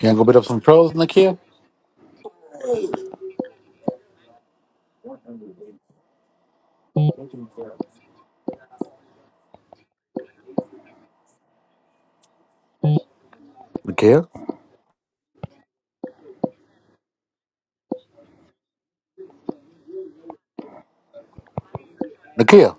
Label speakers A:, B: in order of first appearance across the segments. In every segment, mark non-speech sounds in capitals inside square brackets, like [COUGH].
A: You gonna go beat up some trolls, Nakia? Nakia? Nakia,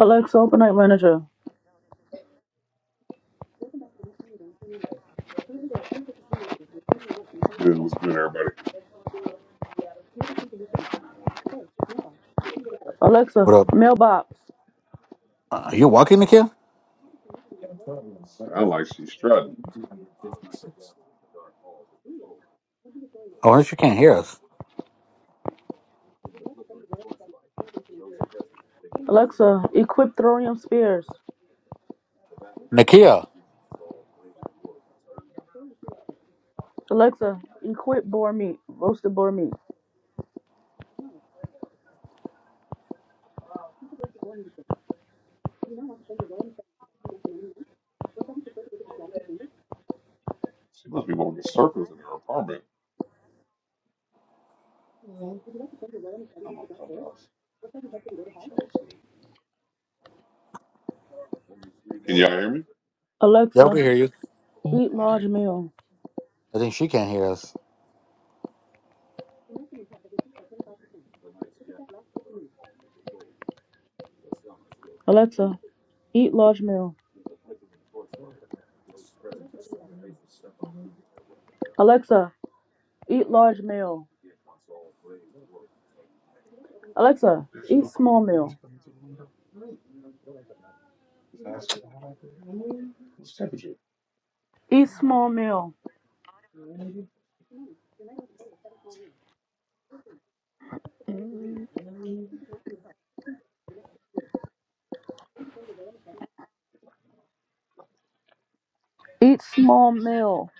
B: Alexa, open night manager.
C: What's good? What's good, everybody?
B: Alexa,
A: what up?
B: mailbox.
A: Uh, you walking, Nakia?
C: I like she's strutting.
A: Oh, unless you can't hear us.
B: Alexa, equip thorium spears.
A: Nakia,
B: Alexa, equip boar meat, roasted boar meat.
C: She must be walking in circles in her apartment. I'm on clubhouse. Hear me?
A: y'all
B: Alexa,
A: can hear you.
B: eat
C: All right.
B: large meal.
A: I think she can't hear us.
B: Alexa, eat large meal. Alexa, eat large meal. Alexa, eat small meal.
C: What's the temperature?
B: Eat small meal. Eat small meal.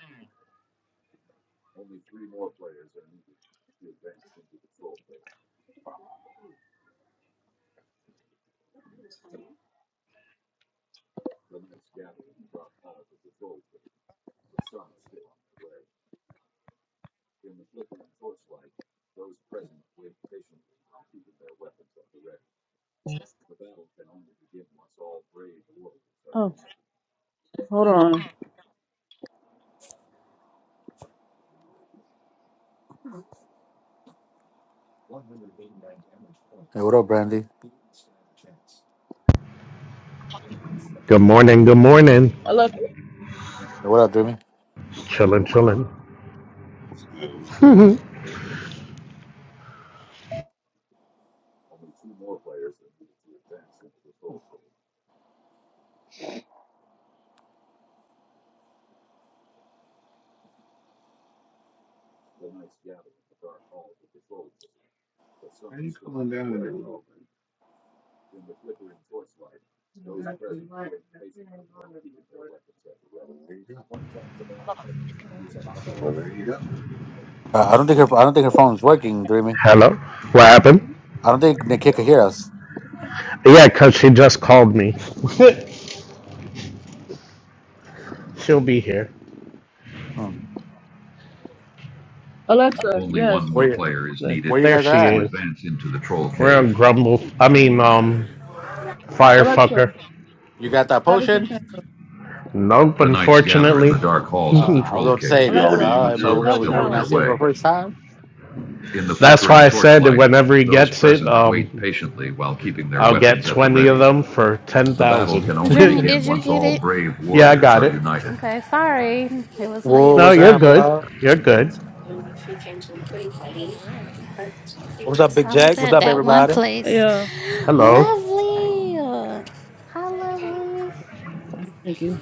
B: Oh, hold on.
A: Hey, what up, Brandy?
D: Good morning. Good morning.
B: Alexa,
A: Hey, what up, Dreamy?
D: Chilling, chilling.
C: What's good? What's good? There you go.
A: Uh, I don't think her. I don't think her phone's working, Dreamy.
D: Hello. What happened?
A: I don't think Nakia can hear us.
D: Yeah, 'cause she just called me. She'll be here.
A: Hmm.
B: Alexa,
D: Only
B: yes.
D: one more
A: Where you?
D: player is There needed
A: Where you
D: there
A: guys are
D: she to
A: at?
D: is. advance into the troll We're cave. a cave. grumble. I mean, um, firefucker.
B: Alexa,
A: You got that
B: strategy
A: potion?
B: chamber.
D: Nope, The knights gather in unfortunately. the unfortunately. [LAUGHS] dark
A: Uh,
D: halls of the [LAUGHS]
A: I was
D: troll
A: going to say
D: cave,
C: You
A: that.
C: already
B: Alexa,
D: but
A: Uh,
C: used
A: am I- are
D: some
A: we
C: yours
D: are
B: thought
C: for
A: gonna
C: the
D: still
A: are
C: day?
A: we
D: on their
A: gonna see it
B: challenge.
A: for the
D: way.
A: first time?
D: In the That's why flickering I said that torchlight, whenever he those gets it,
C: I'm on clubhouse.
D: present wait um, patiently while keeping their I'll get weapons at the 20 of ready. them for The battle 10,000. [LAUGHS] can only
E: Jimmy,
D: begin
E: did you
D: once
E: get
D: all
E: it?
D: brave [LAUGHS] yeah, I warriors got are it. united.
E: Okay, sorry. It was
F: Whoa,
E: late.
D: No,
F: what's
D: you're
F: up,
D: good.
F: y'all?
D: You're
E: Okay.
D: good.
F: What's up, Big
E: I was
F: Jack? What's
E: at
F: up,
E: that one
F: everybody?
E: place.
B: Yeah.
D: Hello.
E: Lovely. Hi, lovely.
B: Thank you.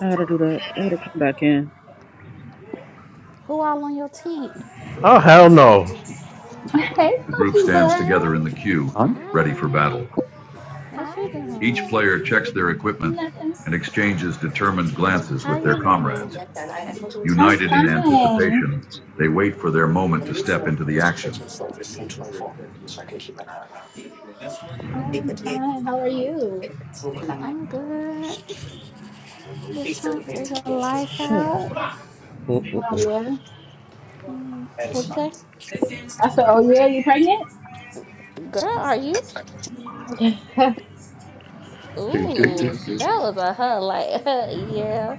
B: I gotta do that. I gotta come back in.
E: Who all on your team?
D: Oh, hell no.
G: Hey,
D: The group
G: Pokey
D: stands
G: Bud.
D: together in the queue,
A: Huh?
D: ready for
E: Hi.
D: battle.
G: Hi,
E: What you
D: Each
E: doing?
D: player checks their
G: everybody.
D: equipment
G: Nothing.
D: and exchanges determined glances
E: How
D: with their
E: you been?
D: comrades.
G: I'm
D: United in
G: fine.
D: anticipation, they wait for their moment to step
E: Okay.
D: into the action.
G: I'm fine. How are you?
E: I'm good. Just trying to figure life
B: Shit.
E: out.
G: Oh,
D: Mm-mm-mm.
G: yeah.
E: What'd you say?
G: I said, oh, yeah, you pregnant?
E: Girl, are you?
G: [LAUGHS]
D: Do, do, do,
E: Ooh,
D: do.
E: that was a huh, like, [LAUGHS] huh, yeah.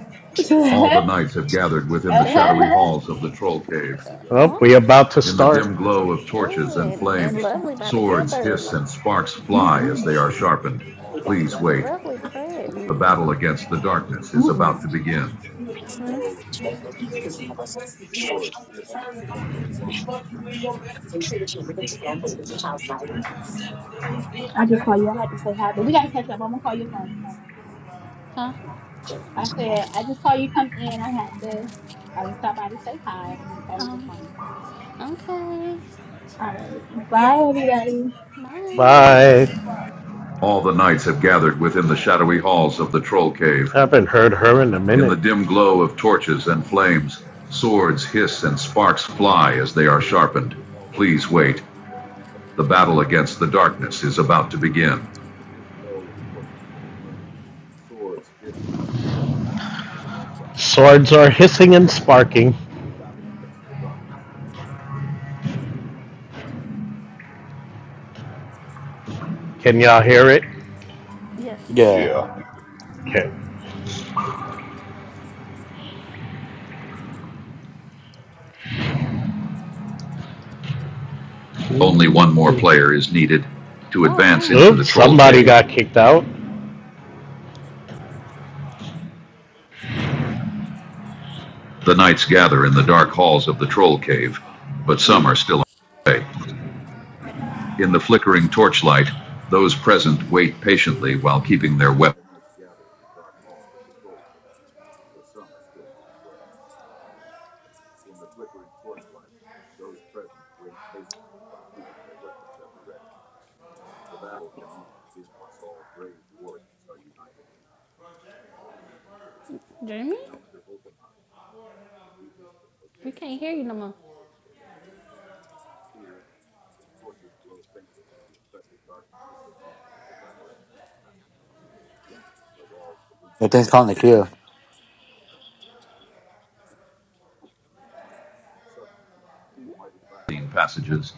D: All the knights have gathered within the
E: Uh,
D: shadowy halls of the troll cave. Well, we
E: okay.
D: about to In start. In the dim glow of
E: Ooh,
D: torches and
E: and, and
D: flames,
E: lovely about to give
D: swords
E: birth.
D: hiss and sparks fly
G: Mm-mm.
D: as they are sharpened. Please wait.
E: Lovely
D: The
E: pregnant.
D: battle against the darkness is
G: Mm-mm.
D: about to begin.
E: Hmm?
G: I just call you. I had to say hi, but we got to catch up. I'm going to call your phone.
E: Huh?
G: I said, I just saw you come in. I had to. I just stopped by to say hi. I'm going to call your
E: Um,
G: phone.
E: okay.
G: All right. Bye, everybody.
E: Bye.
D: Bye. All the knights have gathered within the shadowy halls of the troll cave. I haven't heard her in a minute. In the dim glow of torches and flames, swords hiss and sparks fly as they are sharpened. Please wait. The battle against the darkness is about to begin. Swords are hissing and sparking. Can y'all hear it?
E: Yes.
A: Yeah.
C: Yeah.
D: Okay. Only one more player is needed to
E: Oh,
D: advance into the
E: dang.
D: Oops, the troll somebody cave. got kicked out. The knights gather in the dark halls of the troll cave, but some are
C: Man.
D: still away. In the flickering torchlight, those present wait patiently while keeping their weapons
E: Jeremy? We can't hear you no more.
A: That thing's called Nakia.
D: in passages,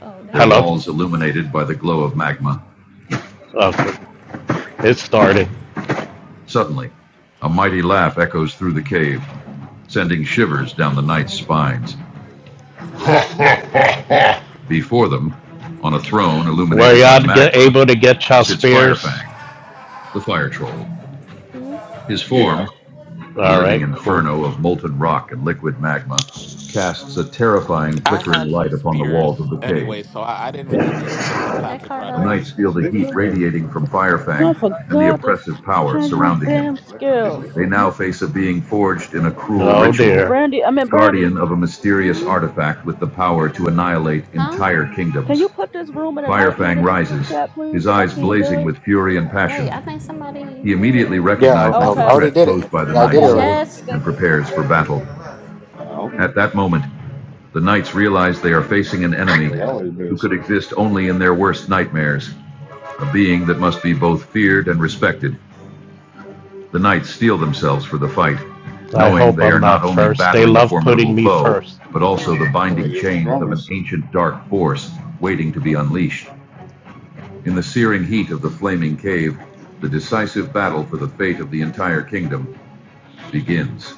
E: Oh, there
D: their
E: you
D: Hello.
E: go.
D: walls illuminated by the glow of magma. Okay. It started. Suddenly, a mighty laugh echoes through the cave, sending shivers down the knights' spines. Before them, on a throne Were illuminated by you magic, able to get your spears? Firefang, the fire troll. His form, a All right. an inferno of molten rock and liquid magma, casts a terrifying
H: I
D: flickering
H: had
D: light
H: some
D: upon the
H: spears
D: walls of the cave.
H: anyway, so I, I didn't really need to get the
E: Hey,
H: package right
D: The
E: Cardo.
H: away.
D: knights feel the heat cool. radiating from
B: No, I
D: Firefang and the
B: forgot to
D: oppressive power
B: change my
D: surrounding him.
B: damn skills.
D: They now face a being forged in a cruel Oh ritual, dear.
B: Brandy, I mean Brandy,
D: guardian of a mysterious
E: Hmm?
D: artifact with the power to annihilate
E: Huh?
D: entire
B: can
D: kingdoms.
B: you put this room in a night
D: Firefang
B: manager group
D: rises,
B: chat, please?
D: his
B: Cause I
D: eyes
C: Mm,
B: can't do
D: blazing with
B: it.
D: fury and
E: Wait, I
D: passion.
E: think somebody
D: He immediately
E: did.
A: Yeah, I, I
B: Oh,
D: recognizes the
B: okay.
A: already
D: threat
A: did
D: posed
A: it.
D: by the
A: Yeah, I
B: Okay,
A: did it
D: knights
B: okay.
D: Yeah.
B: Thank
E: Yes.
B: you,
D: and
B: thank you.
D: prepares for battle.
C: Okay.
D: At that moment, the knights realize they are facing an enemy who could exist only in their worst nightmares, a being that must be both feared and respected. The knights steel themselves for the fight, knowing they are not only battling a formidable me foe, but also the
C: Well,
A: already.
D: binding
C: you're the
D: chains of an
C: strongest.
D: ancient dark force waiting to be unleashed. In the searing heat of the flaming cave, the decisive battle for the fate of the entire kingdom begins.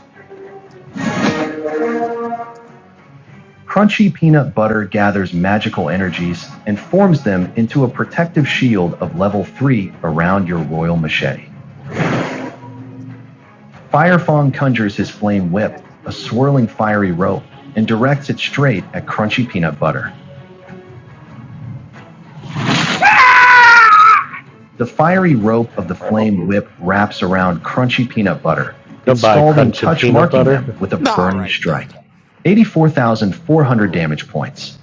D: Crunchy peanut butter gathers magical energies and forms them into a protective shield of level 3 around your royal machete.
C: Mm-hmm.
D: Firefang conjures his flame whip, a swirling fiery rope, and directs it straight at Crunchy Peanut Butter. The fiery rope of the
C: And right off the
D: flame
C: rip.
D: whip wraps around crunchy peanut butter, Goodbye, installed and crunchy touch marking them with a
H: Nah, all
D: burning
H: right then.
D: strike. 84,400
C: So,
D: damage points.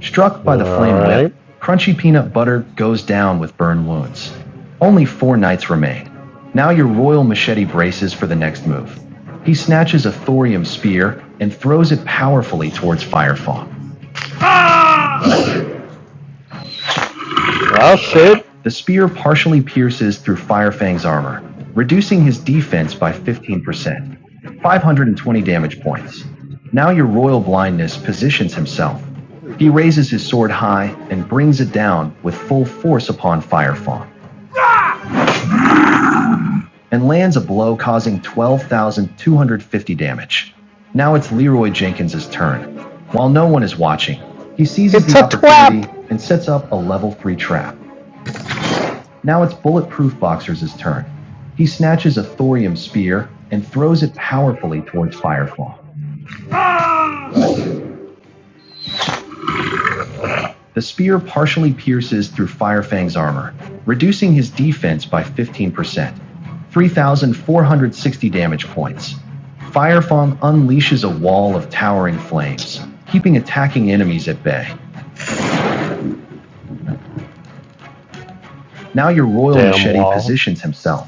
D: Struck by the flame Alright. whip, crunchy peanut butter goes down with burn wounds. Only four knights remain. Now your royal machete braces for the next move. He
C: yeah.
D: snatches a thorium spear and throws it powerfully towards Firefawn. Oh shit. The spear partially pierces through Firefang's armor,
C: Okay.
D: reducing his defense by 15%, 520 damage points. Now your royal blindness positions himself.
C: What is
D: He
C: this?
D: raises his sword high and brings it down with full force upon Firefang,
C: What are your thoughts about
D: and lands a blow causing 12,250 damage. Now it's Leroy Jenkins' turn. While no one is watching, he seizes the opportunity and sets up a level 3 trap. Now it's Bulletproof Boxer's turn. He snatches a thorium spear and throws it powerfully towards Firefall. The spear partially pierces through Firefang's armor, reducing his defense by 15%, 3,460 damage points. Firefang unleashes a wall of towering flames, keeping attacking enemies at bay. Now your Royal Damn Machete wall. positions himself,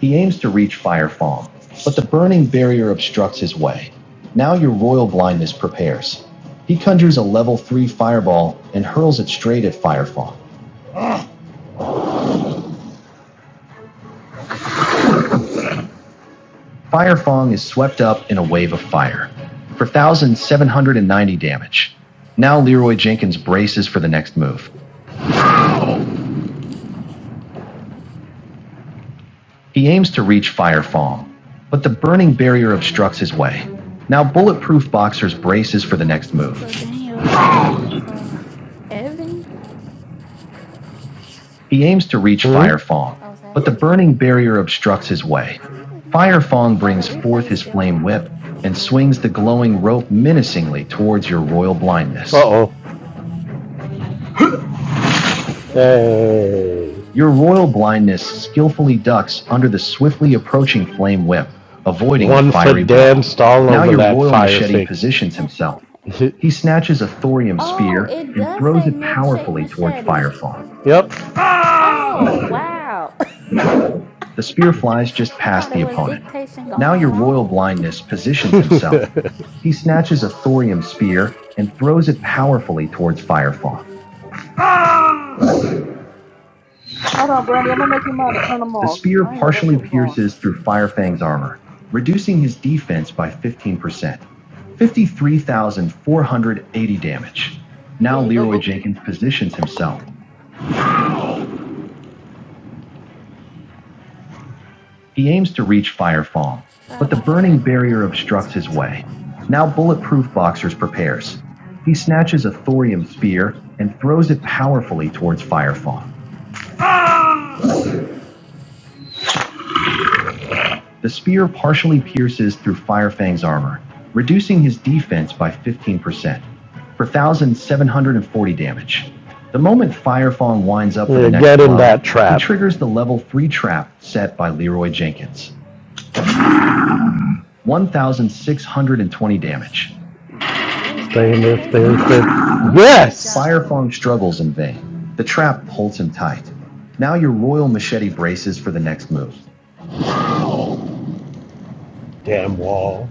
D: He aims to reach Fire Fawn, but the burning barrier obstructs his way. Now your royal blindness prepares. He conjures a level 3 fireball and hurls it straight at Fire Fawn. Fire Fawn is swept up in a wave of fire for 1,790 damage. Now Leroy Jenkins braces for the next move. He aims to reach Fire Fawn, but the burning barrier obstructs his way. Now Bulletproof Boxers braces for the next move.
E: So, Daniel, is we waiting for Evan?
D: He aims to reach Fire Fong,
E: I was
D: but the
E: asking
D: burning
E: Daniel.
D: barrier obstructs his
E: What
D: way.
E: is he? [LAUGHS]
D: Fire Fong
E: Oh, the
D: brings forth
E: replay's
D: his
E: still
D: flame
E: on.
D: whip and swings the glowing rope menacingly towards your royal blindness. Uh oh.
E: Good job.
D: Hey. Your royal blindness skillfully ducks under the swiftly approaching flame whip, avoiding the One the fiery foot blow. danced all Now your royal machete thing. positions himself. [LAUGHS] He snatches a thorium spear
E: Oh, it
D: and
E: does
D: throws
E: say
D: it
E: milkshake
D: powerfully towards
E: machete.
D: Firefong. yep.
E: Oh, wow. [LAUGHS]
D: The spear flies just
E: I
D: past
E: thought it
D: the
E: was
D: opponent.
E: dictation
D: Now
E: going
D: your royal
E: wrong.
D: blindness positions himself. [LAUGHS] he snatches a thorium spear and throws it powerfully towards Firefang.
B: Hold on, Brandy. I'm gonna make you mad to turn them
D: The
B: off.
D: spear
B: I didn't know that
D: partially
B: shit was on.
D: pierces through Firefang's armor, reducing his defense by 15%. 53,480 damage.
B: Here
D: Now
B: you go,
D: Leroy
B: Bookie.
D: Jenkins positions himself. He aims to reach Firefall,
E: Sorry
D: but the
E: about the
D: burning
E: background.
D: barrier
E: Let me
D: obstructs
E: turn
D: his
E: it
D: way.
E: off.
D: Now Bulletproof Boxers prepares. He snatches a thorium spear and throws it powerfully towards Firefang. The spear partially pierces through Firefang's armor, reducing his defense by 15% for 1,740 damage. The moment Firefang winds up yeah, for Yeah, the next get in blow, that trap. he triggers the level 3 trap set by Leroy Jenkins. 1,620 damage.
E: Stay
D: They
E: stuck. Stay
D: lift, they
E: stuck.
D: lift, they lift.
E: Oh, good
D: Yes!
E: job.
D: Firefong struggles in vain. The trap holds him tight. Now your royal machete braces for the next move. Damn wall.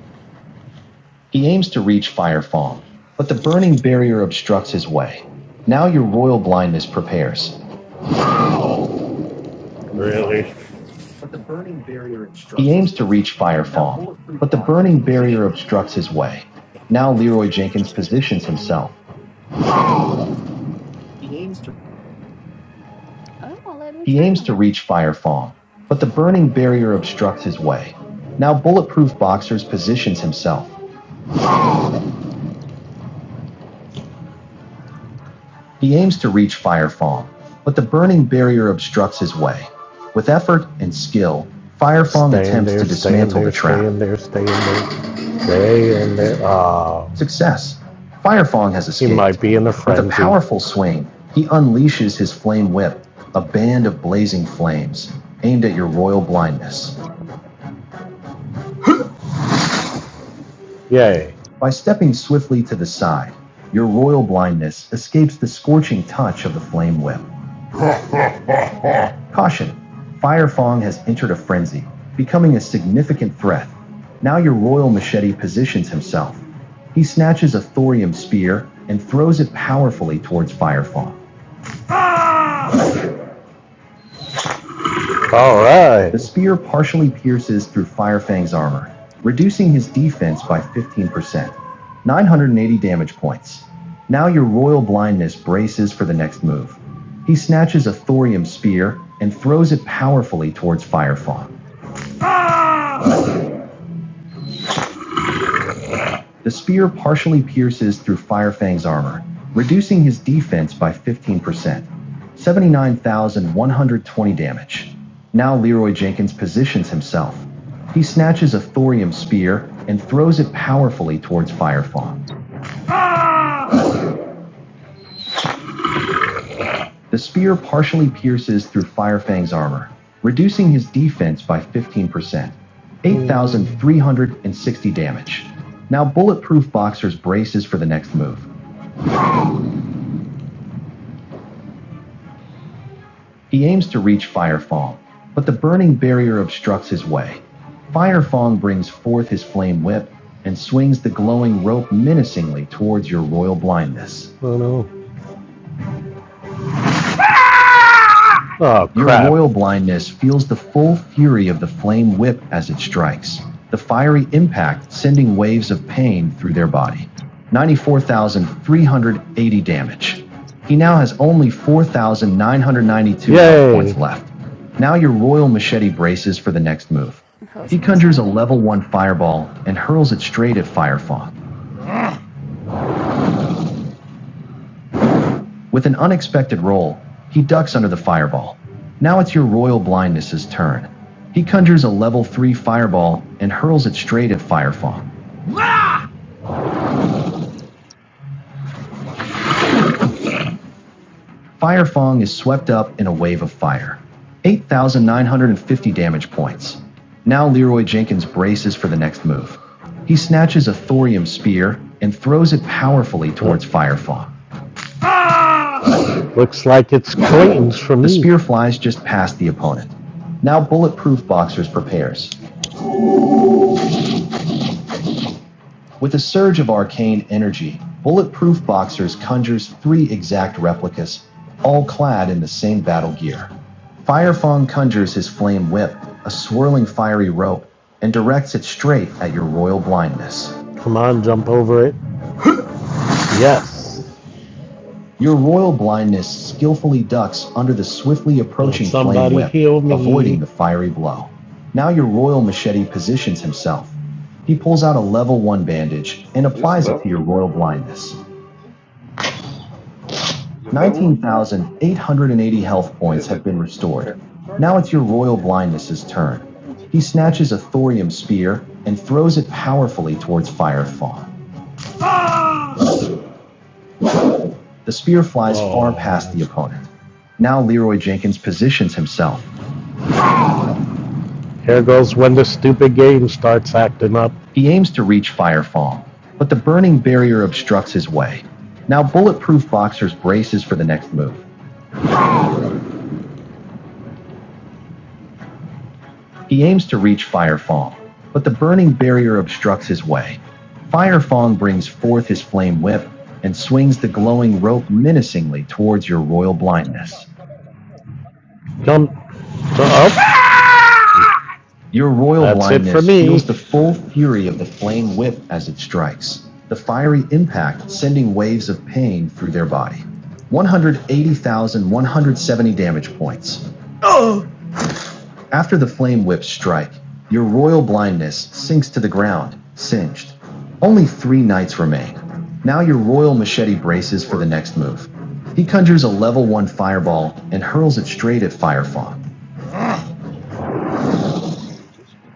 D: He aims to reach Firefong, but the burning barrier obstructs his way. Now your royal blindness prepares. Really? He aims to reach Firefong, but the burning barrier obstructs his way. Now Leroy Jenkins positions himself,
E: Oh, it won't let me
D: He
E: turn
D: aims
E: them
D: to
E: off.
D: reach Fire Fong, but the burning
E: Let
D: barrier
E: me leave and
D: obstructs
E: come
D: his
E: back in.
D: way. Now Bulletproof Boxers positions himself. He aims to reach Fire Fong, but the burning barrier obstructs his way. With effort and skill, Fire Fong attempts to there, stay dismantle there, the stay trap. Stay in there, stay in there, stay in there. Oh, Success. Fire Fong has escaped. he might be in the a With a powerful swing, he unleashes his flame whip, a band of blazing flames, aimed at your royal blindness. Yay. By stepping swiftly to the side, your royal blindness escapes the scorching touch of the flame whip. Caution! Fire Fong has entered a frenzy, becoming a significant threat. Now your royal machete positions himself. He snatches a thorium spear and throws it powerfully towards Fire Fong. All right. The spear partially pierces through Firefang's armor, reducing his defense by 15%, 980 damage points. Now your royal blindness braces for the next move. He snatches a thorium spear and throws it powerfully towards Firefang. The spear partially pierces through Firefang's armor, reducing his defense by 15%, 79,120 damage. Now Leroy Jenkins positions himself. He snatches a thorium spear and throws it powerfully towards Firefang. The spear partially pierces through Firefang's armor, reducing his defense by 15%, 8,360 damage. Now Bulletproof Boxer's braces for the next move. He aims to reach Firefong, but the burning barrier obstructs his way. Firefong brings forth his flame whip and swings the glowing rope menacingly towards your royal blindness. Oh no. Oh, crap. Your royal blindness feels the full fury of the flame whip as it strikes, the fiery impact sending waves of pain through their body. 94,380 damage. He now has only 4,992 Yay. points left. Now your royal machete braces for the next move.
E: I hope
D: He
E: somebody got
D: conjures
E: a
D: a level
E: bandage.
D: 1 fireball and hurls it straight at Firefang. With an unexpected roll, he ducks under the fireball. Now it's your royal blindness's turn. He conjures a level 3 fireball and hurls it straight at Firefang. Firefang is swept up in a wave of fire. 8,950 damage points. Now Leroy Jenkins braces for the next move. He snatches a thorium spear and throws it powerfully towards Firefang. Looks like it's Clayton's for me. The spear flies just past the opponent. Now Bulletproof Boxers
C: that?
D: prepares. With a surge of arcane energy, Bulletproof Boxers conjures three exact replicas, all clad in the same battle gear. Firefang conjures his flame whip, a swirling fiery rope, and directs it straight at your royal blindness. Come on, jump over it. Yes. Your royal blindness skillfully ducks under the swiftly approaching flame whip, avoiding the fiery blow. Now your royal machete positions himself. He pulls out a level 1 bandage and
C: Is this
D: applies it to
C: level
D: your
C: under?
D: royal blindness.
C: Is it level under?
D: 19,880 health
C: Yeah,
D: points
C: is
D: have
C: it
D: been
C: right
D: restored.
C: there. The charger
D: Now it's
C: thing?
D: your royal blindness's turn.
C: No, that ain't
D: He
C: fucking
D: snatches a
C: thing.
D: thorium spear and throws it powerfully towards Firefall. The spear flies Oh. far past the opponent. Now Leroy Jenkins positions himself. Here goes when the stupid game starts acting up. He aims to reach Firefall, but the burning barrier obstructs his way. Now Bulletproof Boxers braces for the next move. He aims to reach Firefall, but the burning barrier obstructs his way. Firefong brings forth his flame whip and swings the glowing rope menacingly towards your royal blindness. Jump. Uh, oh. Your royal That's blindness feels the full fury of the flame whip as it strikes, the fiery impact sending waves of pain through their body. 180,170 damage points. After the flame whip strike, your royal blindness sinks to the ground, singed. Only three knights remain. Now
C: Bro,
D: your
C: they didn't
D: royal
C: change the
D: machete
C: damn
D: braces for the
C: cord.
D: next move. He conjures a level 1 fireball and hurls it straight at Firefawn.
C: What kind of fucking cord is this one?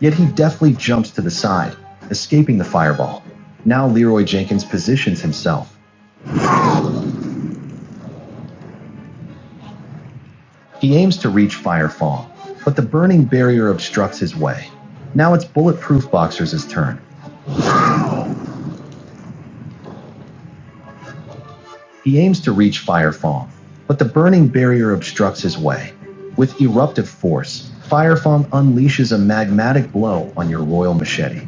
D: Yet he deftly jumps to the side, escaping the fireball. Now Leroy Jenkins positions himself.
C: See, it was different.
D: He aims to reach Firefall, but the burning barrier obstructs his way. Now it's Bulletproof Boxer's turn. He aims to reach Firefall, but the burning barrier obstructs his way. With eruptive force, Firefall unleashes a magmatic blow on your royal machete.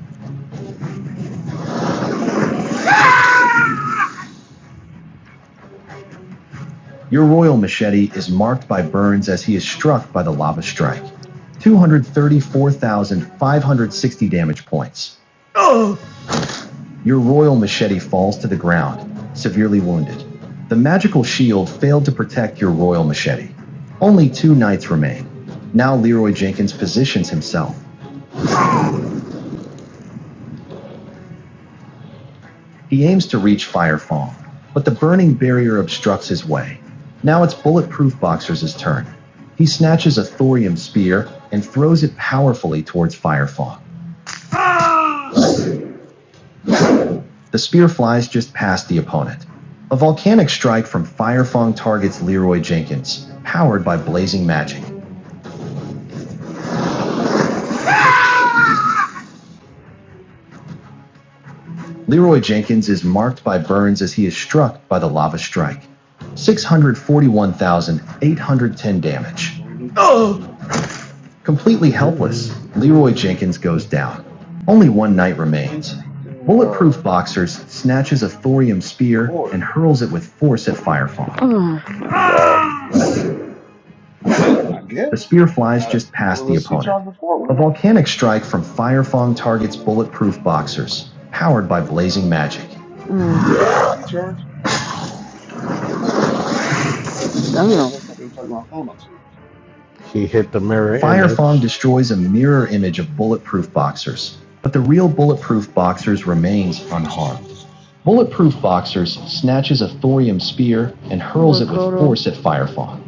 D: Your royal machete is marked by burns as he is struck by the lava strike. 234,560 damage points. Your royal machete falls to the ground, severely wounded. The magical shield failed to protect your royal machete. Only two knights remain. Now Leroy Jenkins positions himself. He aims to reach Firefall, but the burning barrier obstructs his way. Now it's Bulletproof Boxer's turn. He snatches a thorium spear and throws it powerfully towards Firefall. The spear flies just past the opponent. A volcanic strike from Firefang targets Leroy Jenkins, powered by blazing magic. Leroy Jenkins is marked by burns as he is struck by the lava strike. 641,810
C: You got a
D: damage.
C: whole new fucking thing.
D: Completely helpless, Leroy Jenkins goes down. Only one night
C: They changed
D: remains.
C: the fucking
D: Bulletproof
C: uh,
D: Boxers snatches a thorium spear and
C: cord.
D: hurls it with force at Firefong.
C: I, it, I
D: The
C: guess
D: spear flies
C: uh,
D: just
C: it
D: past the
C: was a C
D: opponent.
C: charge before,
D: A
C: wasn't it?
D: volcanic strike from Firefong targets Bulletproof Boxers, powered by blazing magic.
C: That's a C charge. So what the hell is this I've been plugging my phone up to?
D: He hit the mirror. Firefong image. destroys a
C: God,
D: mirror image of bulletproof boxers, but the real bulletproof boxers remains unharmed.
C: shit.
D: Bulletproof
C: Now I
D: boxers
C: got a whole
D: snatches a
C: nother
D: thorium
C: damn thing.
D: spear and hurls it with
C: I
D: force at
C: ain't got one.
D: Firefong.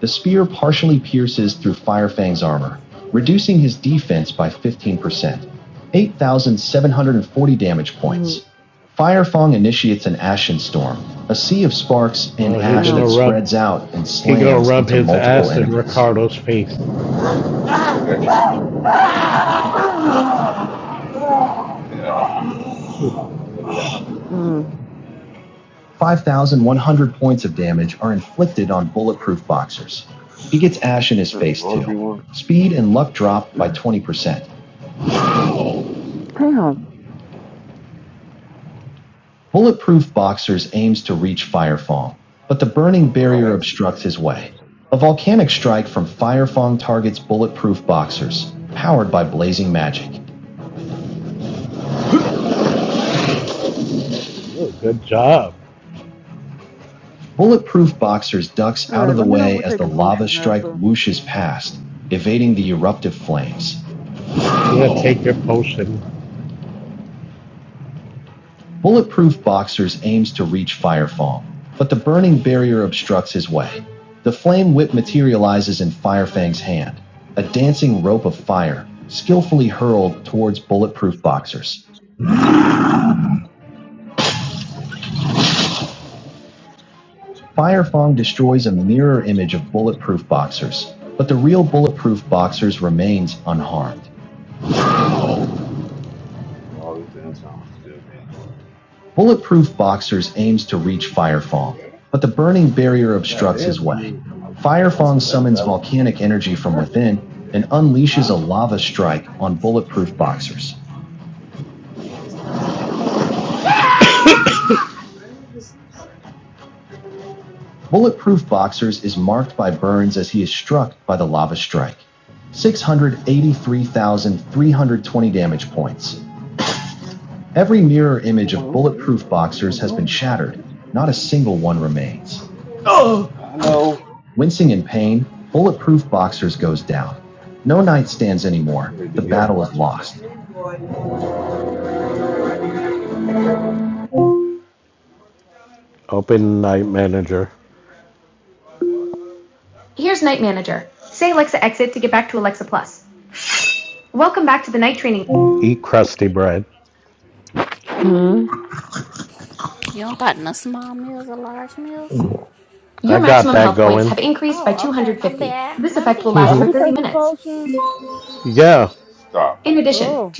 D: The spear partially pierces through Firefang's armor, reducing his defense by 15%, 8,740 damage points.
C: I ain't got that
D: Firefang
C: bitch.
D: initiates an ashen storm, a sea of sparks and Oh,
C: All
D: ash
C: that
D: that
C: shit I
D: rub- spreads
C: can't even
D: out
C: use
D: and
C: my
D: He
C: phone.
D: slams gonna rub into his
C: Do
D: multiple
C: you have a
D: ass in
C: C translate?
D: Ricardo's face.
C: You got an extra one? Yeah. I'm probably gonna need an Apple box. Uh,
D: 5,100 points of damage are inflicted on bulletproof boxers. He gets ash in his
C: can you
D: face
C: order
D: too.
C: me one?
D: Speed and luck drop by 20%.
B: All
D: Bulletproof Boxers aims to reach Firefang, but the
C: I
D: burning
C: thought I
D: barrier
C: had a C
D: obstructs
C: charger,
D: his
C: so I'm
D: way.
C: trying
D: A volcanic strike from Firefang targets Bulletproof Boxers, powered by blazing magic. Oh, good job. Bulletproof Boxers ducks out of
B: right,
D: the
B: let me know if
D: way
B: we're
D: as the
B: taking
D: lava
B: potions
D: strike
B: after.
D: whooshes past, evading the eruptive flames. I'm gonna take your potion. Bulletproof Boxers aims to reach Firefang, but the burning barrier obstructs his way. The flame whip materializes in Firefang's hand, a dancing rope of fire, skillfully hurled towards Bulletproof Boxers. Firefang destroys a mirror image of Bulletproof Boxers, but the real Bulletproof Boxers remains unharmed.
C: to wait all this damn time. I still can't use it.
D: Bulletproof Boxers aims to reach Firefang, but the burning barrier
C: It's not
D: obstructs
C: dead,
D: his
C: but I
D: way.
C: mean, I, once
D: Firefang
C: it does
D: summons
C: that, what am I gonna do?
D: volcanic energy
C: Can't
D: from
C: charge it,
D: within and unleashes a
C: huh?
D: lava strike on Bulletproof Boxers. Bulletproof Boxers is marked by burns as he is struck by the lava strike.
C: Pretty
D: 683,320
C: much shit.
D: damage points. Every mirror
C: Oh
D: image
C: my
D: of
C: own, man.
D: Bulletproof
C: Well, depending
D: Boxers
C: on
D: has been
C: yours, I was-
D: shattered, not a single one remains.
C: I know.
D: Wincing in pain,
C: Watch out, shit.
D: Bulletproof Boxers goes down. No nightstands anymore.
C: Get it
D: The
C: together.
D: battle is
C: Watch your tell
D: lost.
C: Whatever.
D: Open night manager. Eat crusty bread.
B: Hmm.
E: You don't got no small meals or large meals?
D: Your got
E: Oh, okay. My bad. My
D: Mhm.
B: Are
E: bad.
B: we taking potions?
D: Yeah,
C: Stop.
B: Oh,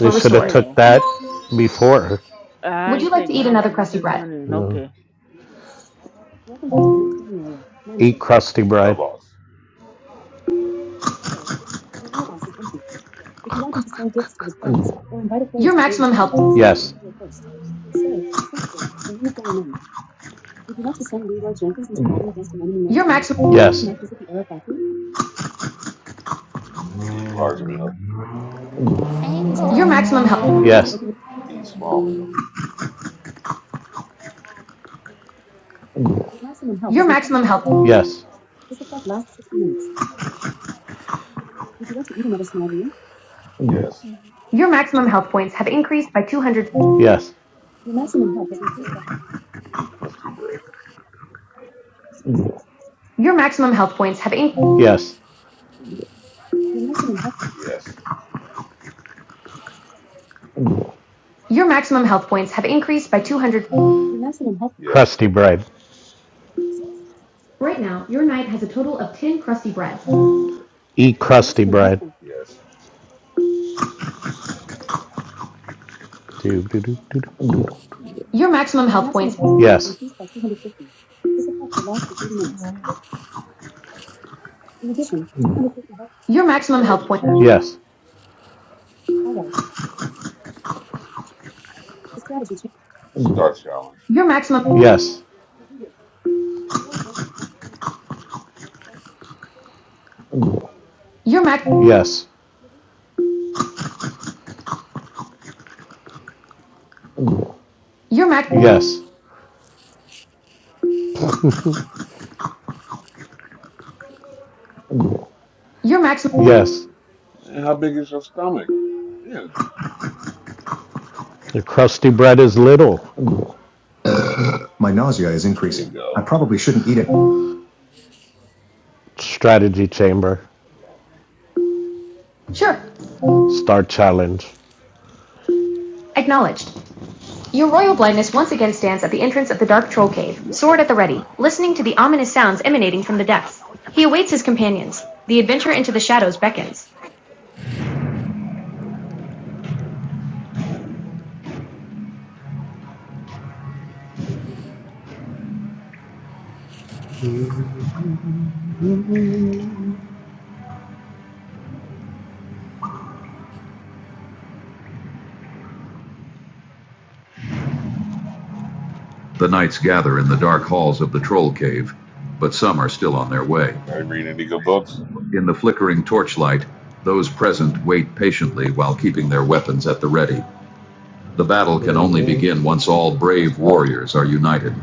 B: oh
D: took
B: hell.
D: that before.
B: I ain't take
C: Night
B: nothing. I
C: manager.
B: just went in.
D: No.
B: Okay.
C: Welcome back to the next meeting area.
D: Eat
C: Manager.
D: crusty bread.
C: Mailbox. Always. Your mailbox is empty. If you want them to send gifts to his friends or invite a player to join the team, search for the
D: Yes,
C: player first. Say, search for, and then the player name. Would you like to send Leroy Jenkins into battle against an enemy knight? Or should your knight visit the error factory? the large meal, Not on special item.
E: Angle.
C: Would you like to
D: yes,
C: open it? the small meal, Your maximum health has increased by 15%.
D: yes.
C: This effect lasts 60 minutes. Would you like to eat another small meal? yes,
D: Yes.
C: Your
E: Oh,
C: maximum
E: fuck
C: health has
E: you
C: increased
E: too.
C: by Eat crusty bread,
D: Yes.
C: your maximum health. yes, Your maximum health. yes,
D: Crusty bread. Eat crusty
C: Maximum health
D: bread.
C: point. yes,
D: Do, do, do, do, do.
C: Your maximum health points have
D: Yes.
C: increased by 250. This effect will last for 30 minutes. In addition, 250 health points. Strategy chamber.
D: Yes.
C: All right. The strategy change. Start challenge.
D: Yes.
C: As you wish, Leroy Jenkins once again stands at the entrance of the Great Salt Lake. Scared of the wind, listening to the elements sound unnerving and intense.
D: Yes.
C: Your
D: Yes. Yes.
C: Man, how big is your stomach? Yeah,
D: The crusty bread is little. My nausea is
C: there you
D: increasing. I
C: go.
D: probably shouldn't eat it. Strategy chamber. Start challenge. The knights gather in the dark halls of the troll cave, but some are still on their way.
C: Anybody reading any good books?
D: In the flickering torchlight, those present wait patiently while keeping their weapons at the ready. The battle can only begin once all
C: I guess
D: brave
C: not.
D: warriors are united.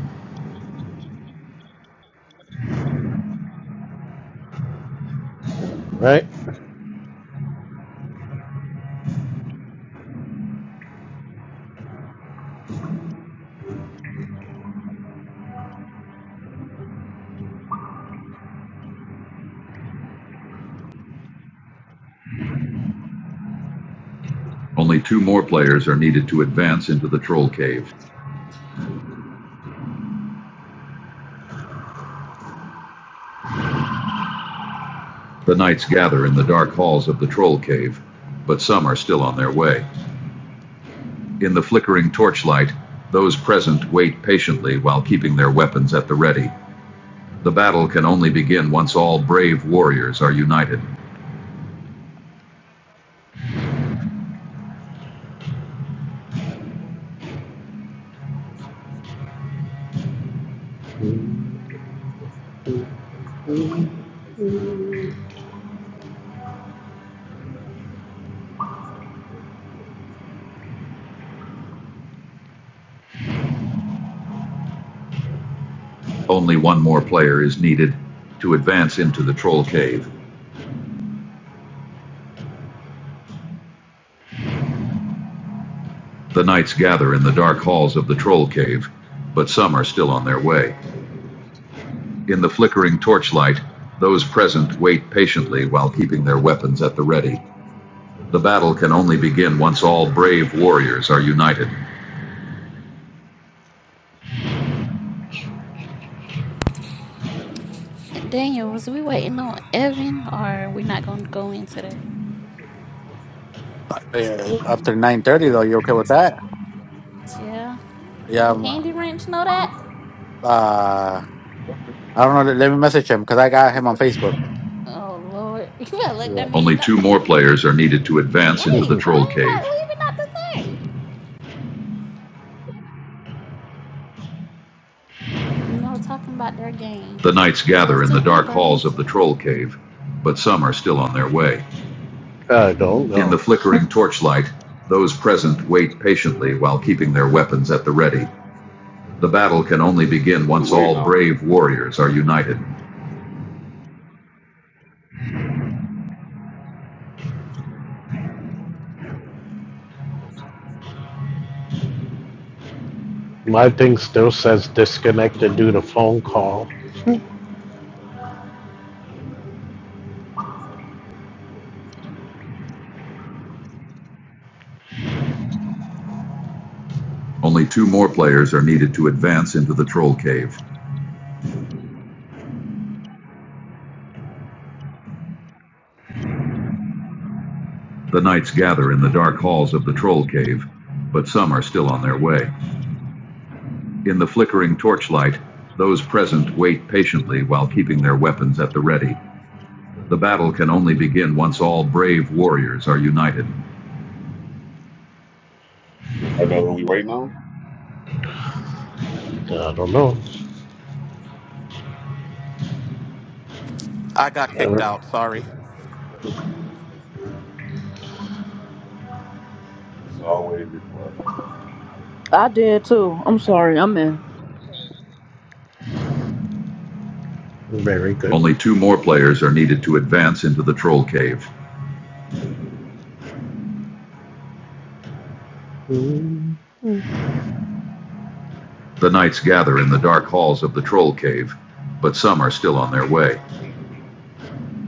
D: Right? Only two more players are needed to advance into the troll cave. The knights gather in the dark halls of the troll cave, but some are still on their way. In the flickering torchlight, those present wait patiently while keeping their weapons at the ready. The battle can only begin once all brave warriors are united. Only one more player is needed to advance into the Troll Cave. The knights gather in the dark halls of the Troll Cave, but some are still on their way. In the flickering torchlight, those present wait patiently while keeping their weapons at the ready. The battle can only begin once all brave warriors are united.
E: And Daniel, was we waiting on Evan or we not going to go into that?
A: Uh, After nine thirty though, you okay with that?
E: Yeah.
A: Yeah.
E: Do
A: I'm,
E: Handy Ranch know that?
A: uh, I don't know. Let me message him because I got him on Facebook.
E: Oh Lord, [LAUGHS] you better let that
A: Yeah.
D: Only
E: man know.
D: two more players are needed to advance into the
E: Wait,
D: Troll
E: why
D: Cave.
E: everybody leaving out the thing? No, talking about their game.
D: The knights
E: It
D: gather
E: says
D: in
E: two
D: the dark
E: people are
D: halls of the
E: missing,
D: Troll Cave, but some are still on their way. I don't know. In the flickering torchlight, those present wait patiently while keeping their weapons at the ready. The battle can only begin
C: Who we
D: once
C: waiting
D: all
C: on?
D: brave warriors are united. My thing still says disconnected due to phone call. Only two more players are needed to advance into the troll cave. The knights gather in the dark halls of the troll cave, but some are still on their way. In the flickering torchlight, those present wait patiently while keeping their weapons at the ready. The battle can only begin once all brave warriors are united.
C: Anybody know who we waiting on?
D: I don't know.
H: I got kicked
D: Ever.
H: out. Sorry.
C: Always,
B: I did too. I'm sorry. I'm in.
D: Very good. Only two more players are needed to advance into the troll cave. The knights gather in the dark halls of the troll cave, but some are still on their way.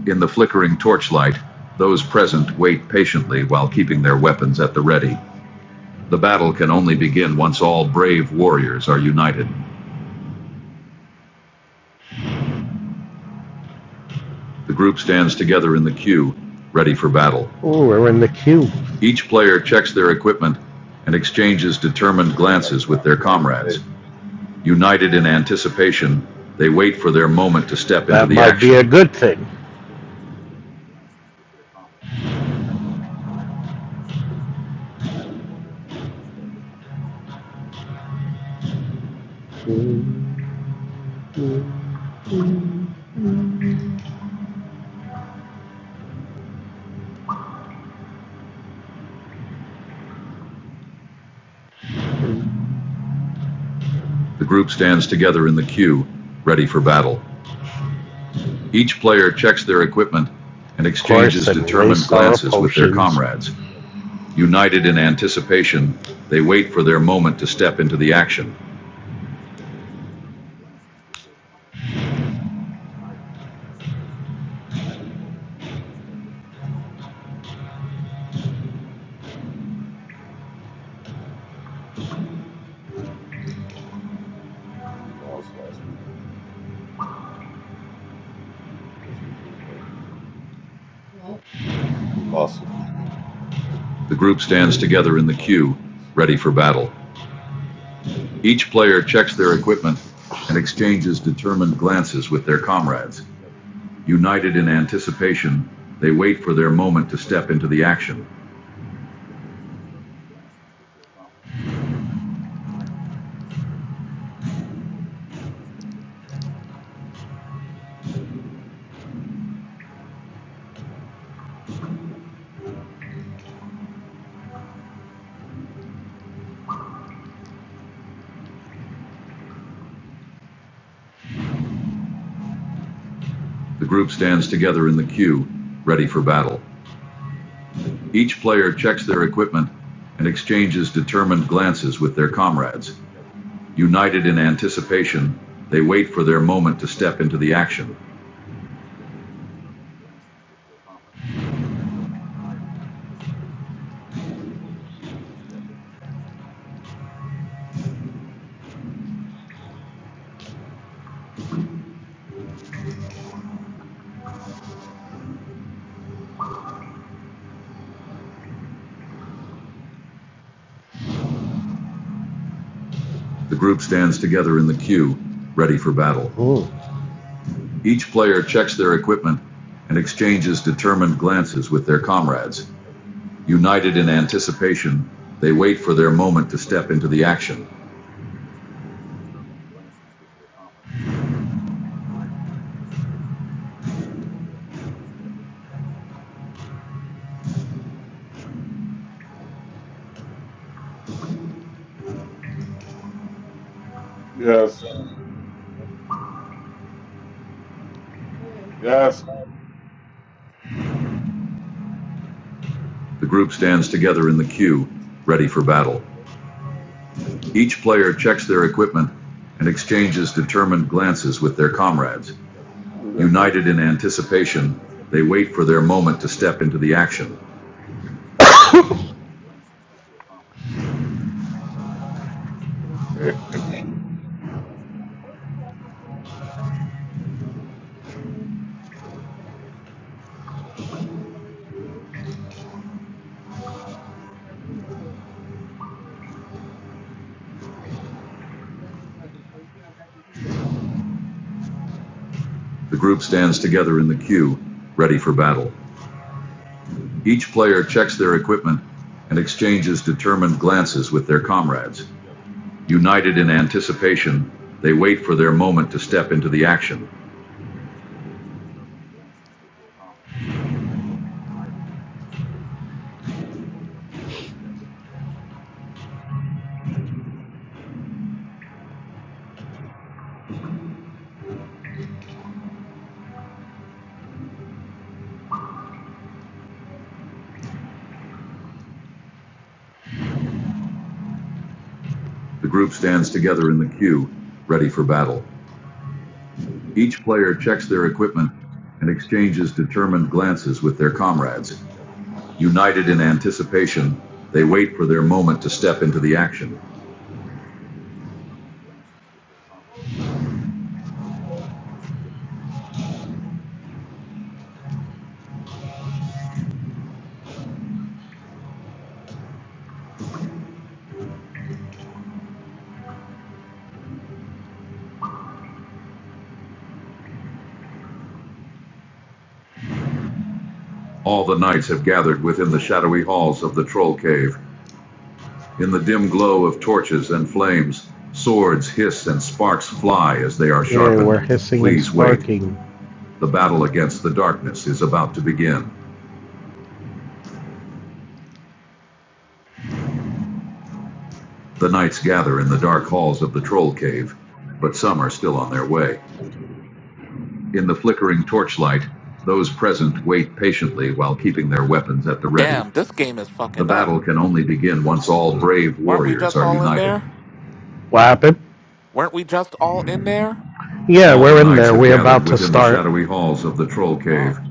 D: In the flickering torchlight, those present wait patiently while keeping their weapons at the ready. The battle can only begin once all brave warriors are united. The group stands together in the queue, ready for battle. Oh, we're in the queue. Each player checks their equipment and exchanges determined
C: Everybody
D: glances with
C: trying to
D: their
C: fight
D: comrades.
C: today.
D: United in anticipation, they wait for their moment to step into the action. That might be a good thing. The group stands together in the queue, ready for battle. Each player checks their equipment and exchanges determined glances with their comrades. United in anticipation, they wait for their moment to step into the action.
C: Who you lost last week? this weekend. They, he lost this weekend
D: The group stands
C: to
D: together
C: the
D: in the
C: Detroit
D: queue,
C: Lions.
D: ready for battle. Each player checks their equipment and exchanges determined glances with their comrades. United in anticipation, they wait for their moment to step into the action. The group stands together in the queue, ready for battle. Each player checks their equipment and exchanges determined glances with their comrades. United in anticipation, they wait for their moment to step into the action. The group stands together in the queue, ready for battle. Ooh. Each player checks their equipment and exchanges determined glances with their comrades. United in anticipation, they wait for their moment to step into the action.
C: Yes. Well, you covered? Yes.
D: The group stands together in the queue, ready for battle. Each player checks their equipment and exchanges determined glances with their comrades.
C: Covered?
D: United in anticipation, they wait for their moment to step into the action. The group stands together in the queue, ready for battle. Each player checks their equipment and exchanges determined glances with their comrades. United in anticipation, they wait for their moment to step into the action. The group stands together in the queue, ready for battle. Each player checks their equipment and exchanges determined glances with their comrades. United in anticipation, they wait for their moment to step into the action. All the knights have gathered within the shadowy halls of the Troll Cave. In the dim glow of torches and flames, swords hiss and sparks fly as they are Yeah, sharpened. Yeah, we're hissing Please and sparking. wait. The battle against the darkness is about to begin. The knights gather in the dark halls of the troll cave, but some are still on their way. In the flickering torchlight, those present wait patiently while keeping their weapons at the ready.
H: Damn, this game is
D: The
H: fucking up.
D: battle can only begin once all brave
H: Weren't we
D: warriors
H: just
D: are
H: all in
D: united.
H: there?
D: What happened?
H: Weren't we just all in there?
D: Yeah, All we're in there. We're about to within The shadowy halls of the troll cave.
H: Oh,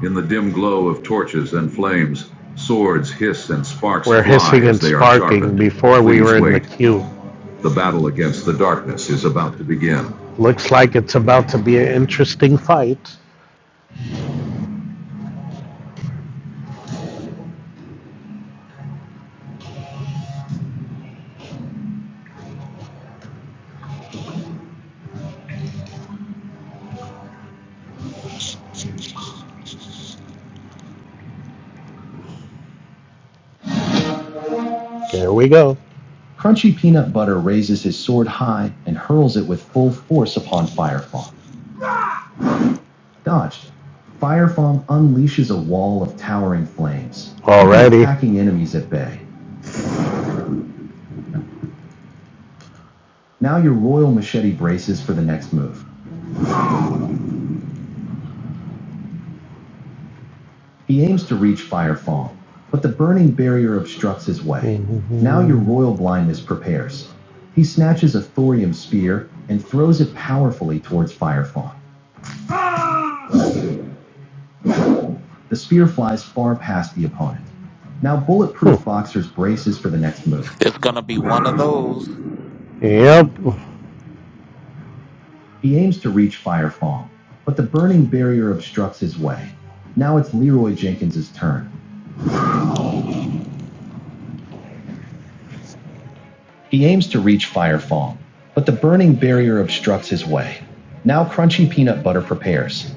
D: In the dim glow of torches and flames, swords hiss and sparks fly We're fly hissing as and they are sparking before we were in the queue. The battle against the darkness is about to begin. Looks like it's about to be an interesting fight. There we go. Crunchy Peanut Butter raises his sword high and hurls it with full force upon Firefong. Dodged. Firefong unleashes a wall of towering flames, Alrighty. attacking enemies at bay. Now your royal machete braces for the next move. He aims to reach Fire but the burning barrier obstructs his way. [LAUGHS] Now your royal blindness prepares. He snatches a thorium spear and throws it powerfully towards Fire The spear flies far past the opponent. Now bulletproof [LAUGHS] boxers braces for the next move.
H: it's gonna be one of those.
D: Yep. He aims to reach Fire but the burning barrier obstructs his way. Now it's Leroy Jenkins' turn. He aims to reach Fire Fawn, but the burning barrier obstructs his way. Now Crunchy Peanut Butter prepares.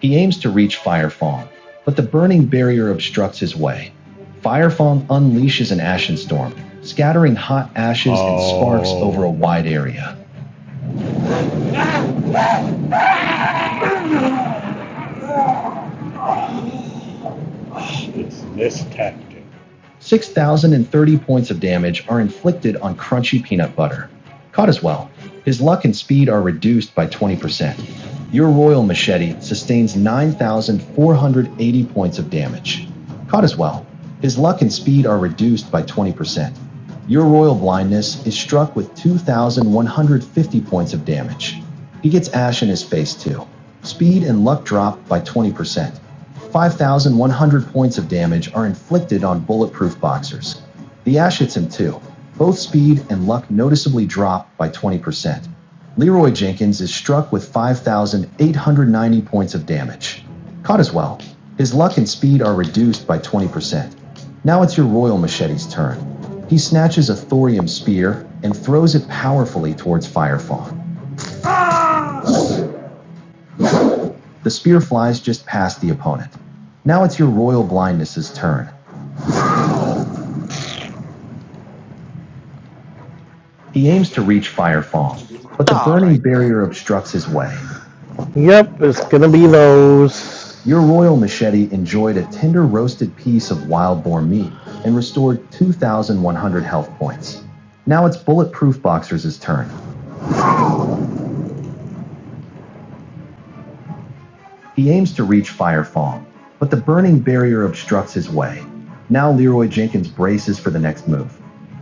D: He aims to reach Fire Fawn, but the burning barrier obstructs his way. Fire Fawn unleashes an ashen storm, scattering hot ashes oh. and sparks Oh. over a wide area. It's this tactic. 6,030 points of damage are inflicted on crunchy peanut butter. Caught as well. His luck and speed are reduced by 20%. Your royal machete sustains 9,480 points of damage. Caught as well. His luck and speed are reduced by 20%. Your royal blindness is struck with 2,150 points of damage. He gets ash in his face too. Speed and luck drop by 20%. 5,100 points of damage are inflicted on bulletproof boxers. The Ash hits him too. Both speed and luck noticeably drop by 20%. Leroy Jenkins is struck with 5,890 points of damage. Caught as well. His luck and speed are reduced by 20%. Now it's your Royal Machete's turn. He snatches a thorium spear and throws it powerfully towards Firefawn. The spear flies just past the opponent. Now it's your Royal Blindness's turn. He aims to reach Firefall,
H: Nah,
D: but the
H: All
D: burning
H: right then.
D: barrier obstructs his way. Yep, it's gonna be those. Your royal machete enjoyed a tender roasted piece of wild boar meat and restored 2,100 health points. Now it's Bulletproof Boxer's turn. He aims to reach Firefall, but the burning barrier obstructs his way. Now Leroy Jenkins braces for the next move.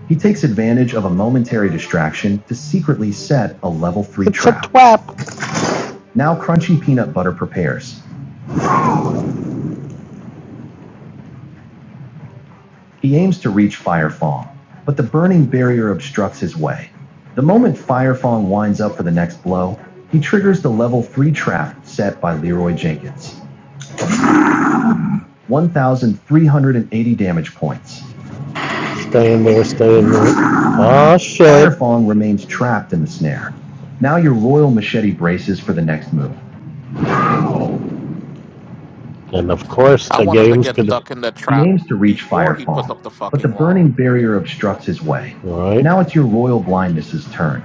D: He takes advantage of a momentary distraction to secretly set a level 3 It's a trap. A twap. Now Crunchy Peanut Butter prepares. He aims to reach Fire Fong, but the burning barrier obstructs his way. The moment Fire Fong winds up for the next blow, he triggers the level 3 trap set by Leroy Jenkins. 1,380 damage points. Stay in there, stay in there. Aw, Oh, shit. Firefong remains trapped in the snare. Now your Royal Machete braces for the next move. And of course,
H: I
D: the
H: want him to
D: game's
H: get
D: gonna.
H: stuck in the
D: He
H: trap
D: aims to reach
H: before he puts
D: Firefall,
H: up the
D: but the
H: fucking
D: burning
H: wall.
D: barrier obstructs his way. Alright. Now it's your royal blindness's turn.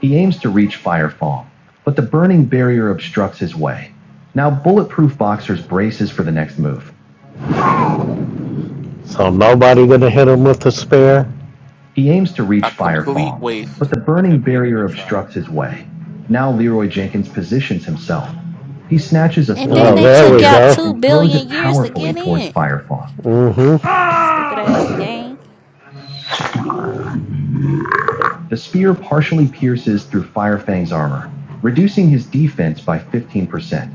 D: He aims to reach Firefall, but the burning barrier obstructs his way. Now Bulletproof Boxer's braces for the next move. So nobody gonna hit him with the spare? He aims to reach
H: A
D: Fire
H: complete
D: Fong, but
H: waste
D: the
H: of
D: burning
H: him being in the
D: barrier
H: trap.
D: obstructs his way. Now Leroy Jenkins positions himself. He snatches a Oh,
E: and then
D: thorium
E: they
D: there
E: took
D: spear
E: out two
D: and throws it
E: billion years to
D: powerfully
E: get
D: towards
E: in.
D: Fire Fong. Mm-hmm.
E: Stupid ass game.
D: The spear partially pierces through Firefang's armor, reducing his defense by 15%,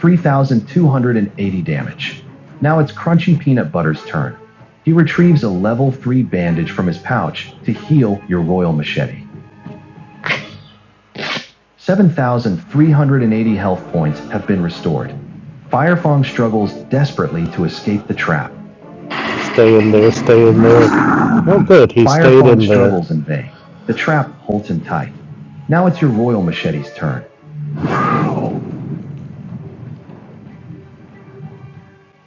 D: 3,280 damage. Now it's Crunchy Peanut Butter's turn. He retrieves a level 3 bandage from his pouch to heal your royal machete. 7,380 health points have been restored. Firefang struggles desperately to escape the trap. Stay in there, stay in there. Oh, good, he Firefang stayed in Firefong there. Firefang struggles in vain. The trap holds him tight. Now it's your royal machete's turn.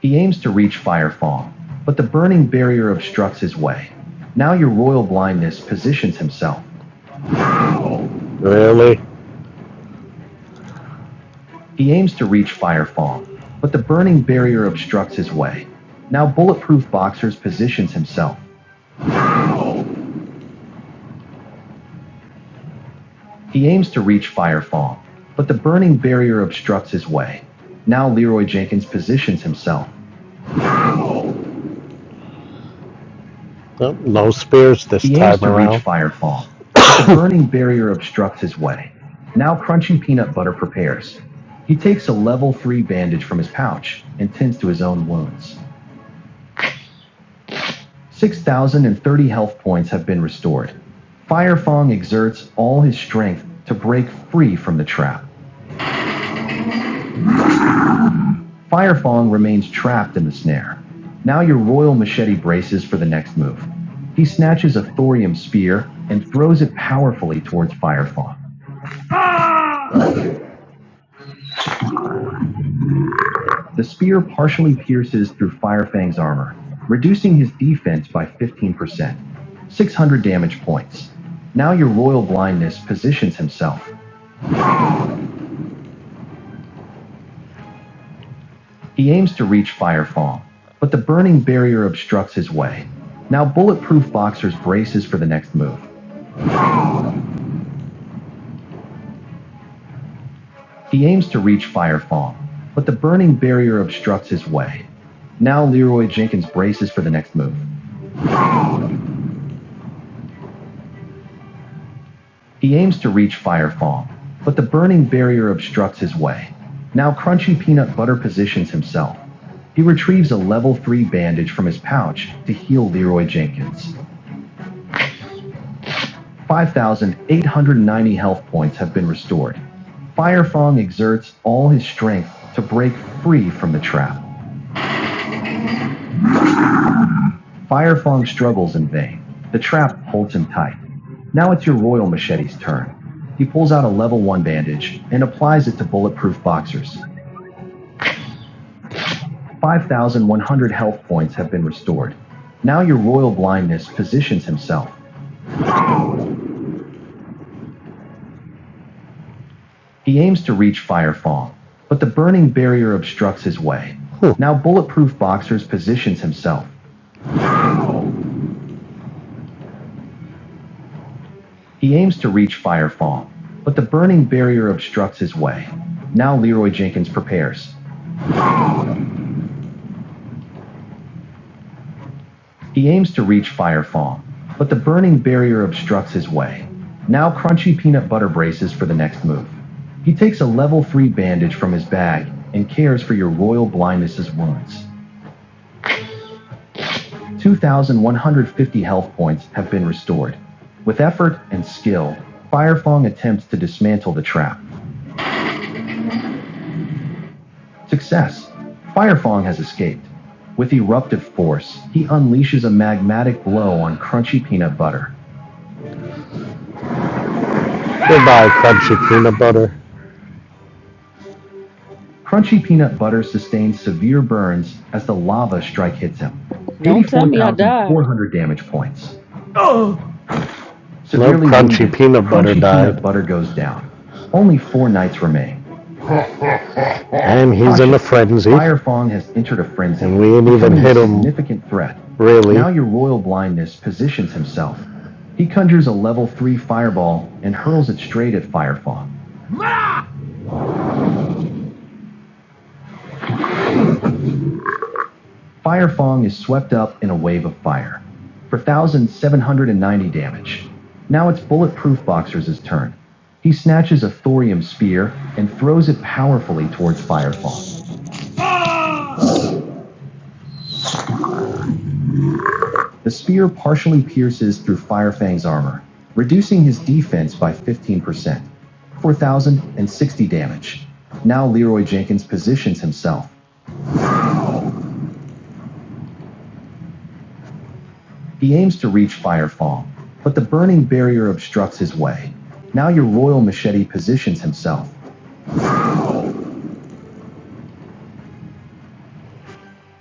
D: He aims to reach Firefang, but the burning barrier obstructs his way. Now your royal blindness positions himself. Really? He aims to reach Firefang, but the burning barrier obstructs his way. Now bulletproof boxers positions himself. He aims to reach Fire Fong, but the burning barrier obstructs his way. Now Leroy Jenkins positions himself. Nope, No spears this He time around. He aims to reach around. Fire Fong. but The [COUGHS] burning barrier obstructs his way. Now Crunching Peanut Butter prepares. He takes a level 3 bandage from his pouch and tends to his own wounds. 6,030 health points have been restored. Fire Fong exerts all his strength to break free from the trap. Firefang remains trapped in the snare. Now your royal machete braces for the next move. He snatches a thorium spear and throws it powerfully towards Firefang. The spear partially pierces through Firefang's armor, reducing his defense by 15%, 600 damage points. Now your royal blindness positions himself. He aims to reach Firefang, but the burning barrier obstructs his way. Now bulletproof boxer's braces for the next move. He aims to reach Firefall, but the burning barrier obstructs his way. Now Leroy Jenkins braces for the next move. He aims to reach Firefall, but the burning barrier obstructs his way. Now Crunchy Peanut Butter positions himself. He retrieves a level 3 bandage from his pouch to heal Leroy Jenkins. 5,890 health points have been restored. Firefang exerts all his strength to break free from the trap. Firefang struggles in vain. The trap holds him tight. Now it's your Royal Machete's turn. He pulls out a level 1 bandage and applies it to bulletproof boxers. 5,100 health points have been restored. Now your Royal Blindness positions himself. He aims to reach Firefang, but the burning barrier obstructs his way. Huh. Now Bulletproof Boxers positions himself. He aims to reach Firefang, but the burning barrier obstructs his way. Now Leroy Jenkins prepares. He aims to reach Firefall, but the burning barrier obstructs his way. Now crunchy peanut butter braces for the next move. He takes a level 3 bandage from his bag and cares for your royal blindness's wounds. 2,150 health points have been restored. With effort and skill, Firefong attempts to dismantle the trap. Success! Firefong has escaped. With eruptive force, he unleashes a magmatic blow on crunchy peanut butter. Goodbye, crunchy peanut butter. Crunchy Peanut Butter sustains severe burns as the lava strike hits him.
B: Don't tell me I died.
D: 84,400 damage points. Severely no Crunchy wounded, Peanut Butter Crunchy died. Peanut Butter goes down. Only four knights remain. And he's Conscious. in a frenzy. Fire has entered a frenzy. And we ain't even becoming hit him. a Significant threat. Really? Now really. your royal blindness positions himself. He conjures a level 3 fireball and hurls it straight at Firefong. Firefang is swept up in a wave of fire for 1,790 damage. Now it's Bulletproof Boxer's turn. He snatches a thorium spear and throws it powerfully towards Firefang. The spear partially pierces through Firefang's armor, reducing his defense by 15%, 4,060 damage. Now Leroy Jenkins positions himself. He aims to reach Firefang, but the burning barrier obstructs his way. Now your Royal Machete positions himself.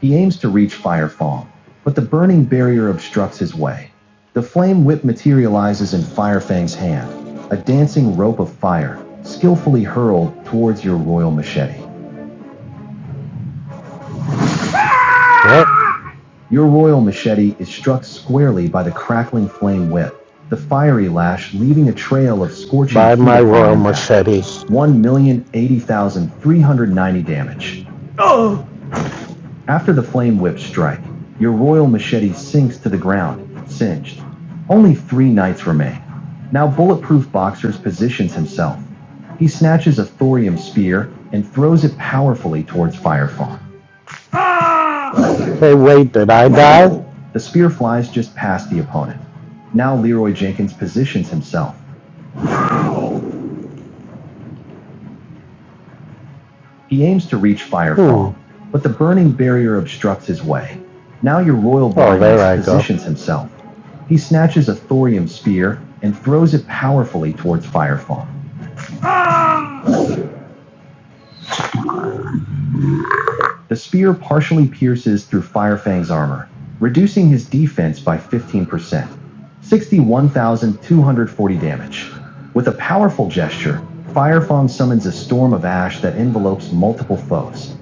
D: He aims to reach Firefall, but the burning barrier obstructs his way. The flame whip materializes in Firefang's hand, a dancing rope of fire, skillfully hurled towards your royal machete. Yep. Your royal machete is struck squarely by the crackling flame whip, the fiery lash leaving a trail of scorching By my royal upon machete. 1,080,390 damage. After the flame whip strike, your royal machete sinks to the ground, singed. Only three knights remain. Now Bulletproof Boxers positions himself. He snatches a thorium spear and throws it powerfully towards Firefawn. Hey, wait, did I die? The spear flies just past the opponent. Now Leroy Jenkins positions himself. He aims to reach Firefall, hmm. but the burning barrier obstructs his way. Now your royal there I blindness go. positions himself. He snatches a thorium spear and throws it powerfully towards Firefall. The spear partially pierces through Firefang's armor, reducing his defense by 15%, 61,240 damage. With a powerful gesture, Firefang summons a storm of ash that envelopes multiple foes.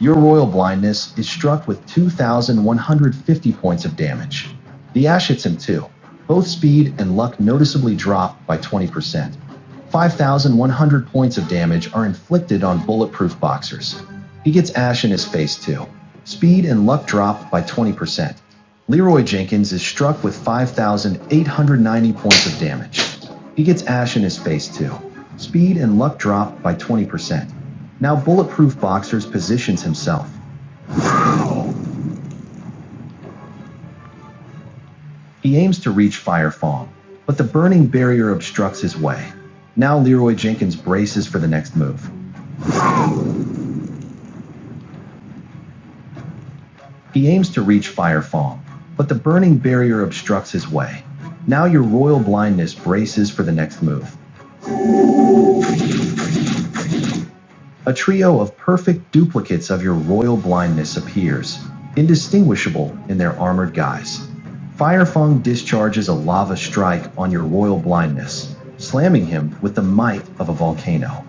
D: Your royal blindness is struck with 2,150 points of damage. The ash hits him too. Both speed and luck noticeably drop by 20%. 5,100 points of damage are inflicted on bulletproof boxers. He gets ash in his face too. Speed and luck drop by 20%. Leroy Jenkins is struck with 5,890 points of damage. He gets ash in his face too. Speed and luck drop by 20%. Now bulletproof boxers positions himself. He aims to reach Fire Fong, but the burning barrier obstructs his way. Now Leroy Jenkins braces for the next move. He aims to reach Firefang, but the burning barrier obstructs his way. Now your royal blindness braces for the next move. A trio of perfect duplicates of your royal blindness appears, indistinguishable in their armored guise. Firefang discharges a lava strike on your royal blindness, slamming him with the might of a volcano.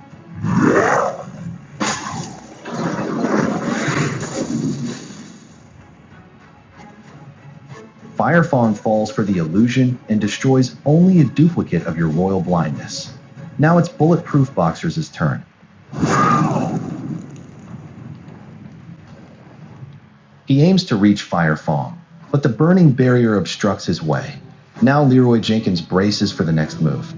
D: Firefang falls for the illusion and destroys only a duplicate of your royal blindness. Now it's Bulletproof Boxer's turn. He aims to reach Fire Fong, but the burning barrier obstructs his way. Now Leroy Jenkins braces for the next move.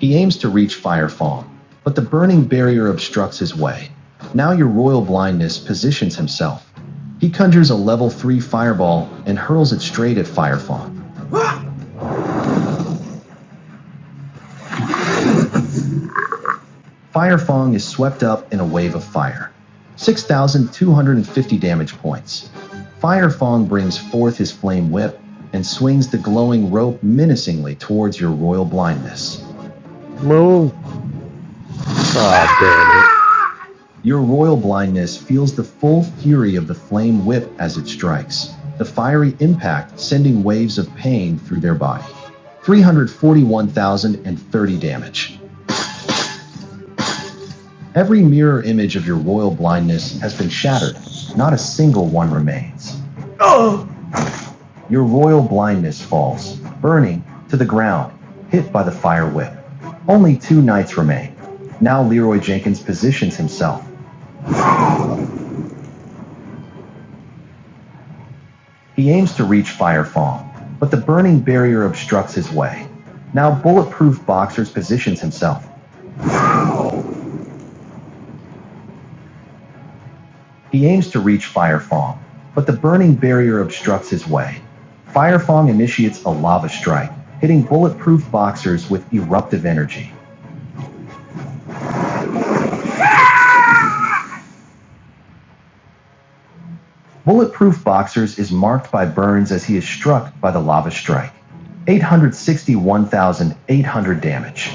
D: He aims to reach Fire Fong, but the burning barrier obstructs his way. Now your royal blindness positions himself. He conjures a level 3 fireball and hurls it straight at Fire Fong. Firefong is swept up in a wave of fire. 6,250 damage points. Firefong brings forth his flame whip and swings the glowing rope menacingly towards your royal blindness. Move. Your royal blindness feels the full fury of the flame whip as it strikes, the fiery impact sending waves of pain through their body. 341,030 damage. Every mirror image of your royal blindness has been shattered. Not a single one remains. Your royal blindness falls, burning to the ground, hit by the fire whip. Only two knights remain. Now Leroy Jenkins positions himself. He aims to reach Fire Fawn, but the burning barrier obstructs his way. Now Bulletproof Boxers positions himself. He aims to reach Firefong, but the burning barrier obstructs his way. Firefong initiates a lava strike, hitting Bulletproof Boxers with eruptive energy. Bulletproof Boxers is marked by burns as he is struck by the lava strike. 861,800 damage.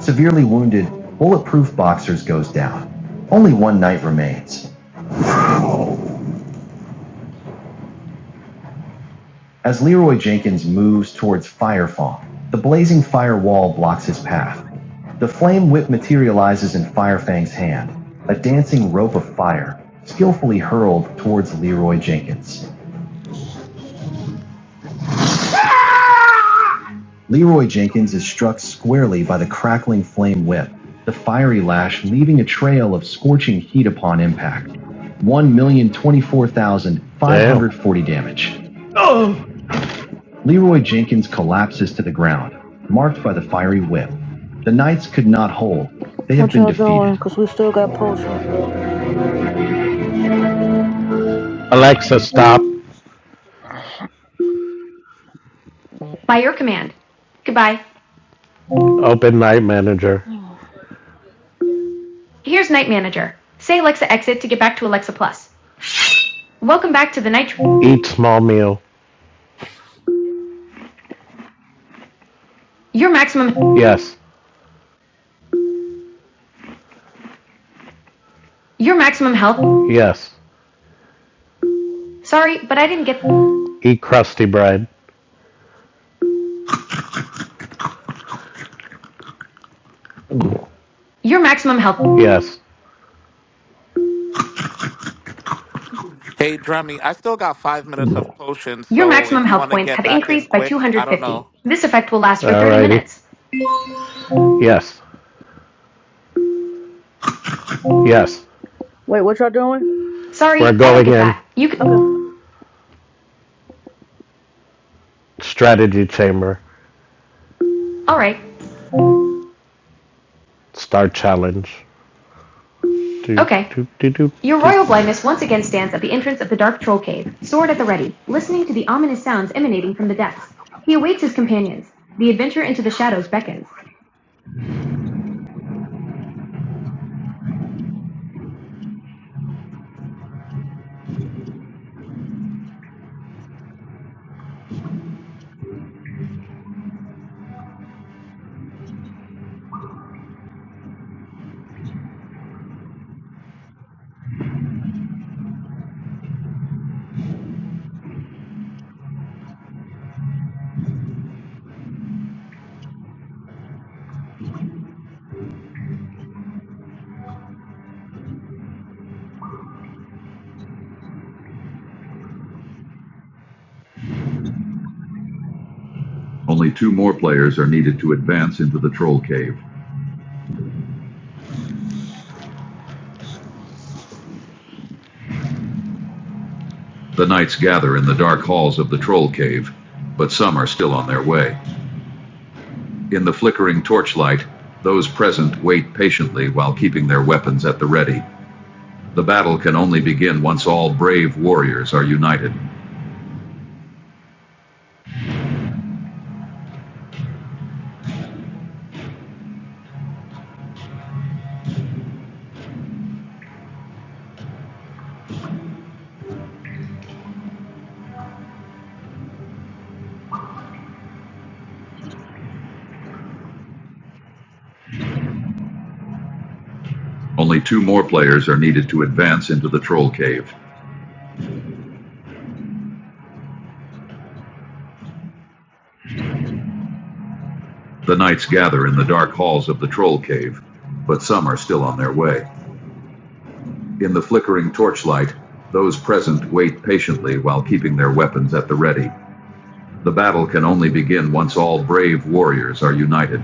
D: Severely wounded, Bulletproof Boxers goes down. Only one knight remains. As Leroy Jenkins moves towards Firefall, the blazing firewall blocks his path. The flame whip materializes in Firefang's hand, a dancing rope of fire, skillfully hurled towards Leroy Jenkins. Leroy Jenkins is struck squarely by the crackling flame whip, the fiery lash leaving a trail of scorching heat upon impact. 1,024,540 damage. Oh! Leroy Jenkins collapses to the ground, marked by the fiery whip. The Knights could not hold. They have
B: What
D: been
B: y'all
D: defeated.
B: doing? Cause we still got potions.
D: Alexa, stop. Open night manager. Eat small meal. Yes. Yes. Eat crusty bread. Yes.
H: Hey, Drummy, I still got five minutes of potions, so if you want to get back in quick, I don't know.
D: Alrighty. 30 Yes. Yes.
B: Wait, what y'all doing?
D: We're going in.
B: Okay.
D: Strategy chamber. Start challenge. Do, do, do, do. Only two more players are needed to advance into the Troll Cave. The knights gather in the dark halls of the Troll Cave, but some are still on their way. In the flickering torchlight, those present wait patiently while keeping their weapons at the ready. The battle can only begin once all brave warriors are united. Only two more players are needed to advance into the Troll Cave. The knights gather in the dark halls of the Troll Cave, but some are still on their way. In the flickering torchlight, those present wait patiently while keeping their weapons at the ready. The battle can only begin once all brave warriors are united.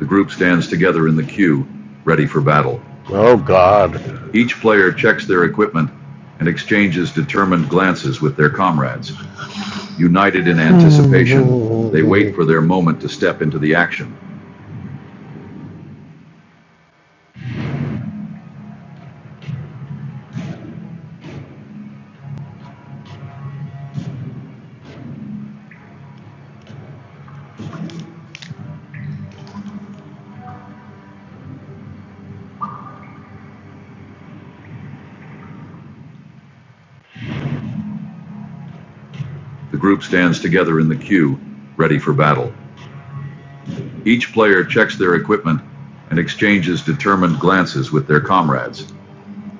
D: The group stands together in the queue, ready for battle. Oh, God. Each player checks their equipment and exchanges determined glances with their comrades. United in anticipation, they wait for their moment to step into the action. The group stands together in the queue, ready for battle. Each player checks their equipment and exchanges determined glances with their comrades.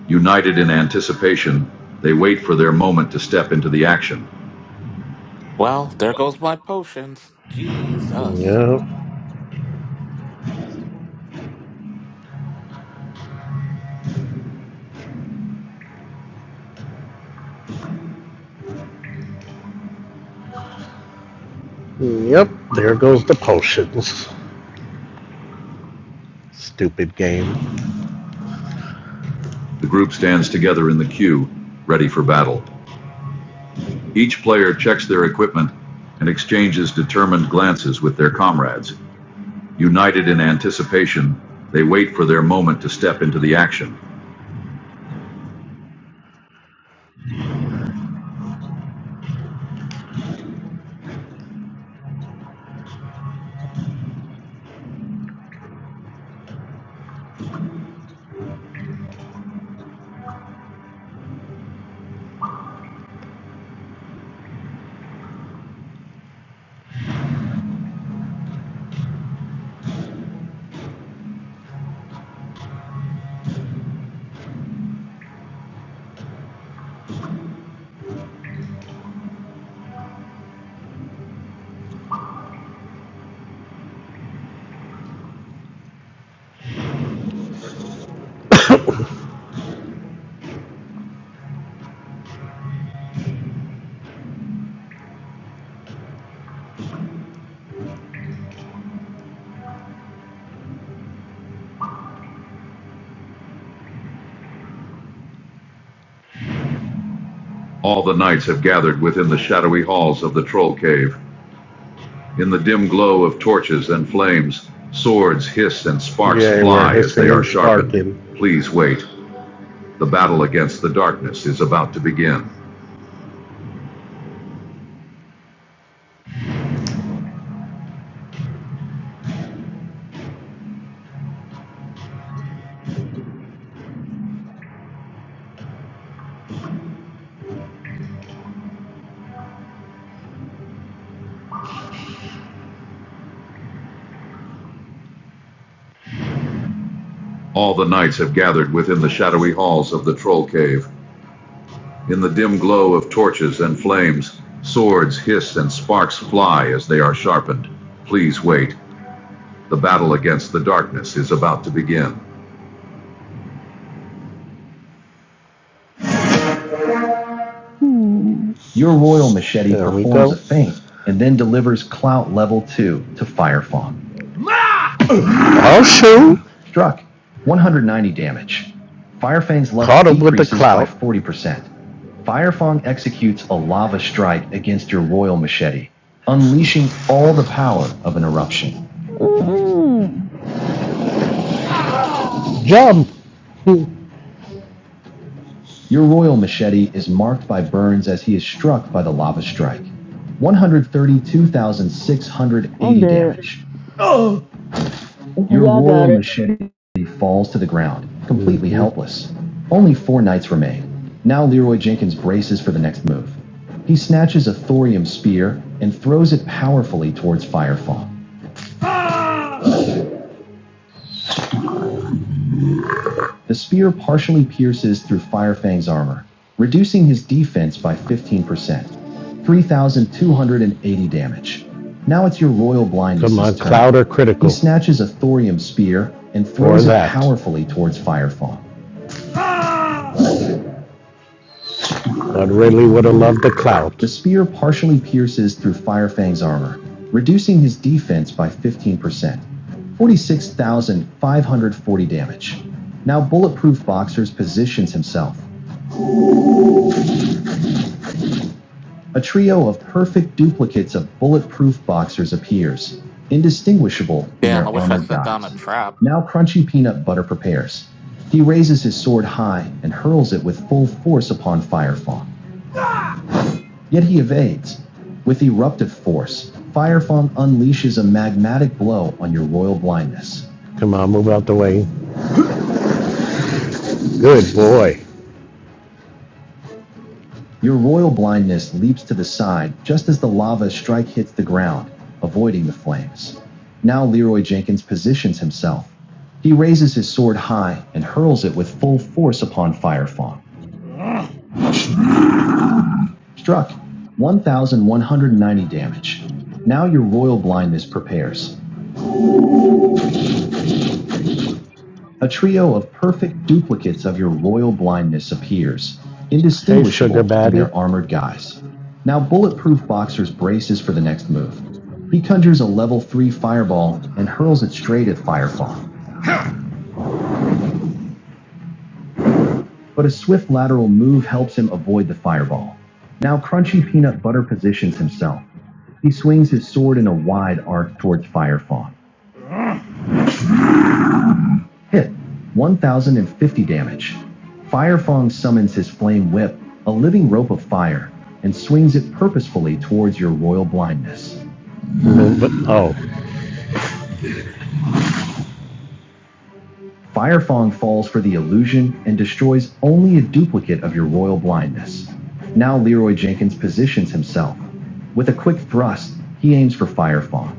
D: United in anticipation, they wait for their moment to step into the action.
H: Well, there goes my potions. Jesus.
D: Yep. Yep. There goes the potions. Stupid game. The group stands together in the queue, ready for battle. Each player checks their equipment and exchanges determined glances with their comrades. United in anticipation, they wait for their moment to step into the action. All the knights have gathered within the shadowy halls of the troll cave. In the dim glow of torches and flames, swords hiss and sparks Yeah, fly as they are sharpened. sparking. Please wait. The battle against the darkness is about to begin. All the knights have gathered within the shadowy halls of the troll cave. In the dim glow of torches and flames, swords hiss and sparks fly as they are sharpened. Please wait. The battle against the darkness is about to begin. Your royal machete There performs a feint and then delivers clout level 2 to Firefang. Oh shoot! Struck. 190 damage. Firefang's level decreases by 40%. Firefang executes a lava strike against your royal machete, unleashing all the power of an eruption.
B: Mm-mm.
D: Jump! Your royal machete is marked by burns as he is struck by the lava strike.
B: I'm
D: 132,680
B: dead.
D: damage. Your
B: Y'all
D: royal
B: got it.
D: machete falls to the ground, completely helpless. Only four knights remain. Now Leroy Jenkins braces for the next move. He snatches a thorium spear and throws it powerfully towards Firefang. The spear partially pierces through Firefang's armor, reducing his defense by 15%. 3,280 damage. Now it's your royal blindness. Come on, cloud or critical. He snatches a thorium spear and throws it powerfully towards Firefang. I really would have loved the clout. The spear partially pierces through Firefang's armor, reducing his defense by 15%, 46,540 damage. Now Bulletproof Boxers positions himself. A trio of perfect duplicates of Bulletproof Boxers appears, indistinguishable in
H: Damn, I
D: their
H: wish I
D: armored
H: set down a
D: guise.
H: trap.
D: Now Crunchy Peanut Butter prepares. He raises his sword high and hurls it with full force upon Firefang. Yet he evades. With eruptive force, Firefang unleashes a magmatic blow on your royal blindness. Come on, move out the way. Good boy. Your royal blindness leaps to the side just as the lava strike hits the ground, avoiding the flames. Now Leroy Jenkins positions himself. He raises his sword high and hurls it with full force upon Firefang. Struck. 1190 damage. Now your royal blindness prepares. A trio of perfect duplicates of your royal blindness appears, indistinguishable from baby. their armored guise. Now, Bulletproof Boxer's braces for the next move. He conjures a level 3 fireball and hurls it straight at Firefall, but a swift lateral move helps him avoid the fireball. Now, Crunchy Peanut Butter positions himself. He swings his sword in a wide arc towards Firefall. Hit. 1050 damage. Firefang summons his flame whip, a living rope of fire, and swings it purposefully towards your royal blindness. But oh, Firefang falls for the illusion and destroys only a duplicate of your royal blindness. Now Leroy Jenkins positions himself. With a quick thrust, he aims for Firefang.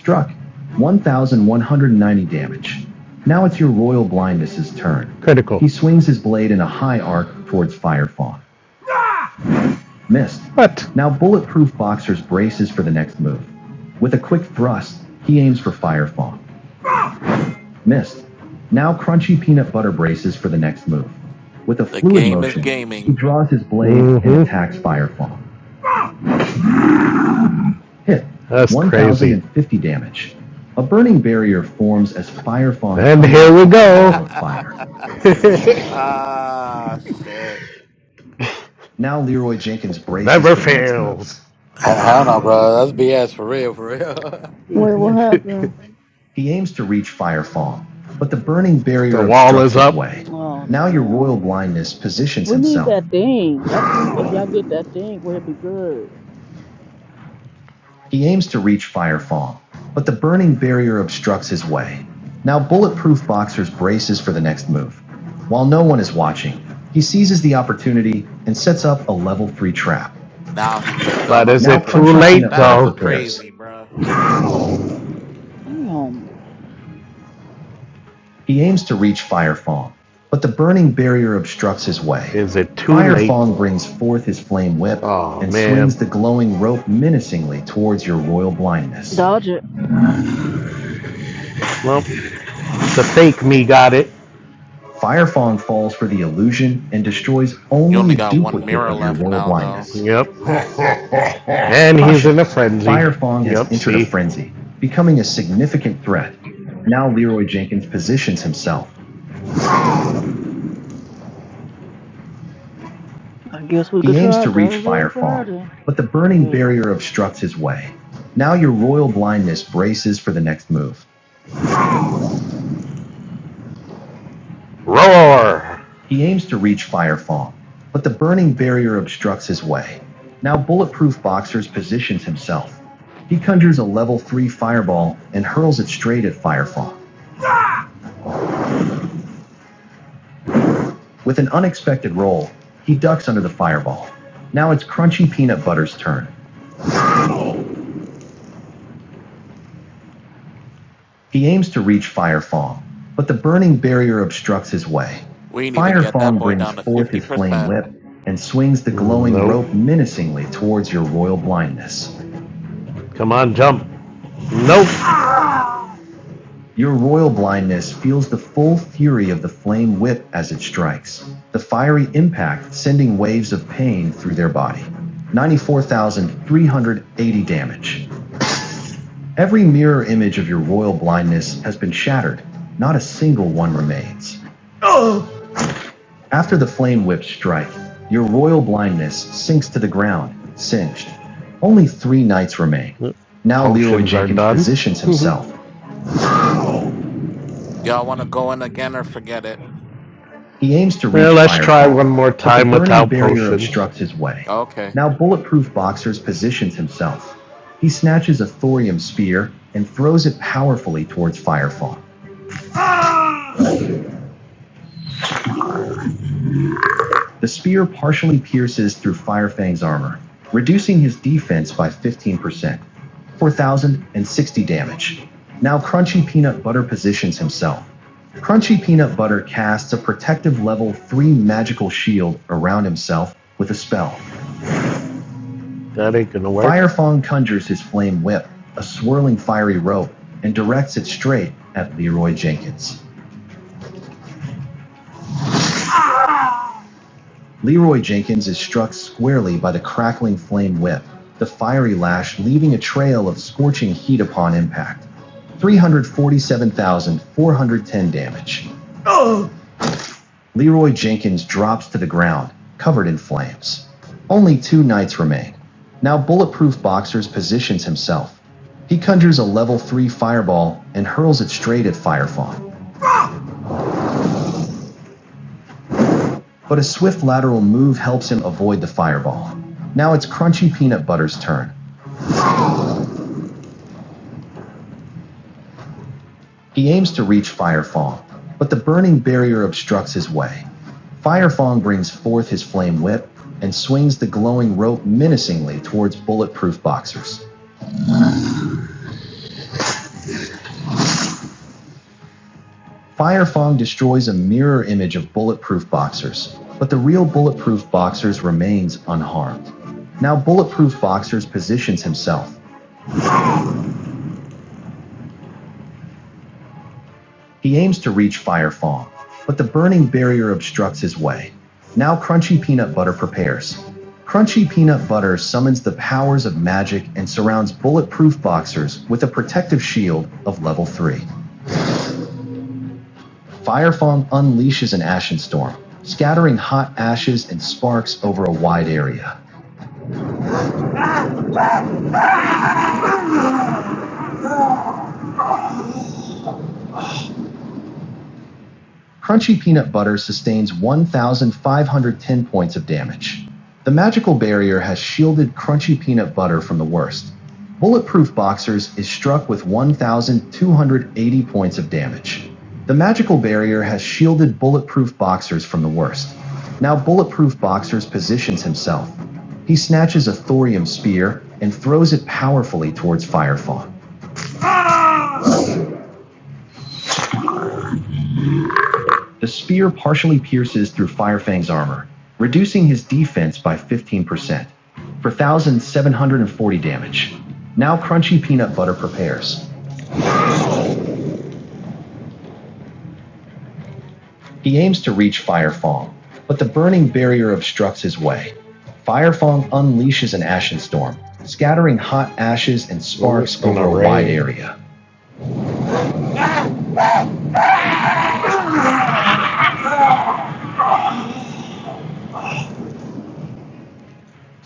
D: Struck. 1,190 damage. Now it's your royal blindness's turn. Critical. He swings his blade in a high arc towards Firefawn. Missed. What? Now Bulletproof Boxer's braces for the next move. With a quick thrust, he aims for Firefawn. Missed. Now Crunchy Peanut Butter braces for the next move. With a
H: The
D: fluid
H: game is
D: motion, he
H: gaming.
D: draws his blade Mhm. and attacks Firefawn. hit. That's crazy. 1,050 damage. A burning barrier forms as fire falls. And here we
H: [LAUGHS]
D: go. Fire. [LAUGHS]
H: ah, shit.
D: Now Leroy Jenkins braces. Never for next move. fails.
A: Hell no, bro. That's BS for real, for real.
B: Wait, what happened?
D: He aims to reach Firefall, but the burning barrier The wall is up. Way.
B: Oh,
D: Now your royal
B: damn.
D: blindness positions
B: We need
D: himself.
B: that thing. I think if y'all get that thing, we'll be good.
D: He aims to reach Firefall, but the burning barrier obstructs his way. Now bulletproof boxers braces for the next move. While no one is watching, he seizes the opportunity and sets up a level 3 trap.
H: Now he puts
D: But
H: down a
D: is Now it too
H: fucking
D: late
H: trap. That's
D: though? Prepares.
H: crazy, bruh.
B: Damn.
D: He aims to reach Fire Fong, but the burning barrier obstructs his way. Is it too Fire late? Fire Fong brings forth his flame whip Oh, and man. swings the glowing rope menacingly towards your royal blindness.
B: Dodge it.
D: Well, the fake me got it. Fire Fong falls for the illusion and destroys
H: You
D: only a
H: only got one
D: duplicate
H: mirror
D: of your
H: left
D: royal
H: now, though.
D: blindness. Yep. And Gosh, he's in a frenzy. Fire Fong has Yep, entered see? a frenzy, becoming a significant threat. Now Leroy Jenkins positions himself,
B: I guess we
D: He
B: could
D: aims
B: try
D: to reach
B: Thursday or
D: Firefall,
B: Friday.
D: but the burning
B: Shit.
D: barrier obstructs his way. Now your royal blindness braces for the next move. Roar! He aims to reach Firefall, but the burning barrier obstructs his way. Now Bulletproof Boxers positions himself. He conjures a level 3 fireball and hurls it straight at Firefall. With an unexpected roll, he ducks under the fireball. Now it's Crunchy Peanut Butter's turn. He aims to reach Fire Fong, but the burning barrier obstructs his way.
H: We didn't even
D: Fire
H: get that
D: Fong
H: boy
D: brings
H: down to
D: forth his flame
H: 50%.
D: whip and swings the glowing Nope. rope menacingly towards your royal blindness. Come on, jump. Nope. Your royal blindness feels the full fury of the flame whip as it strikes, the fiery impact sending waves of pain through their body. 94,380 damage. Every mirror image of your royal blindness has been shattered. Not a single one remains. After the flame whips strike, your royal blindness sinks to the ground, singed. Only three knights remain. Now Leroy Jenkins positions himself. [LAUGHS]
H: Y'all want to go in again or forget it?
D: He aims to Well, reach well, let's try one more but the time burning without barrier obstructs his way.
H: Okay.
D: Now Bulletproof Boxers positions himself. He snatches a thorium spear and throws it powerfully towards Firefall. The spear partially pierces through Firefang's armor, reducing his defense by 15%, 4,060 damage. Now Crunchy Peanut Butter positions himself. Crunchy Peanut Butter casts a protective level 3 magical shield around himself with a spell. That ain't gonna work. Firefang conjures his flame whip, a swirling fiery rope, and directs it straight at Leroy Jenkins. Leroy Jenkins is struck squarely by the crackling flame whip, the fiery lash leaving a trail of scorching heat upon impact. 347,410 damage. Leroy Jenkins drops to the ground, covered in flames. Only two knights remain. Now Bulletproof Boxers positions himself. He conjures a level 3 fireball and hurls it straight at Firefawn. But a swift lateral move helps him avoid the fireball. Now it's Crunchy Peanut Butter's turn. He aims to reach Firefong, but the burning barrier obstructs his way. Firefong brings forth his flame whip and swings the glowing rope menacingly towards bulletproof boxers. Firefong destroys a mirror image of bulletproof boxers, but the real bulletproof boxers remains unharmed. Now bulletproof boxers positions himself, He aims to reach Fire Fawn, but the burning barrier obstructs his way. Now Crunchy Peanut Butter prepares. Crunchy Peanut Butter summons the powers of magic and surrounds bulletproof boxers with a protective shield of level 3. Fire Fawn unleashes an ashen storm, scattering hot ashes and sparks over a wide area. Crunchy Peanut Butter sustains 1,510 points of damage. The magical barrier has shielded Crunchy Peanut Butter from the worst. Bulletproof Boxers is struck with 1,280 points of damage. The magical barrier has shielded Bulletproof Boxers from the worst. Now Bulletproof Boxers positions himself. He snatches a thorium spear and throws it powerfully towards Firefawn. The spear partially pierces through Firefang's armor, reducing his defense by 15% for 1,740 damage. Now Crunchy Peanut Butter prepares. He aims to reach Firefang, but the burning barrier obstructs his way. Firefang unleashes an ashen storm, scattering hot ashes and sparks going over a wide area.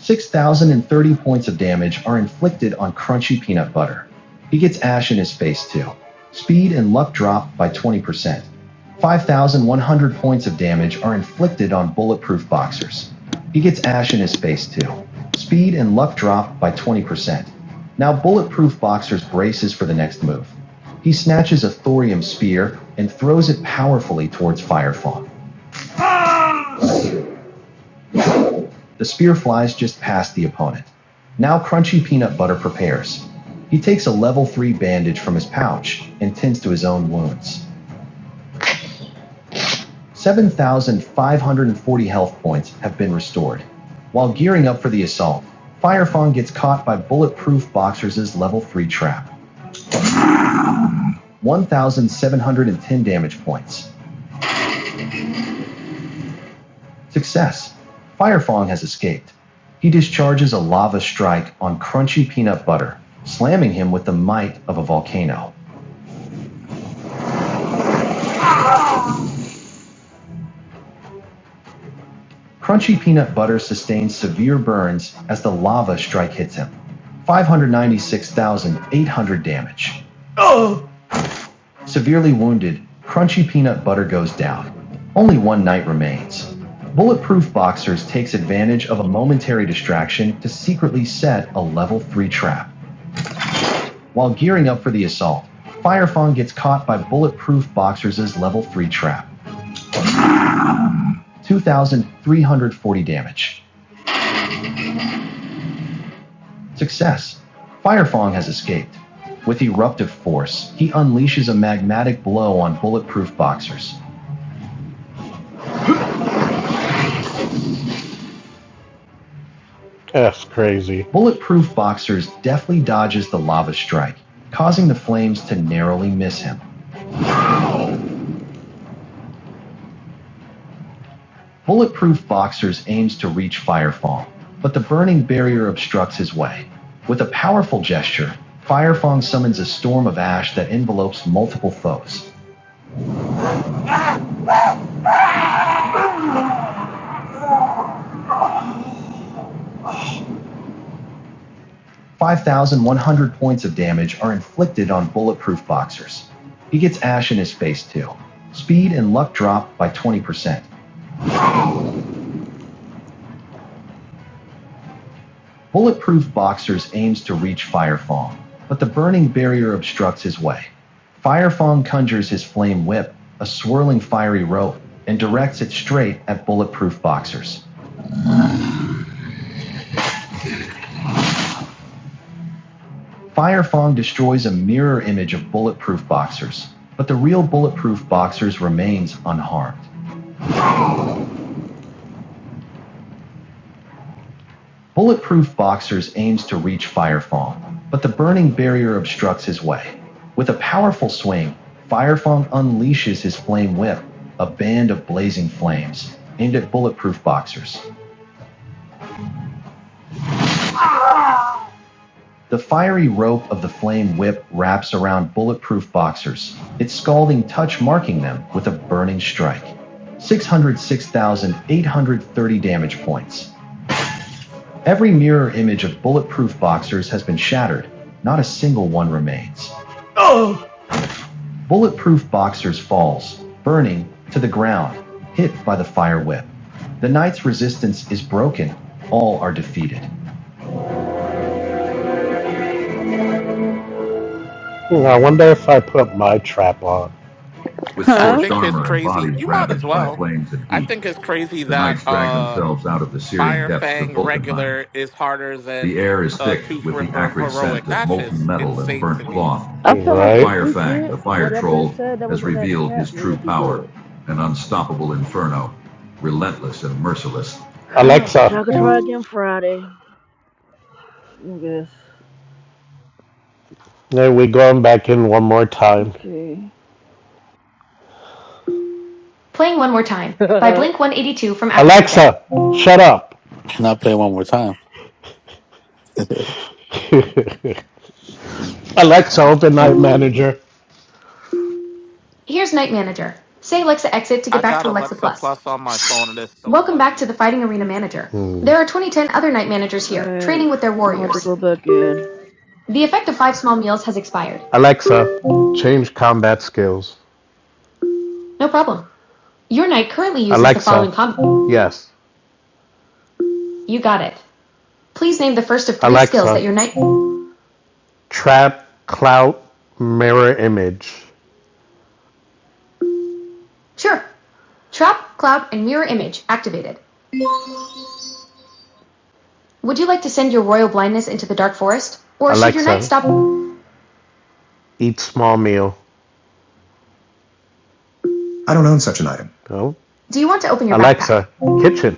D: 6,030 points of damage are inflicted on crunchy peanut butter. He gets ash in his face too. Speed and luck drop by 20%. 5,100 points of damage are inflicted on bulletproof boxers. He gets ash in his face too. Speed and luck drop by 20%. Now bulletproof boxers braces for the next move. He snatches a thorium spear and throws it powerfully towards Firefawn. The spear flies just past the opponent. Now Crunchy Peanut Butter prepares. He takes a level 3 bandage from his pouch and tends to his own wounds. 7,540 health points have been restored. While gearing up for the assault, Firefang gets caught by Bulletproof Boxers' level 3 trap. 1,710 damage points. Success. Firefang has escaped. He discharges a lava strike on Crunchy Peanut Butter, slamming him with the might of a volcano. Crunchy peanut butter sustains severe burns as the lava strike hits him. 596,800 damage. Severely wounded, Crunchy peanut butter goes down. Only one night remains. Bulletproof Boxers takes advantage of a momentary distraction to secretly set a level 3 trap. While gearing up for the assault, Firefang gets caught by Bulletproof Boxers' level 3 trap. 2,340 damage. Success! Firefang has escaped. With eruptive force, he unleashes a magmatic blow on Bulletproof Boxers. That's crazy. Bulletproof Boxers deftly dodges the lava strike, causing the flames to narrowly miss him. Bulletproof Boxers aims to reach Firefang, but the burning barrier obstructs his way. With a powerful gesture, Firefang summons a storm of ash that envelopes multiple foes. 5,100 points of damage are inflicted on bulletproof boxers. He gets ash in his face too. Speed and luck drop by 20%. Bulletproof boxers aims to reach Firefang, but the burning barrier obstructs his way. Firefang conjures his flame whip, a swirling fiery rope, and directs it straight at bulletproof boxers. Firefang destroys a mirror image of bulletproof boxers, but the real bulletproof boxers remains unharmed. Bulletproof Boxers aims to reach Firefang, but the burning barrier obstructs his way. With a powerful swing, Firefang unleashes his flame whip, a band of blazing flames, aimed at Bulletproof Boxers. The fiery rope of the flame whip wraps around Bulletproof Boxers, its scalding touch marking them with a burning strike. 606,830 damage points. Every mirror image of Bulletproof Boxers has been shattered, not a single one remains. Bulletproof Boxers falls, burning to the ground, hit by the fire whip. The knight's resistance is broken. All are defeated. Hmm, I wonder if I put my trap on. With
H: I
B: Huh?
D: scorched
H: think it's
D: armor and
H: crazy.
D: bodies
H: You might as
D: ravaged by
H: well.
D: flames and
H: I
D: heat,
H: think it's crazy
D: the
H: that
D: knights drag
H: uh
D: themselves out of the searing
H: Fire
D: depths of
H: Fang
D: Vulcanheim.
H: regular is harder than
D: The air is
H: uh
D: thick
H: Tooth
D: with the
H: Ripper
D: acrid
H: heroic.
D: scent of
H: That's
D: molten
H: just
D: metal and
H: insane
D: burnt
H: to me.
D: cloth.
B: I feel like
D: Right.
B: if we
D: Firefang, the
B: get
D: fire
B: whatever they
D: troll,
B: said that was
D: has
B: in that
D: revealed
B: chat,
D: his true
B: we'll be
D: power,
B: good.
D: an unstoppable inferno, relentless and merciless.
B: [SIGHS] but
D: Alexa,
B: y'all could try again Friday. I guess.
D: there we go back in one more time.
B: Okay. [LAUGHS]
D: Alexa, Africa. shut up.
A: [LAUGHS] Not play one more time. [LAUGHS]
D: [LAUGHS] Alexa, open Night Manager.
H: I got Alexa Plus on my phone and it's so buggy.
B: Alright, I'm about to go back in.
D: Alexa, change combat skills. Yes. Trap, clout, mirror image. Alexa. Eat small meal. I don't own such an item. No. backpack? kitchen.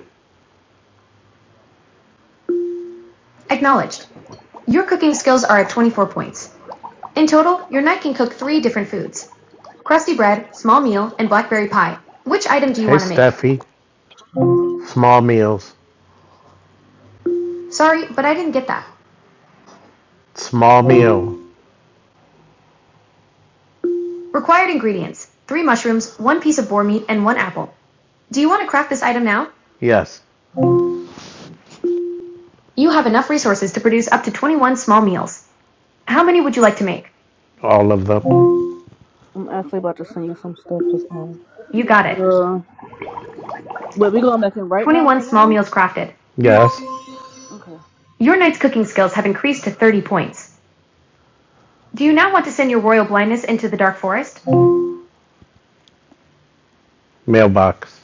D: Hey Steffi. Small meals. Small meal. Yes. All of them.
B: I'm actually about to send you some stuff for some. Uh, wait, we going back in right now? Right now?
D: Yes.
B: Okay.
D: Mailbox.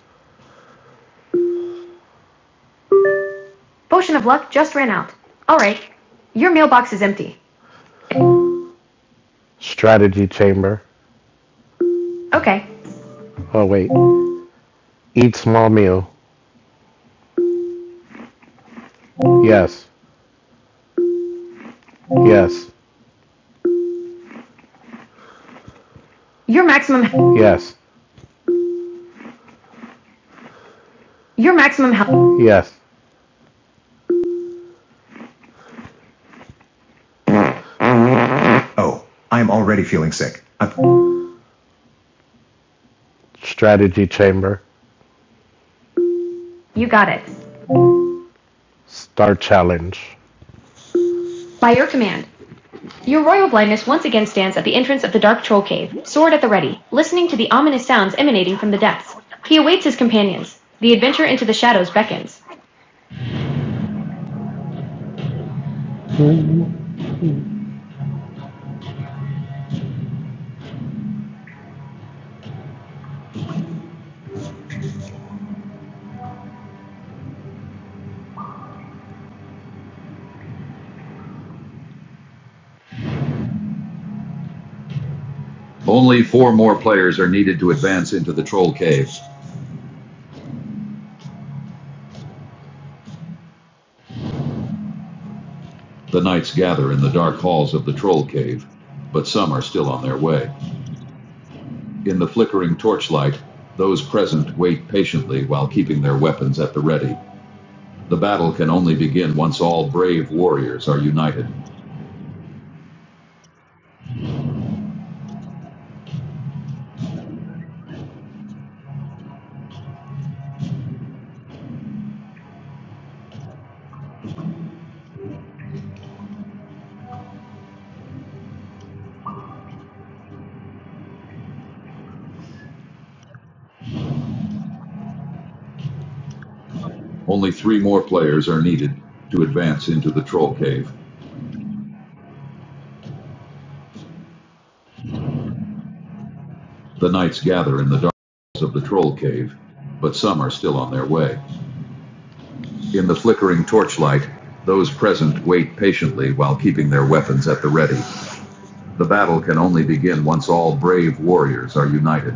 D: Strategy chamber. Oh, wait. Eat small meal. Yes. Yes. Yes, yes. Strategy Chamber. Star Challenge. Only four more players are needed to advance into the troll cave. The knights gather in the dark halls of the troll cave, but some are still on their way. In the flickering torchlight, those present wait patiently while keeping their weapons at the ready. The battle can only begin once all brave warriors are united. Only three more players are needed to advance into the troll cave. The knights gather in the dark of the troll cave, but some are still on their way. In the flickering torchlight, those present wait patiently while keeping their weapons at the ready. The battle can only begin once all brave warriors are united.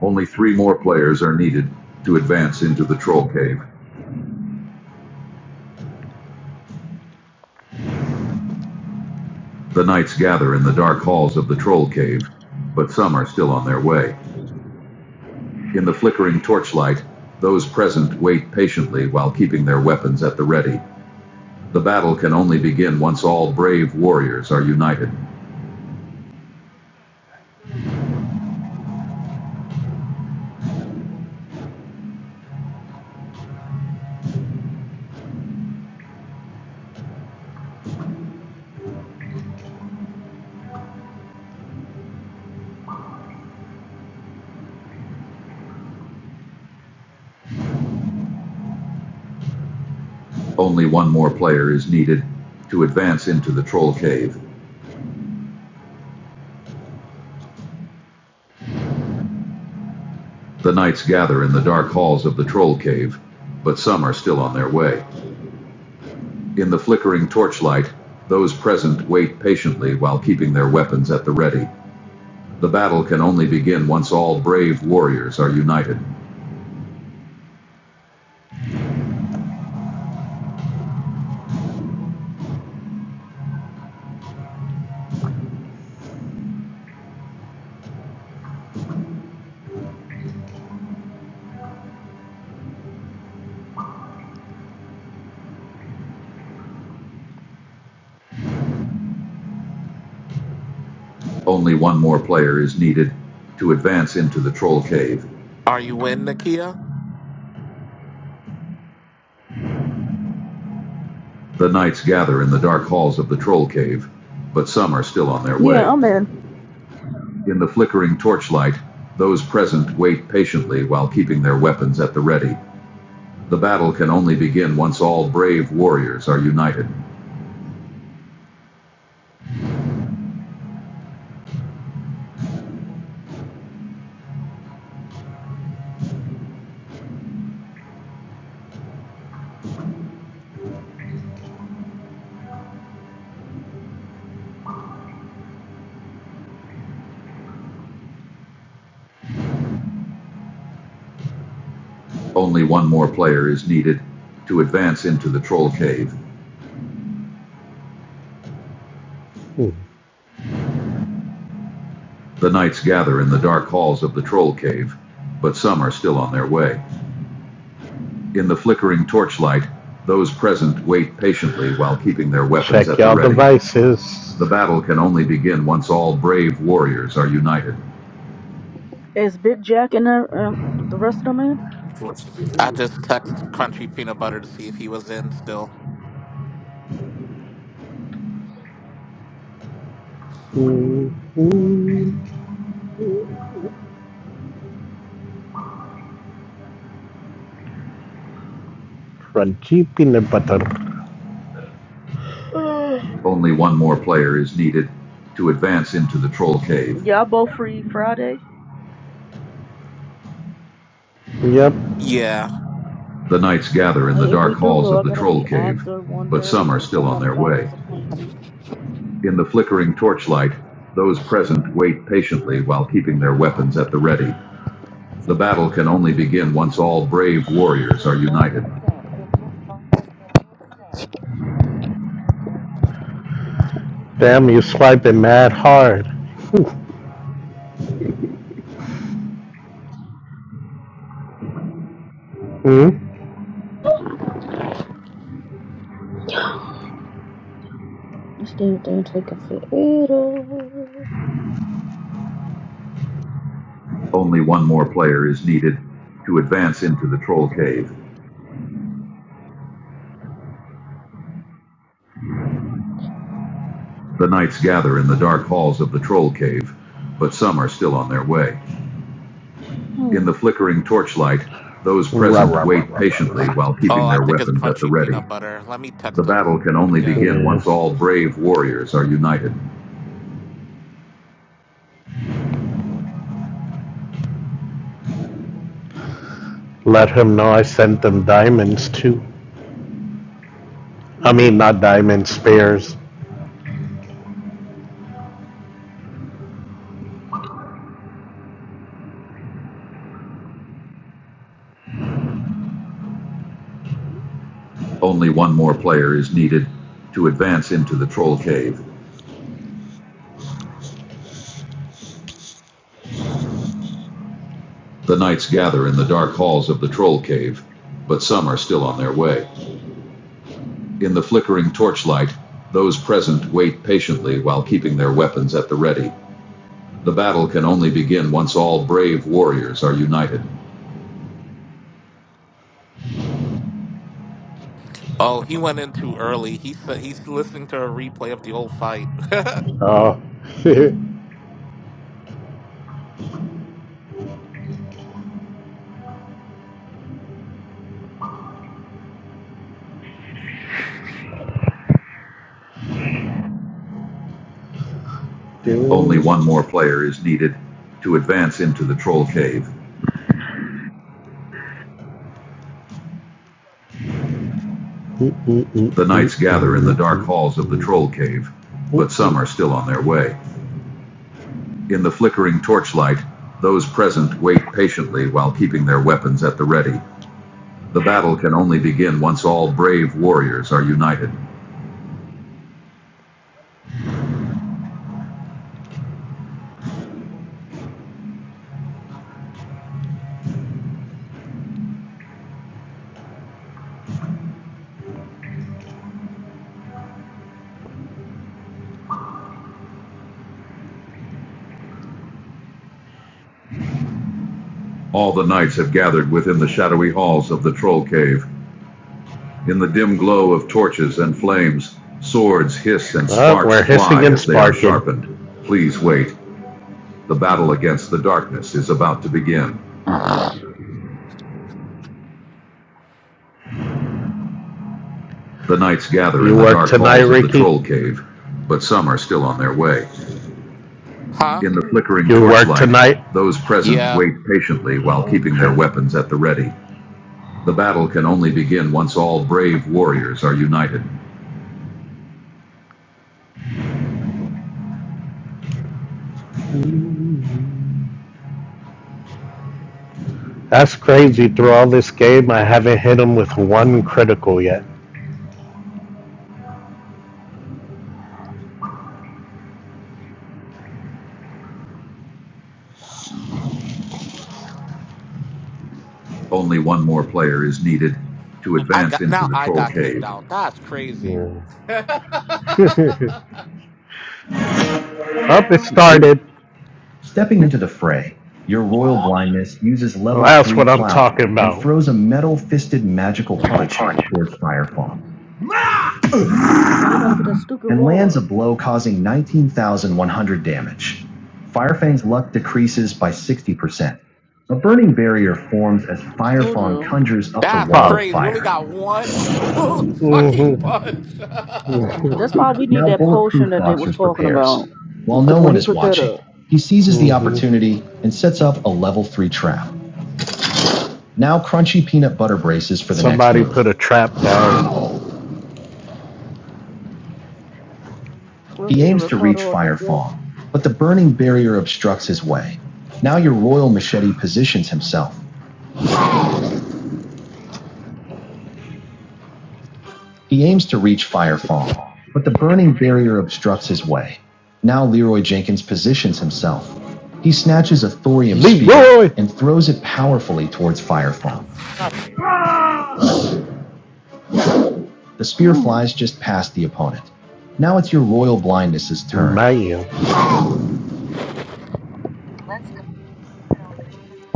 D: Only three more players are needed to advance into the troll cave. The knights gather in the dark halls of the troll cave, but some are still on their way. In the flickering torchlight, those present wait patiently while keeping their weapons at the ready. The battle can only begin once all brave warriors are united. Only one more player is needed to advance into the troll cave. The knights gather in the dark halls of the troll cave, but some are still on their way. In the flickering torchlight, those present wait patiently while keeping their weapons at the ready. The battle can only begin once all brave warriors are united. Only one more player is needed to advance into the troll cave.
H: Are you in, Nakia?
D: The knights gather in the dark halls of the troll cave, but some are still on their
B: Yeah,
D: way.
B: I'm in.
D: In the flickering torchlight, those present wait patiently while keeping their weapons at the ready. The battle can only begin once all brave warriors are united. Only one more player is needed to advance into the troll cave. Hmm. The knights gather in the dark halls of the troll cave, but some are still on their way. In the flickering torchlight, those present wait patiently while keeping their weapons at the ready. Check your devices. The battle can only begin once all brave warriors are united.
B: Is Big Jack and the, um, the rest of them in?
H: I just text Crunchy Peanut Butter to see if he was in still.
D: Mhm. Crunchy peanut butter.
B: Uh,
D: Only one more player is needed to advance into the troll cave.
B: Y'all both free Friday?
D: Yep.
H: Yeah.
D: The knights gather in
B: I,
D: the
B: if
D: dark
B: we do
D: halls
B: go, I
D: of the
B: gotta
D: troll
B: be
D: cave,
B: after
D: but some
B: 1.30
D: are
B: because I
D: still on
B: got a
D: their way.
B: doctor's appointment.
D: In the flickering torchlight, those present wait patiently while keeping their weapons at the ready. The battle can only begin once all brave warriors are united. Damn, you swiping mad hard. Hmm?
B: This damn thing taking forever.
D: Only one more player is needed to advance into the troll cave. The knights gather in the dark halls of the troll cave, but some are still on their way. In the
B: [SIGHS]
D: flickering torchlight, those present [LAUGHS] wait patiently while keeping
H: Oh, I
D: their
H: think it's
D: weapons at the
H: crunchy
D: ready.
H: peanut butter. Let me
D: The
H: text him
D: battle can only begin
H: again.
D: yes. once Yes. all brave warriors are united. Let him know I sent them diamonds too. I mean,
B: Mm.
D: not diamonds, spares. Only one more player is needed to advance into the Troll Cave. The knights gather in the dark halls of the Troll Cave, but some are still on their way. In the flickering torchlight, those present wait patiently while keeping their weapons at the ready. The battle can only begin once all brave warriors are united.
H: Oh, he went in too early. He said he's listening to a replay of the old fight. [LAUGHS]
D: Oh. [LAUGHS] Only one more player is needed to advance into the Troll Cave. The the knights gather in the dark halls of the Troll Cave, but some are still on their way. In the flickering torchlight, those present wait patiently while keeping their weapons at the ready. The battle can only begin once all brave warriors are united. All the knights have gathered within the shadowy halls of the troll cave. In the dim glow of torches and flames, swords hiss and Oh, sparks we fly and as they are sharpened. Please wait. The battle against the darkness is about to begin. The knights gather You in the dark tonight, halls Ricky? of the troll cave, but some are still on their way.
H: huh?
D: In the flickering You work torchlight, tonight? those present
H: Yeah.
D: wait patiently while keeping their weapons at the ready. The battle can only begin once all brave warriors are united. That's crazy. Through all this game, I haven't hit him with one critical yet. Only one more player is needed to
H: I
D: advance
H: got
D: into
H: now
D: the
H: I
D: troll
H: got kicked
D: cave.
H: out. That's crazy.
D: Yeah. [LAUGHS] Up, it started. Stepping into the fray, your royal blindness uses level well, That's three what I'm talking about. and throws a metal-fisted magical punch towards Firefall.
B: But he about to put that stupid
D: and
B: wall
D: lands a
B: up.
D: blow causing 19,100 damage. Firefang's luck decreases by 60%. A burning barrier forms as
B: Told
D: Firefang
B: you.
D: conjures up the
H: That's
D: wall of
H: crazy. We only
D: fire.
H: got one [LAUGHS] fucking
D: Mhm.
H: punch.
B: That's why
H: [LAUGHS]
B: we need
D: Now
B: that potion
D: Bulletproof
B: that they was
D: Boxers
B: talking
D: prepares.
B: about.
D: While no
B: Because when
D: one
B: he
D: is
B: put that
D: watching,
B: up,
D: he seizes mm-hmm. the Mhm. opportunity and sets up a level 3 trap. Now Crunchy Peanut Butter braces for the Somebody next Somebody put a trap down.
B: it was
D: He
B: either
D: aims to
B: Ricardo
D: reach
B: or Big
D: Firefang, but the burning barrier obstructs his way. Now your royal machete positions himself. He aims to reach Fire Fong, but the burning barrier obstructs his way. Now Leroy Jenkins positions himself. He snatches a thorium Leroy! spear and throws it powerfully towards Fire Fong. The spear
B: Mm,
D: flies just past the opponent. Now it's your Royal Blindness's turn. Man.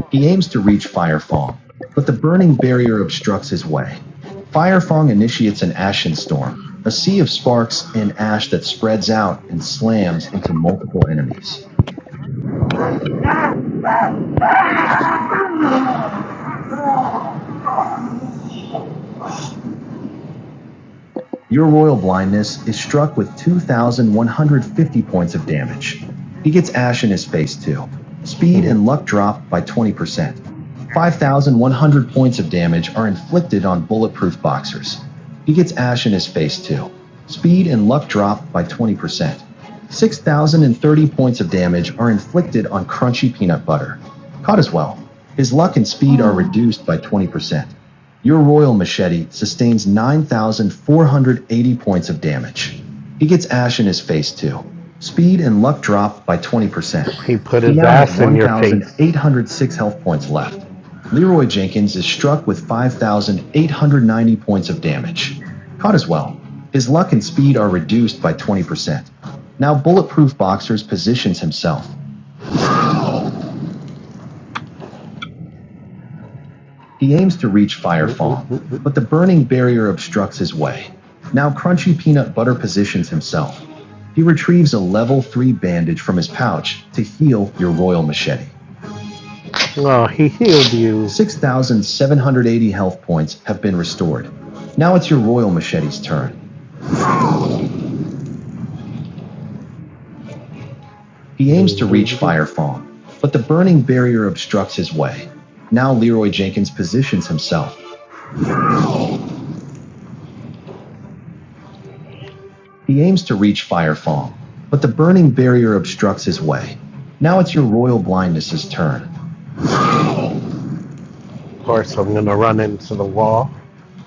D: He aims to reach Fire Fong, but the burning barrier obstructs his way. Fire Fong initiates an ashen storm, a sea of sparks and ash that spreads out and slams into multiple enemies. Your Royal Blindness is struck with 2,150 points of damage. He gets Ash in his face too. Speed and luck drop by 20%. 5,100 points of damage are inflicted on bulletproof boxers. He gets Ash in his face too. Speed and luck drop by 20%. 6,030 points of damage are inflicted on crunchy peanut butter. Caught as well. His luck and speed are
B: mm.
D: reduced by 20%. Your royal machete sustains 9,480 points of damage. He gets ash in his face too. Speed and luck drop by 20%. He put He his now has ass in your face. 1,806 health points left. Leroy Jenkins is struck with 5,890 points of damage. Caught as well. His luck and speed are reduced by 20%. Now Bulletproof Boxers positions himself. He aims to reach Fire Fawn, but the burning barrier obstructs his way. Now Crunchy Peanut Butter positions himself. He retrieves a level 3 bandage from his pouch to heal your royal machete. Oh, he healed you. 6,780 health points have been restored. Now it's your royal machete's turn. He aims to reach Fire Fawn, but the burning barrier obstructs his way. Now Leroy Jenkins positions himself. He aims to reach Fire Fong, but the burning barrier obstructs his way. Now it's your royal blindness's turn. Of course, I'm gonna run into the wall.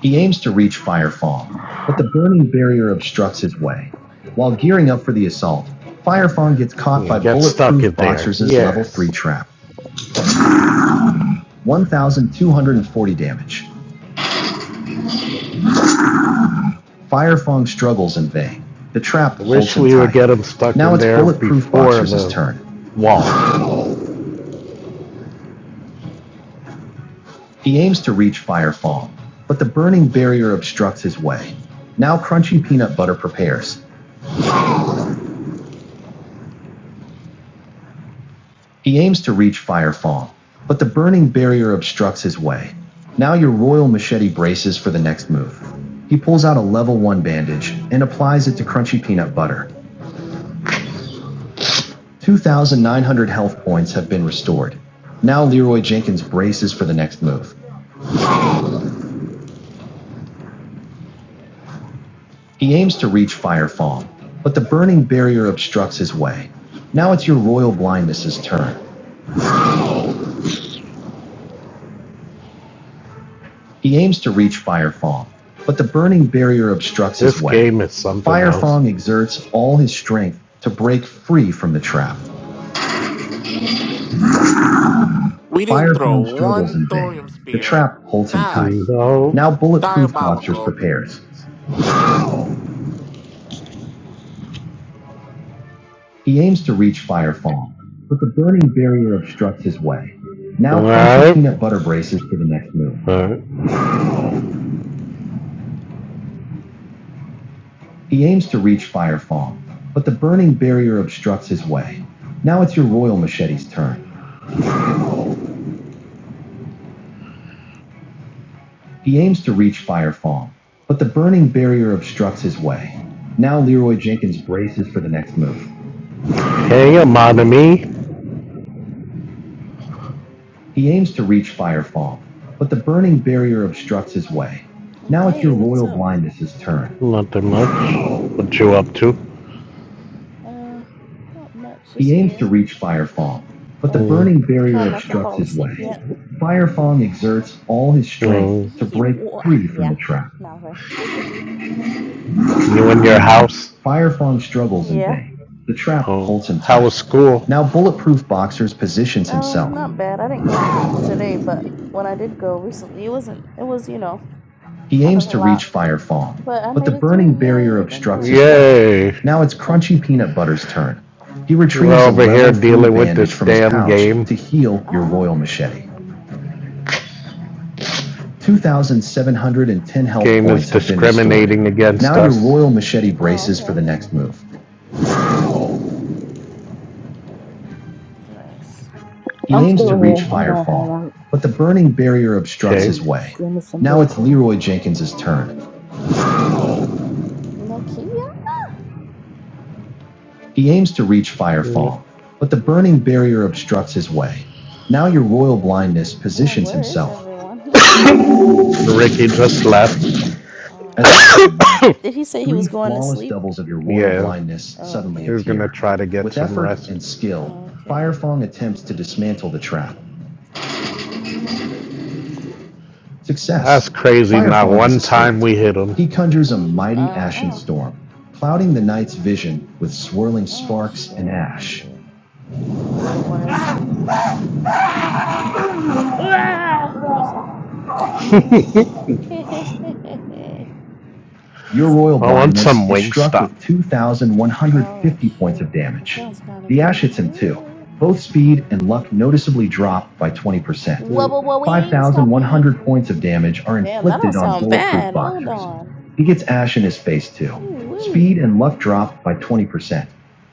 D: He aims to reach Fire Fong, but the burning barrier obstructs his way. While gearing up for the assault, Fire Fong gets caught Yeah, by Bulletproof in there. Boxer's yes. level 3 Yes. trap. 1,240 damage. Fire Fong struggles in vain. The trap I holds him tight. wish we would get him stuck in there before the wall. Now it's Bulletproof Boxer's turn. wall. He aims to reach Firefall, but the burning barrier obstructs his way. Now Crunchy Peanut Butter prepares. He aims to reach Firefall, but the burning barrier obstructs his way. Now your Royal Machete braces for the next move. He pulls out a level 1 bandage and applies it to Crunchy Peanut Butter. 2,900 health points have been restored. Now Leroy Jenkins braces for the next move. He aims to reach Firefall, but the burning barrier obstructs his way. Now it's your Royal Blindness's turn. He aims to reach Fire Fong, but the burning barrier obstructs This his way. This game is something Fire else. Fong exerts all his strength to break free from the trap.
H: we didn't
D: Fire
H: throw
D: Fong struggles
H: one
D: in
H: thorium
D: vain. The
H: spear.
D: trap holds him tight.
H: That's
D: No. Now Bulletproof Boxers
H: diabolical.
D: prepares. He aims to reach Fire Fong, but the burning barrier obstructs his way. Now punches Peanut Butter braces for the next move. Alright. He aims to reach Fire Fong, but the burning barrier obstructs his way. Now it's your Royal Machete's turn. He aims to reach Fire Fawn, but the burning barrier obstructs his way. Now Leroy Jenkins braces for the next move. Hey, you're mobbing me. He aims to reach Fire Fawn, but the burning barrier obstructs his way. Now it's your
I: Hey, what's
D: Royal
I: up?
D: Blindness's turn. Not that much. What you up to?
I: Uh, not much, just
D: He aims to
I: here.
D: reach Fire Fawn, but the Mm.
I: Uh,
D: burning barrier
I: trying not to
D: obstructs
I: fall
D: his
I: asleep
D: way.
I: yet.
D: Fire Fawn exerts all his strength mm. to
I: Yee-
D: break
I: wha-
D: free from the
I: Yeah,
D: trap.
I: no way.
D: You and your house? Fire struggles in
I: Yeah,
D: vain. The trap Oh. holds him tight. How was school? Now Bulletproof Boxers positions
I: no,
D: himself.
I: not bad. I didn't go today, but when I did go recently, it wasn't. It was, you know,
D: He
I: kind of
D: aims
I: a
D: to
I: lot,
D: reach Fire
I: but I
D: but the
I: made it
D: burning
I: through.
D: barrier
I: Yay! Thank
D: obstructs
I: God.
D: his Yay. Him. Now it's
I: Huh.
D: Crunchy Peanut Butter's turn. He retrieves We're a over a here dealing with bandage this from his damn his pouch game. to heal your
I: Uh-uh.
D: royal machete. 2,710 health Game points Game is have been restored. discriminating against Now us. Now your royal machete
I: Oh,
D: braces for
I: okay.
D: the next move.
I: Nice.
D: He
B: I'm
D: aims to
B: still
D: reach
B: here. I'm doing
D: Firefall,
B: homework.
D: but the burning barrier obstructs Okay. his
B: I'm
D: way.
B: streaming some
D: Now it's
B: bullcrap.
D: Leroy Jenkins' turn.
I: Nakia?
D: He aims to reach Firefall, but the burning barrier obstructs his way. Now your royal blindness
I: I'm like,
D: positions
I: where is
D: himself.
I: everyone?
D: Ricky just left.
I: [LAUGHS]
D: [COUGHS]
I: oh, okay. Did he say he
D: three
I: was going to
D: flawless
I: sleep?
D: doubles of your royal Yeah. blindness
I: Oh,
D: suddenly
I: okay.
D: He's appear. gonna try to get With some effort rest. and skill,
I: Oh, Okay. [LAUGHS]
D: Firefong attempts to dismantle the trap. Success. That's crazy. Not one time we hit him. He conjures a
I: Mm,
D: mighty ashen
I: Uh-uh.
D: storm, clouding the night's vision with swirling
I: Oh
D: sparks
I: shoot,
D: and
I: I'm
D: ash.
I: hungry. Let's go order a salad. Ah! Let me stop. [LAUGHS] Let me
D: Your royal
I: stop.
D: I blindness is struck Wingstop. with
I: Oh
D: 2,150 points
I: shoot,
D: of
I: that
D: damage.
I: sounds kind of
D: The ash
I: good.
D: hits him too. Both speed and luck noticeably drop by 20%.
I: Wubba
D: Mm,
I: wing, stoppy.
D: 5,100 points of damage are
I: Damn, that don't
D: inflicted on
I: sound
D: bulletproof
I: bad. Hold
D: boxers.
I: on.
D: He gets ash in his face too.
I: Ooh wee.
D: Speed and luck drop by 20%.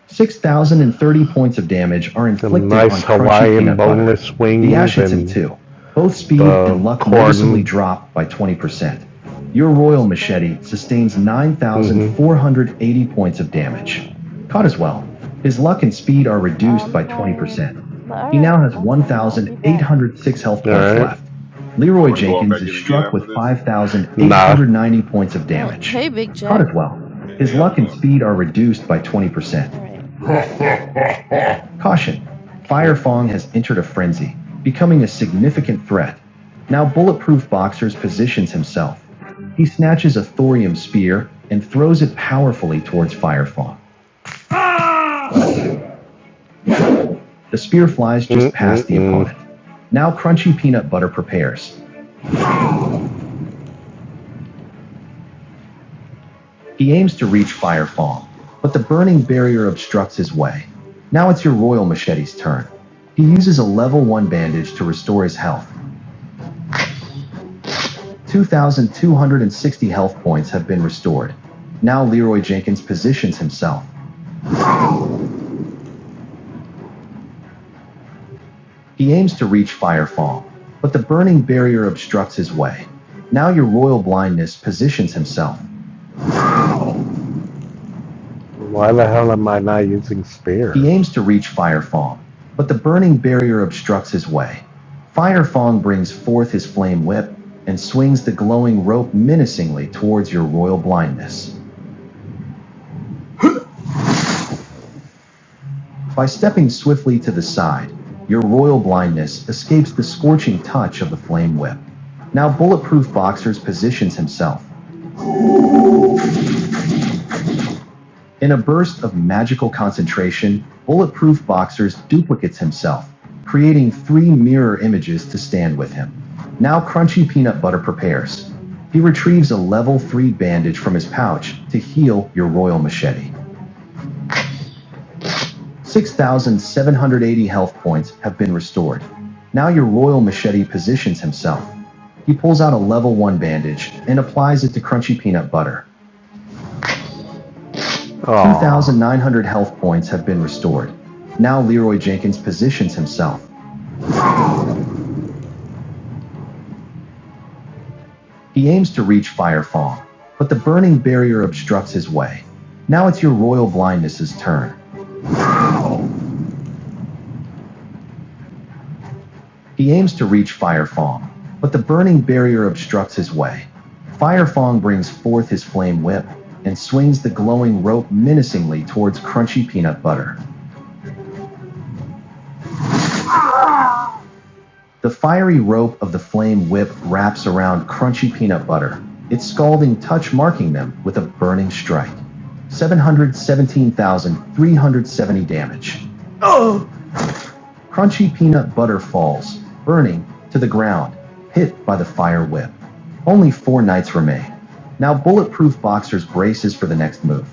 D: 6,030 points of damage are Some inflicted on nice on crunchy Hawaiian peanut butter. The wings ash hits him too. Both speed Uh, and luck Corden. noticeably drop by 20%. Your
I: Oh, those
D: royal
I: corn
D: machete
I: things. Oh,
D: sustains
I: okay.
D: 9,480 points of damage.
I: Oh,
D: Caught as well. His luck and speed are reduced
I: I'm
D: by
I: tired.
D: 20%.
I: But all
D: He
I: right,
D: now has
I: my friend, I'll be back.
D: 1,806 health points Alright. left.
C: Are
D: Leroy
C: we going to go
D: Jenkins
C: back
D: is
C: in again
D: struck with
C: after this?
D: 5,890 points of
I: Oh,
D: damage.
I: hey, Big
D: Caught
I: Jack.
D: as well.
C: Hey,
D: His
C: hey, how's
D: luck
C: it
D: and
C: going?
D: speed are reduced by 20%.
I: All right, gotta go.
D: Caution! Firefong has entered a frenzy, becoming a significant threat. Now Bulletproof Boxers positions himself. He snatches a thorium spear and throws it powerfully towards Firefong. The spear flies just past the opponent. Now Crunchy Peanut Butter prepares. He aims to reach Firefong, but the burning barrier obstructs his way. Now it's your Royal Machete's turn. He uses a level 1 bandage to restore his health 2,260 health points have been restored. Now Leroy Jenkins positions himself. He aims to reach Firefall, but the burning barrier obstructs his way. Now your royal blindness positions himself. Why the hell am I not using spear? He aims to reach Firefong, but the burning barrier obstructs his way. Firefong brings forth his flame whip and swings the glowing rope menacingly towards your royal blindness. By stepping swiftly to the side, your royal blindness escapes the scorching touch of the flame whip. Now, Bulletproof Boxers positions himself. In a burst of magical concentration, Bulletproof Boxers duplicates himself, creating three mirror images to stand with him. Now, Crunchy Peanut Butter prepares. He retrieves a level 3 bandage from his pouch to heal your royal machete. 6,780 health points have been restored. Now your Royal Machete positions himself. He pulls out a level 1 bandage and applies it to crunchy peanut butter. Aw. 2,900 health points have been restored. Now Leroy Jenkins positions himself. He aims to reach Fire Fong, but the burning barrier obstructs his way. Now it's your Royal Blindness's turn. He aims to reach Fire Fong, but the burning barrier obstructs his way. Fire Fong brings forth his flame whip and swings the glowing rope menacingly towards crunchy peanut butter. The fiery rope of the flame whip wraps around crunchy peanut butter, its scalding touch marking them with a burning strike. 717,370 damage. Crunchy peanut butter falls, burning, to the ground, hit by the fire whip. Only four nights remain. Now bulletproof boxers braces for the next move.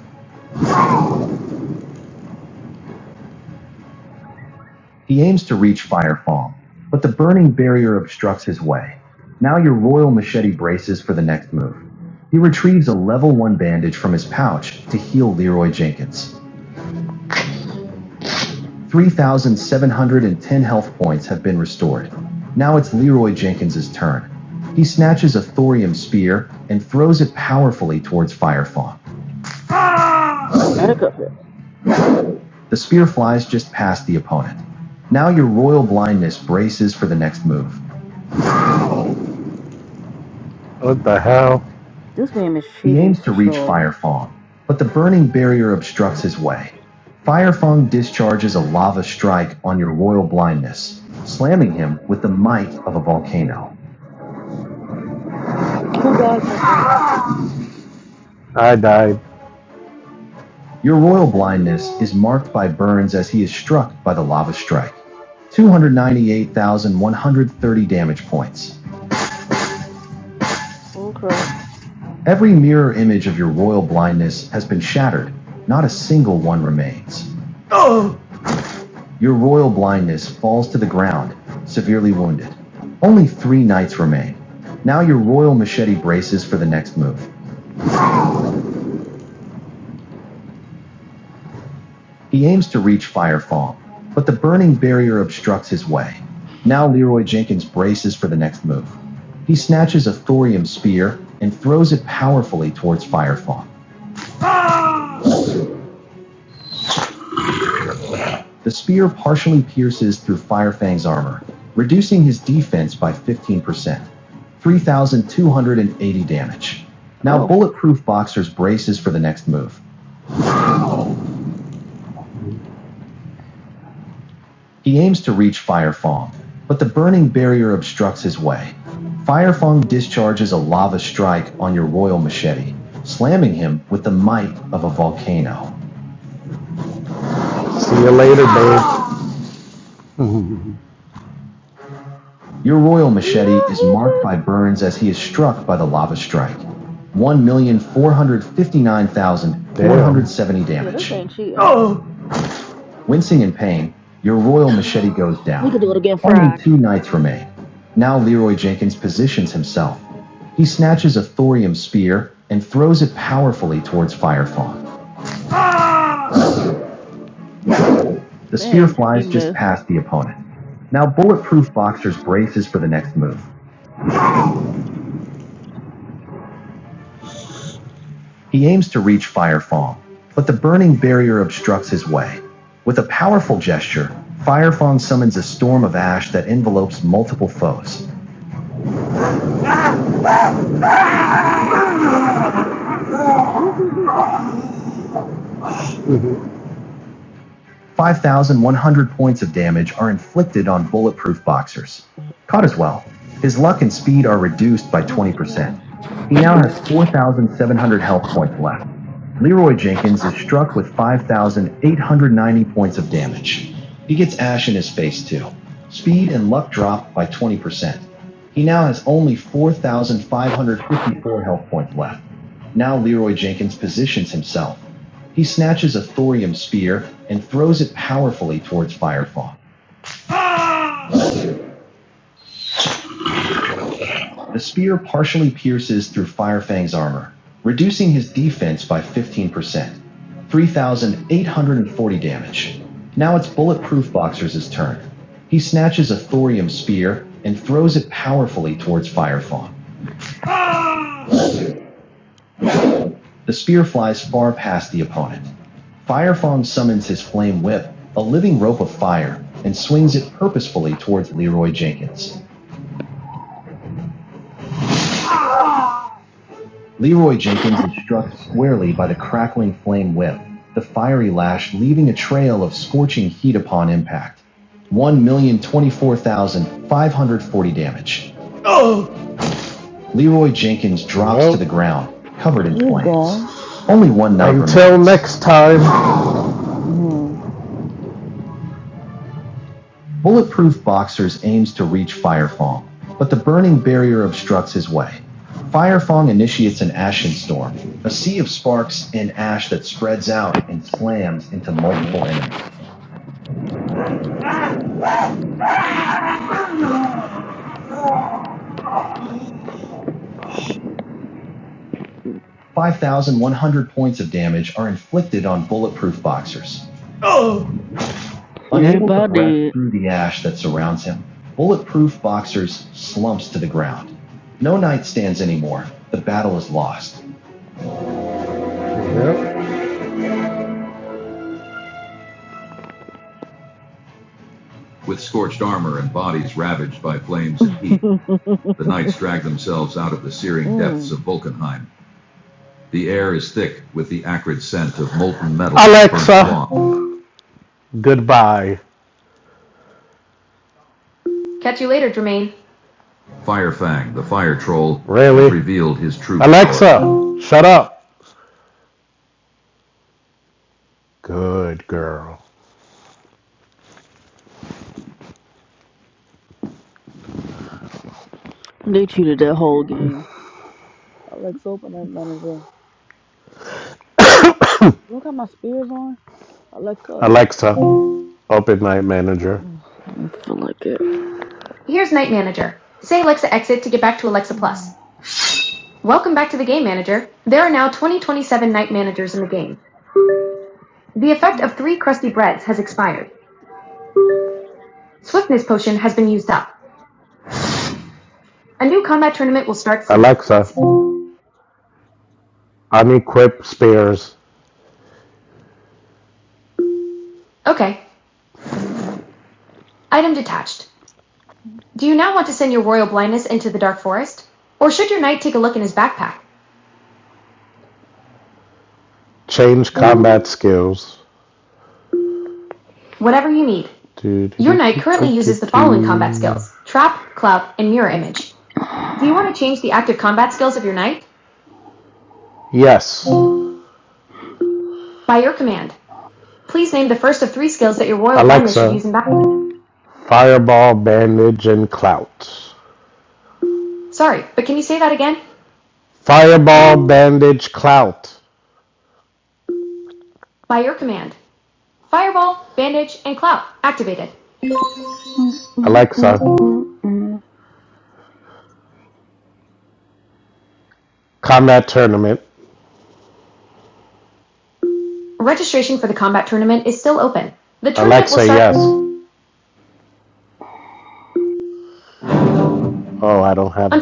D: He aims to reach Firefall, but the burning barrier obstructs his way. Now your royal machete braces for the next move. He retrieves a level 1 bandage from his pouch to heal Leroy Jenkins. 3,710 health points have been restored. Now it's Leroy Jenkins' turn. He snatches a thorium spear and throws it powerfully towards Firefong.
B: Makeup it.
D: The spear flies just past the opponent. Now your royal blindness braces for the next move. What the hell?
B: This game is
D: He
B: cheating
D: aims to
B: for
D: reach
B: sure.
D: Firefong, but the burning barrier obstructs his way. Firefong discharges a lava strike on your royal blindness, slamming him with the might of a volcano.
B: Who died so far?
D: I died. Your royal
B: What in the
D: blindness is
B: world?
D: marked by burns as he is struck by the lava strike. 298,130 damage points.
B: Oh crap.
D: Every mirror image of your royal blindness has been shattered. Not a single one remains. Your royal blindness falls to the ground, severely wounded. Only three knights remain. Now your royal machete braces for the next move. He aims to reach Firefall, but the burning barrier obstructs his way. Now Leroy Jenkins braces for the next move. He snatches a thorium spear and throws it powerfully towards Firefang. The spear partially pierces through Firefang's armor, reducing his defense by 15%, 3,280 damage. Now
B: Oh.
D: Bulletproof Boxer's braces for the next move. He aims to reach Fire Fong, but the burning barrier obstructs his way. Fire Fong discharges a lava strike on your royal machete, slamming him with the might of a volcano. See you later, babe. Your royal machete
B: No,
D: is marked
B: hatred.
D: by burns as he is struck by the lava strike. 1,459,470
B: Yeah, this
D: damage.
B: game cheating.
D: Wincing in pain, your royal machete goes
B: [SIGHS] we could do it
D: down.
B: again
D: Only two
B: Friday.
D: knights remain. Now Leroy Jenkins positions himself. He snatches a thorium spear and throws it powerfully towards Firefawn. The spear
B: Dang, he
D: flies just
B: missed.
D: past the opponent. Now Bulletproof Boxers braces for the next move. He aims to reach Firefawn, but the burning barrier obstructs his way. With a powerful gesture, Firefong summons a storm of ash that envelopes multiple foes.
B: [LAUGHS] oh
D: 5,100 points of damage are inflicted on bulletproof boxers. Caught as well. His luck and speed are reduced by
B: the
D: 20%.
B: hell.
D: He now has 4,700 health points left. Leroy Jenkins is struck with 5,890 points of damage. He gets ash in his face too. Speed and luck drop by 20%. He now has only 4,554 health points left. Now Leroy Jenkins positions himself. He snatches a thorium spear and throws it powerfully towards Firefang. The spear partially pierces through Firefang's armor, reducing his defense by 15%, 3,840 damage. Now it's Bulletproof Boxer's turn. He snatches a thorium spear and throws it powerfully towards Firefang. The spear flies far past the opponent. Firefang summons his flame whip, a living rope of fire, and swings it purposefully towards Leroy Jenkins. Leroy Jenkins is struck squarely by the crackling flame whip, the fiery lash leaving a trail of scorching heat upon impact. 1,024,540 damage. Leroy Jenkins drops well. to Well, the ground, covered in
B: He's
D: flames.
B: gone.
D: Only one knight until remains. next time. [LAUGHS]
B: Mm.
D: Bulletproof Boxers aims to reach Firefong, but the burning barrier obstructs his way. Firefong initiates an ashen storm, a sea of sparks and ash that spreads out and slams into multiple enemies. 5,100 points of damage are inflicted on Bulletproof Boxers. Unable to breath
B: Everybody.
D: through the ash that surrounds him, Bulletproof Boxers slumps to the ground. No knight stands anymore. The battle is lost. Yep. with scorched armor and bodies ravaged by flames and heat.
B: [LAUGHS]
D: The knights drag themselves out of the searing depths of
B: mm.
D: Vulcanheim. The air is thick with the acrid scent of molten metal. and burnt Alexa, goodbye. Firefang, the fire troll, Really? has revealed his true power. Alexa, power. shut up. Good girl.
B: They cheated that whole game. Alexa, open night manager. Do I got my spears on? Alexa.
D: Alexa, open night manager.
B: Ugh, I don't feel like it. [LAUGHS]
D: Alexa, unequip spears.
B: Mm,
D: Change combat skills. Do, Yes. Fireball, bandage, and clout. Fireball, bandage, clout.
B: mm, mm,
D: Alexa,
B: mm, mm, mm, mm.
D: combat tournament. Oh, I don't have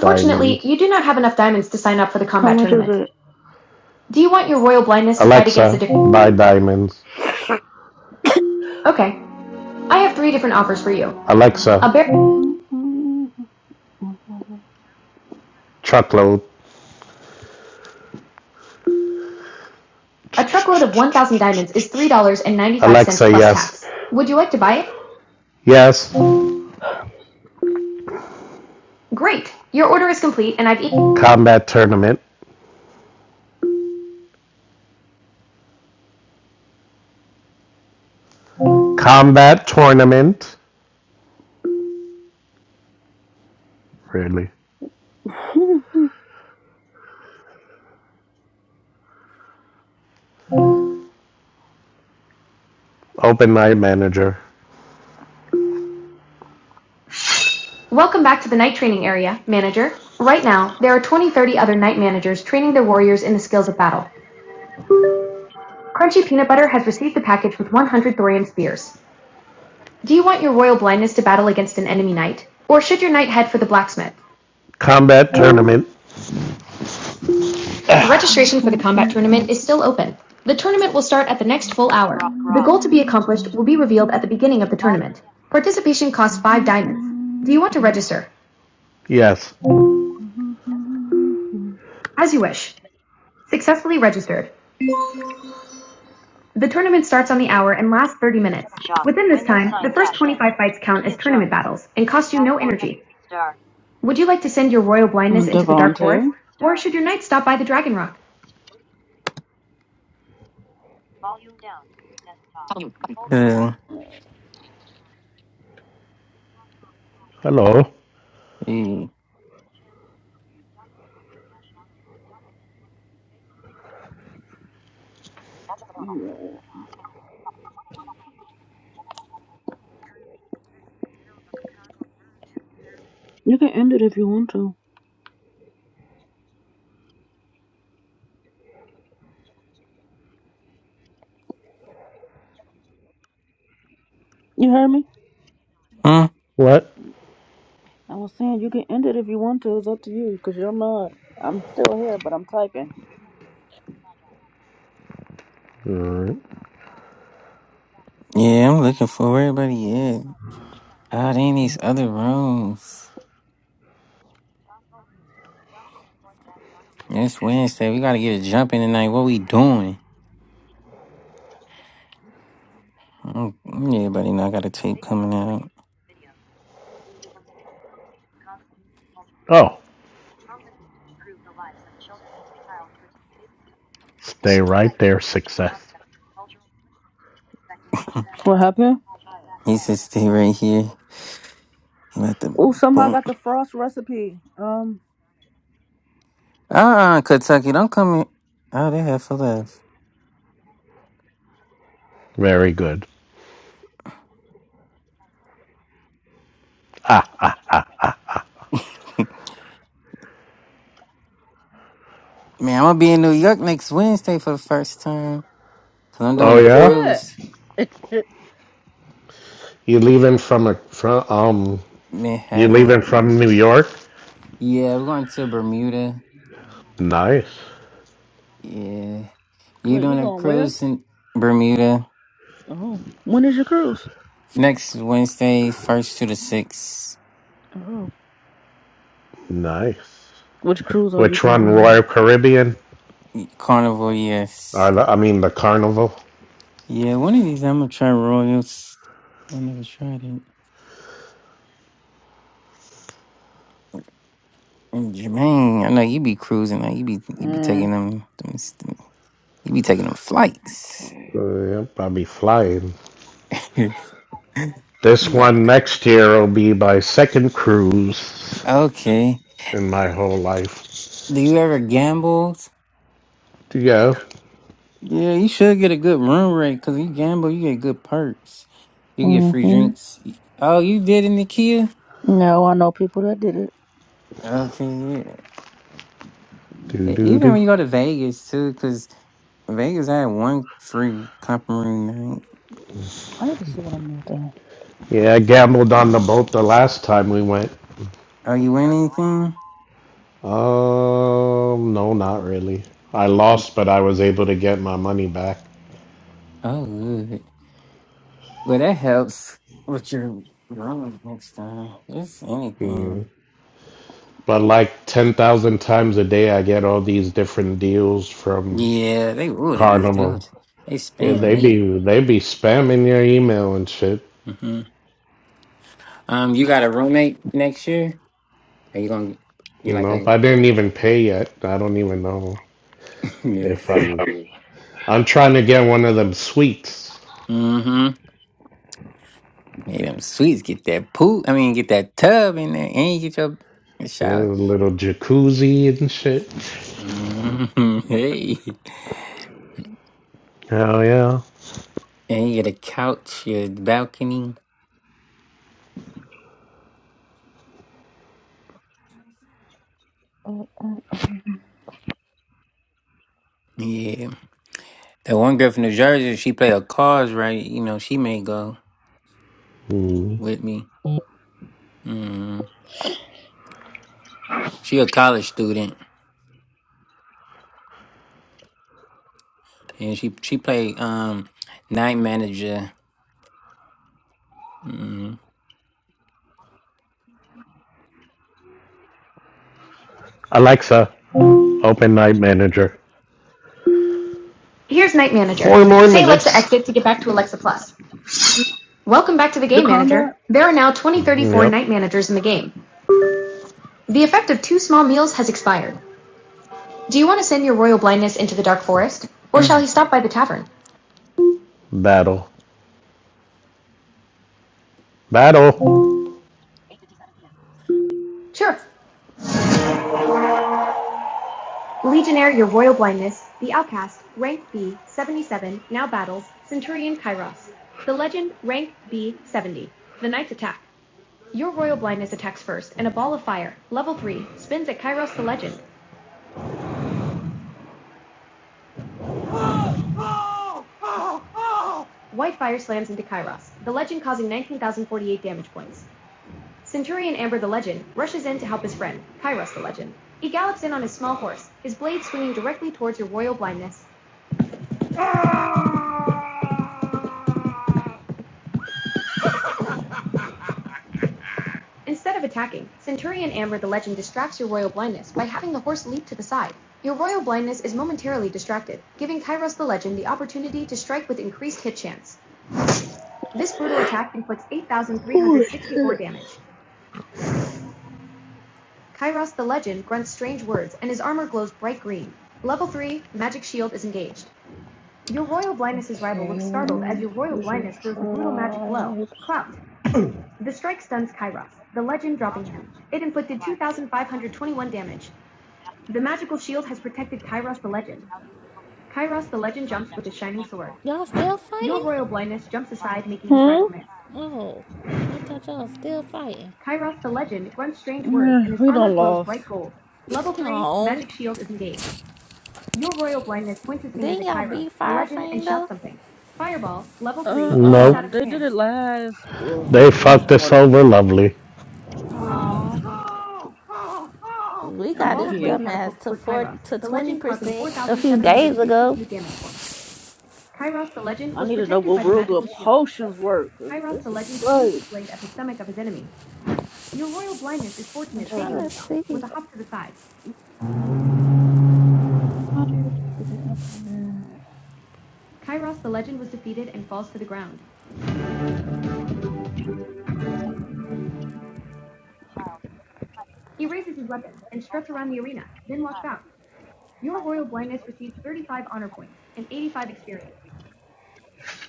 B: How much is it?
D: Alexa, diamonds. A, Alexa,
B: Mm, mm, mm,
D: truckload. Yes. combat tournament, combat tournament, really, open night manager, combat tournament.
B: mm, mm, mm, mm. Rock.
D: Yes.
B: Mm, Devontae.
J: Good.
D: Hello.
J: Hey.
B: You can end it if you want to. You heard me?
J: Huh?
D: What?
B: I was saying you can end it if you want to. It's up to you because you're mad. I'm still here, but I'm typing.
D: Alright.
J: Yeah, I'm looking for where everybody at. Ah, they in these other rooms. It's Wednesday. We gotta get a jump in tonight. What we doing? Mm, Everybody know I got a tape coming out.
D: Oh, stay right there. Success.
B: What happened?
J: He said stay right here. He let the
B: Oh, somebody
J: boom.
B: got the frost recipe. Um,
J: Ah, Kentucky, don't come here. Oh, they have for left.
D: Very good.
J: Man, I'm gonna be in New York next Wednesday for the first time. Cause
B: how
J: I'm doing
D: Oh
J: a
B: you do
D: yeah.
B: that?
J: cruise.
B: Heh.
D: You leaving from a from um? You leaving
J: Manhattan.
D: from New York?
J: Yeah, we're going to Bermuda.
D: Nice.
J: Yeah. You
B: Wait, you
J: doing a
B: going where?
J: cruise in Bermuda
B: Oh, when is your cruise?
J: next Wednesday, first to the sixth.
B: Oh,
D: Nice.
B: which cruise are you
D: Which one? Royal
B: going?
D: Caribbean?
J: Carnival, yes.
D: Or the, I mean the Carnival?
J: Yeah, one of these I'm gonna try Royals. I never tried it. And Jermaine, I know you be cruising. Like you be you be
B: Mm.
J: taking them, them, them you be taking them flights.
B: Okay.
D: Uh, yep. I'll be flying.
J: [LAUGHS] you
D: This one
J: got
D: next year will be my second cruise
J: okay.
D: in my whole life.
J: Do you ever gamble?
D: Yeah.
J: Yeah, you should get a good room rate because you gamble, you get good perks. You can get free
B: Mhm.
J: drinks. Oh, you did in the Kia?
B: No, I know people that did it.
J: Okay, yeah.
D: Do
J: E-
D: do
J: Even
D: do.
J: when you go to Vegas too, because Vegas had one free compering night.
B: I need to see what I'm gonna
D: Yeah, I gambled on the boat the last time we went.
J: Oh, you win anything?
D: Um, no, not really. I
J: Ye-
D: lost, but I was able to get my money back.
J: Oh, good. Well, that helps with your rolling next time. Just anything.
D: But like 10,000 times a day, I get all these different deals from
J: Yeah, they would. They be
D: Carnival.
J: good. They
D: Yeah,
J: spam
D: they
J: me.
D: be they be spamming your email and shit.
J: hmm Um, you got a roommate next year? Are you gonna get like
D: Nope,
J: a
D: I didn't even pay yet. I don't even know
J: [CLEARS THROAT] yeah?
D: if I'm I'm trying to get one of them suites.
J: Mm-hmm. Yeah, them sweets get that poop. I mean, get that tub in there, and you get your
D: Yeah,
J: shower.
D: a little jacuzzi and shit.
J: Mhm. [LAUGHS] Hey,
D: Hell yeah.
J: and you get a couch, your balcony.
B: do. Uh, uh,
J: Yeah, that one girl from New Jersey, she played a cause right. You know, she may go
D: Mm.
J: with me. hmm She a college student, and she she played um night manager.
D: Alexa, open Night Manager. Four
B: The combat.
J: mm
D: Battle. Battle.
B: 不是。Okay, [LAUGHS] we should try.
E: Y'all still fighting?
B: Hmm?
E: Oh, I thought y'all still fighting. [LAUGHS]
B: Eh, we don't lost.
E: Oh, didn't y'all beat Firefang though?
B: Uh
D: No.
B: uh they did it last uh, when I
D: They
B: first
D: fucked us over
B: started.
D: lovely.
E: Oh, we
B: I'm
E: got this
B: here.
E: dumbass to four to twenty percent a few days ago.
B: I need to know what real good potions work, cause this is great.
E: I'm trying
B: Alright.
E: to see.
B: How do you think you can implement?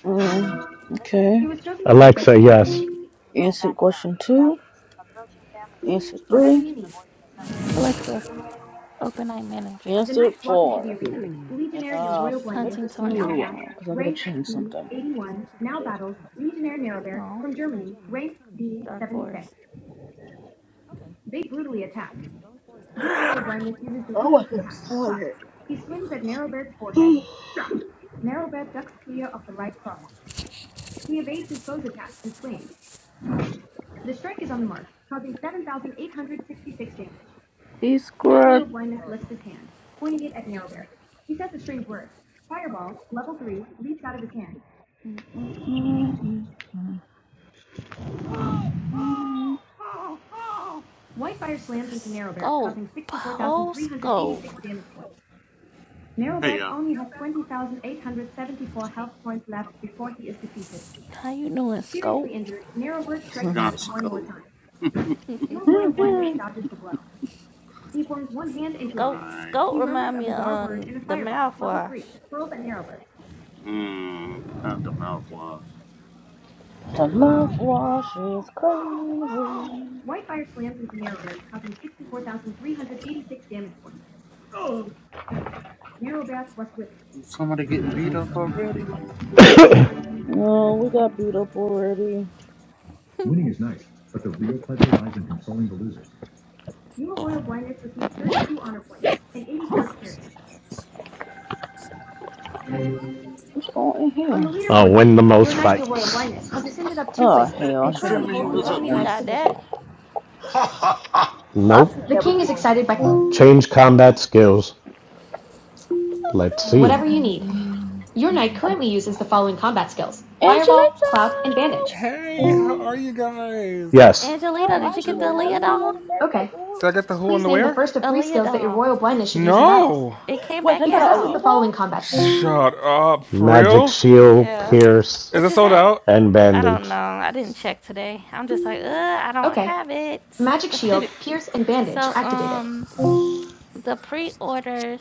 B: Mm, okay. Answer question two. Answer three.
E: Alexa, open night manager.
B: Answer four. And uh, submit
E: Hunting
B: this in a little
E: tournament.
B: while because I gotta change something.
E: Registration for the
B: Shit.
E: hunting tournament is currently closed. Oh, please try again when the next tournament. Dark Forest. Okay. Militia enters the the bone forest forest of the dark Forest with thirteen thousand one
B: Oh, I
E: hundred
B: feel
E: fifty-one health points.
B: tired. These squirrels.
E: Scope. Oh, Scope.
B: [LAUGHS]
K: Hey y'all,
E: How you doing, Scope?
K: we're gonna slow on
E: Scope,
K: my
E: Scope remind me of um, the mouthwash.
K: mmm, not the mouthwash.
B: The mouthwash is crazy.
K: Somebody getting beat up already?
B: No, we got beat up already.
D: Winning is nice, but the real pleasure lies in consoling the losers.
B: What's going in here?
D: the fights.
B: Oh hell, I should never
K: Germany,
B: joined
K: what's
E: Well,
B: this
K: up,
D: seventy
E: you
K: Germany?
B: one.
D: ninth
E: got that.
B: I
D: Nope.
B: should have never joined this one.
D: Change combat skills. Let's see.
B: Angelito!
L: Hey, how are you guys? Did
D: Yes.
B: How
E: Angelita? did
B: are
E: you get the
B: you?
E: Aaliyah
K: Angelita,
B: Happy
E: doll?
B: related birthday, boo.
L: I get the who and the where?
E: Aaliyah doll.
L: No.
E: It came
B: Wait, they
E: back
B: got an Aaliyah
E: out.
B: doll?
L: Shut up. For
D: Magic
L: real?
D: shield,
E: Yeah,
D: pierce,
L: Is
E: but
L: it
E: you
L: sold
E: had.
L: out?
D: and
E: I
D: bandage.
E: don't know. I didn't check today. I'm just like, uh, I don't have it. [LAUGHS] so, um, the pre-orders.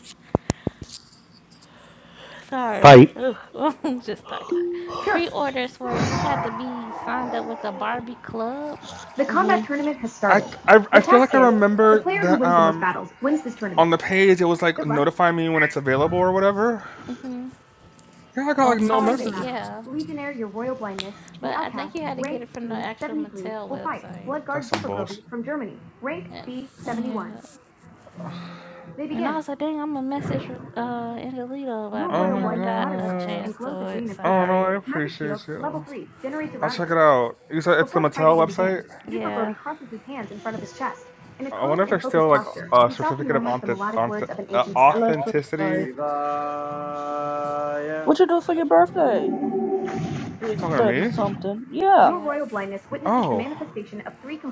E: Sorry,
D: Fight.
E: Ugh, [LAUGHS] I'm just tired. Pre-orders were you had to be signed up with the Barbie Club
B: Mm-hmm.
L: I I, I feel like I remember that um on the page it was like notify me when it's available or whatever.
E: hmm
L: Yeah, I got
E: on
L: like no
E: Target.
L: message.
E: Yeah, but I think you had to get it from the actual Mattel website.
L: That's some bullshit.
E: And, yeah, and I was like, dang, I'm gonna message uh Angelita, but I
L: Oh my
E: never got a
L: god.
E: chance to it.
L: Oh no, I
E: Sorry.
L: appreciate you. I'll check it out. You said it's the Mattel website?
E: Yeah.
L: I wonder if there's still like a certificate of authentic, authentic- uh, authenticity.
B: Electrified. What you do for your birthday?
L: You
B: Big
L: talking to
B: thirty
L: me?
B: something. Yeah.
E: Yeah.
L: Oh,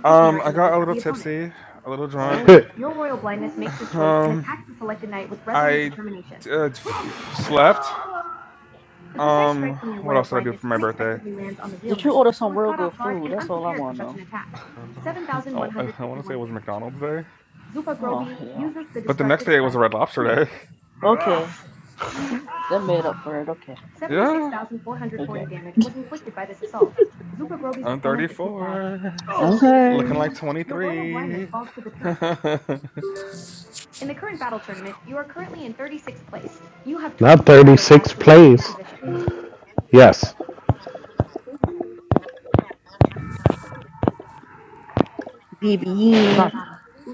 L: um, I got a little tipsy, a little drunk.
B: Oh.
D: [LAUGHS]
L: [SIGHS] [LAUGHS] Um, I uh, [SIGHS] slept. Um, what else did I do for my birthday?
B: Did you order some real good food? That's all I wanna know.
L: [SIGHS] [LAUGHS] Oh, I, I want to say it was McDonald's day,
B: Oh hell.
L: but the next day it was a Red Lobster day.
B: Okay.
L: [LAUGHS]
B: That made up for it. Okay.
L: yeah,
B: Okay.
L: I'm 34,
B: Okay.
L: looking like 23. [LAUGHS]
D: 36th Yes.
B: B B E.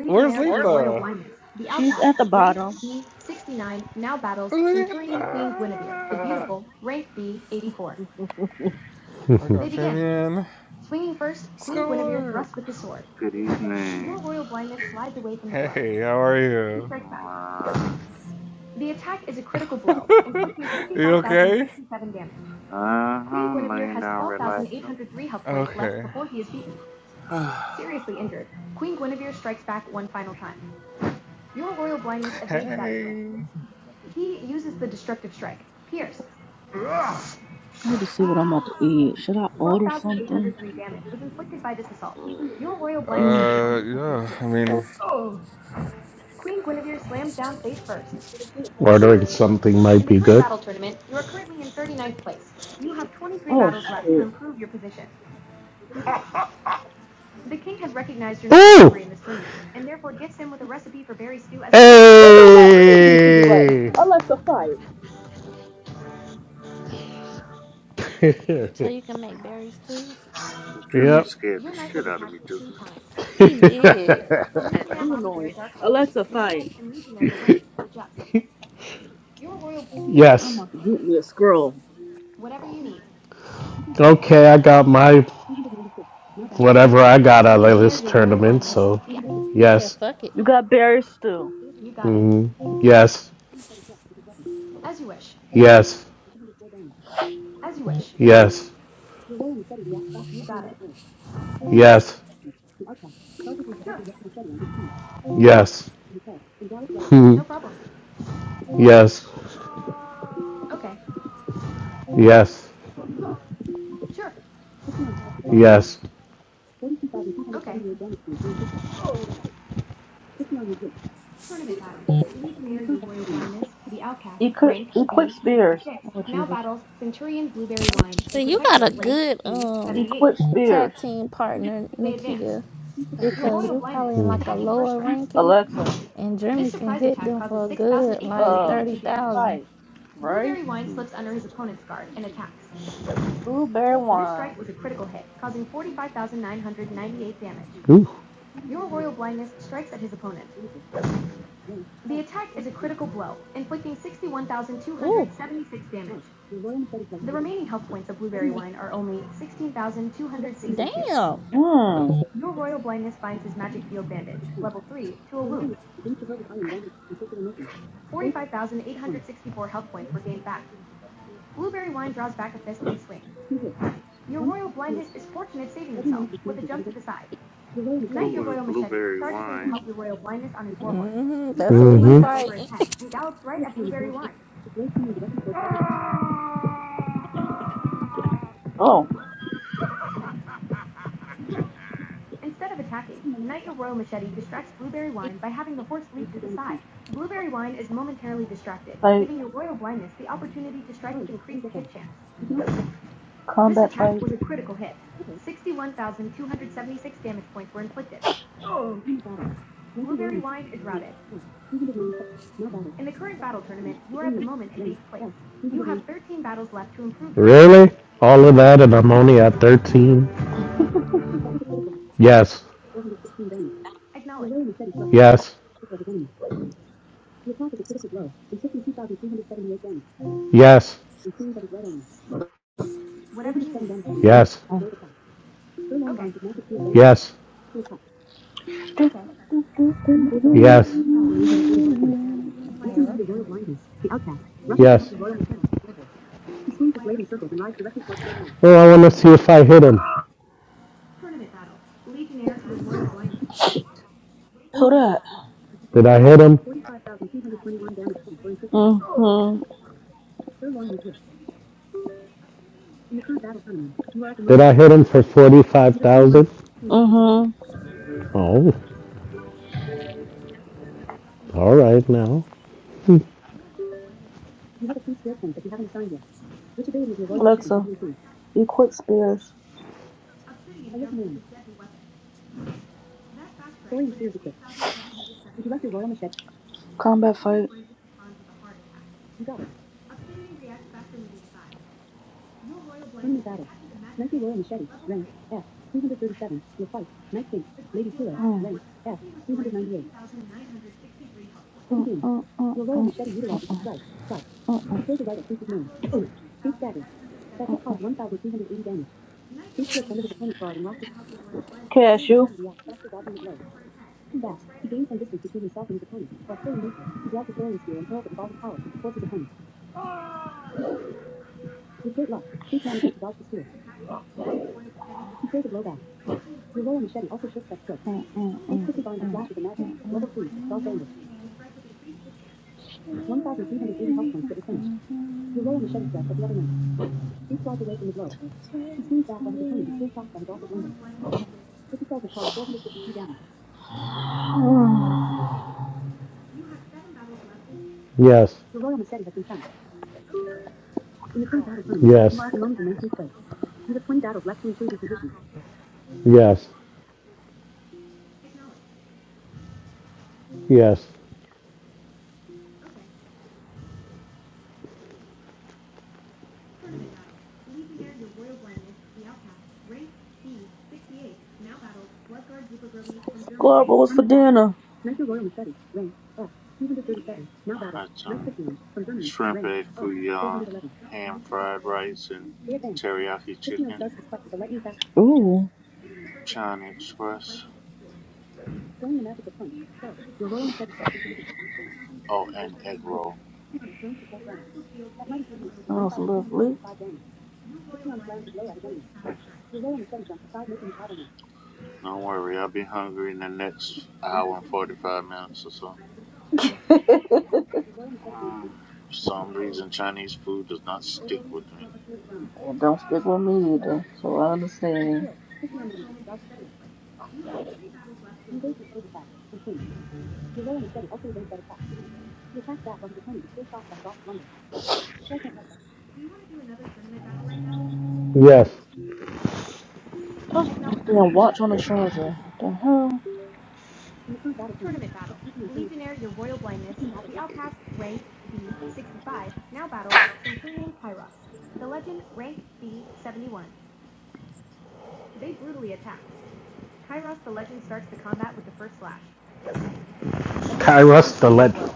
L: Where's Letha?
B: She's at the bottom.
L: Letha! We got Vivian. Score!
K: good evening.
L: Hey, how are you?
K: Uh
L: [LAUGHS] You okay?
K: huh, laying down, relaxing.
L: Okay.
K: [SIGHS]
L: Hey.
B: I need to see what I'm about to eat. Should I order something?
L: Uh, yeah. I mean,
D: Ordering something might
B: Oh shit. You know what? I ain't do for you right
D: Hey! [LAUGHS]
B: now. Alexa fight.
E: So you can make berry stews?
K: Germany
D: yep.
K: scared the shit out of me just now.
E: He did.
D: [LAUGHS]
B: You annoying. Alexa fight. I'm
D: yes.
B: about to get me a scroll.
D: Okay, I got my whatever I got out of
E: He said,
D: yes.
E: fuck it.
B: You got berries still.
D: Mm, yes. Yes. Yes. Yes. Yes. No yes. Yes. Yes.
B: Equip, equip spears. Oh Jesus.
E: So you got a good um
B: Equip spears.
E: tag team partner, Nakia, because you probably in like a lower ranking
B: Alexa.
E: and Jeremy can hit them for a good like
B: Uh,
E: thirty thousand.
B: fight. Right.
K: Hmm.
B: Blueberry wine.
D: Ooh.
E: Ooh, damn.
B: Hmm.
K: It was blueberry wine,
E: hmm That's who he fighting.
B: Oh. Fight. Combat fight.
D: Really? All of that and I'm only at 13? Yes. Yes. Yes. Yes. Yes.
B: Legion
D: Yes.
E: [LAUGHS]
B: has
E: What?
B: the royal blindness. The outcast rushes to help
D: Yes.
B: the royal shadow before her. She swings the blade in circles and rides directly towards their lane.
D: Oh, I want to see if I hit him.
B: Hold up.
D: Did I hit him?
B: 45,221 damage points were inflicted. Mhm. Sirloin was hit. In the current battle tournament, you are at the
D: Did
B: moment
D: I
B: in
D: hit him
B: 23rd
D: for
B: place.
D: forty-five
B: You have 21
D: thousand?
B: battle Mhm.
D: Oh, all right now.
B: You have a free skill point that you haven't assigned yet. Which ability of your royal Alexa, machete have Alexa, you improved? equip spears. By your command, story and spears equipped. Would you like your royal machete? Combat fight. You got it. Permanent battle. Knightly Royal Machete. Rank F. 337. Will fight. Knight thinks. Ladies Hero. Oh. Rank F. 398. Begin. Oh, oh, Your Royal oh, Machete utilizes his right. Clutch. oh, He oh. throws a right at Face's nose. Uh, He staggers. That hit caused 1,380 damage. Face slips under the opponent's guard and rocks his Cashew. He reacts faster dodging the blow. Looking Back. He gains some distance between himself and his opponent. While still in motion, he drags a throwing spear and hurls it with all his power towards his opponent. With great luck, Face manages to dodge the spear. He throws a blow back. Novello and Shetty also shook that stroke. Uh, uh, Ace uh, quickly binds the uh, slash with the magic. uh, uh, Level 3, golf bandage. 1,380 health points get replenished. Novello and Shetty strikes at the other knight. He slides away from the blow. He swings back while his opponent is still shocked by his awful blunder. This assault has caused 452 damage.
D: Yes,
B: Novello Machete has been found. In the current battle tournament, you
D: yes,
B: are at the moment in 19th place. You have 20 battles left to improve your position.
D: yes, yes,
B: Squad, what was for dinner? Knight Royal Machete, rank F, 237. Now battles.
K: hot
B: Knight
K: tongue,
B: Christian, from Germany,
K: shrimp
B: rank
K: egg
B: F,
K: fouillon,
B: 411.
K: ham fried rice, and
B: They advance.
K: teriyaki
B: This man
K: chicken,
B: starts this fight with a lightning fast Ooh.
K: China Express.
B: throwing the magical punch. So, your rolling set is set to the
K: Oh, and egg roll.
B: Patreon thrown to the full ground. That mighty punch increases Sounds lovely. damage. Patreon's ground is low at his enemy. Your royal machete jumps to five, making you out on
K: Don't worry, I'll be hungry in the next hour and 45 minutes or so.
B: Your royal machete being
K: Mm,
B: consistent
K: for some reason, Chinese food does not stick with me.
B: towards his enemy. It don't stick with me either, so I understand. Skill. manages to dodge the steal. He evades his opponent's attack and swings. Your royal machete also evades that attack. He attacks back while his opponent is still shocked by the golf of lumber.
D: yes.
B: Damn, watch on the charger. The hell?
D: Kairos the Legend.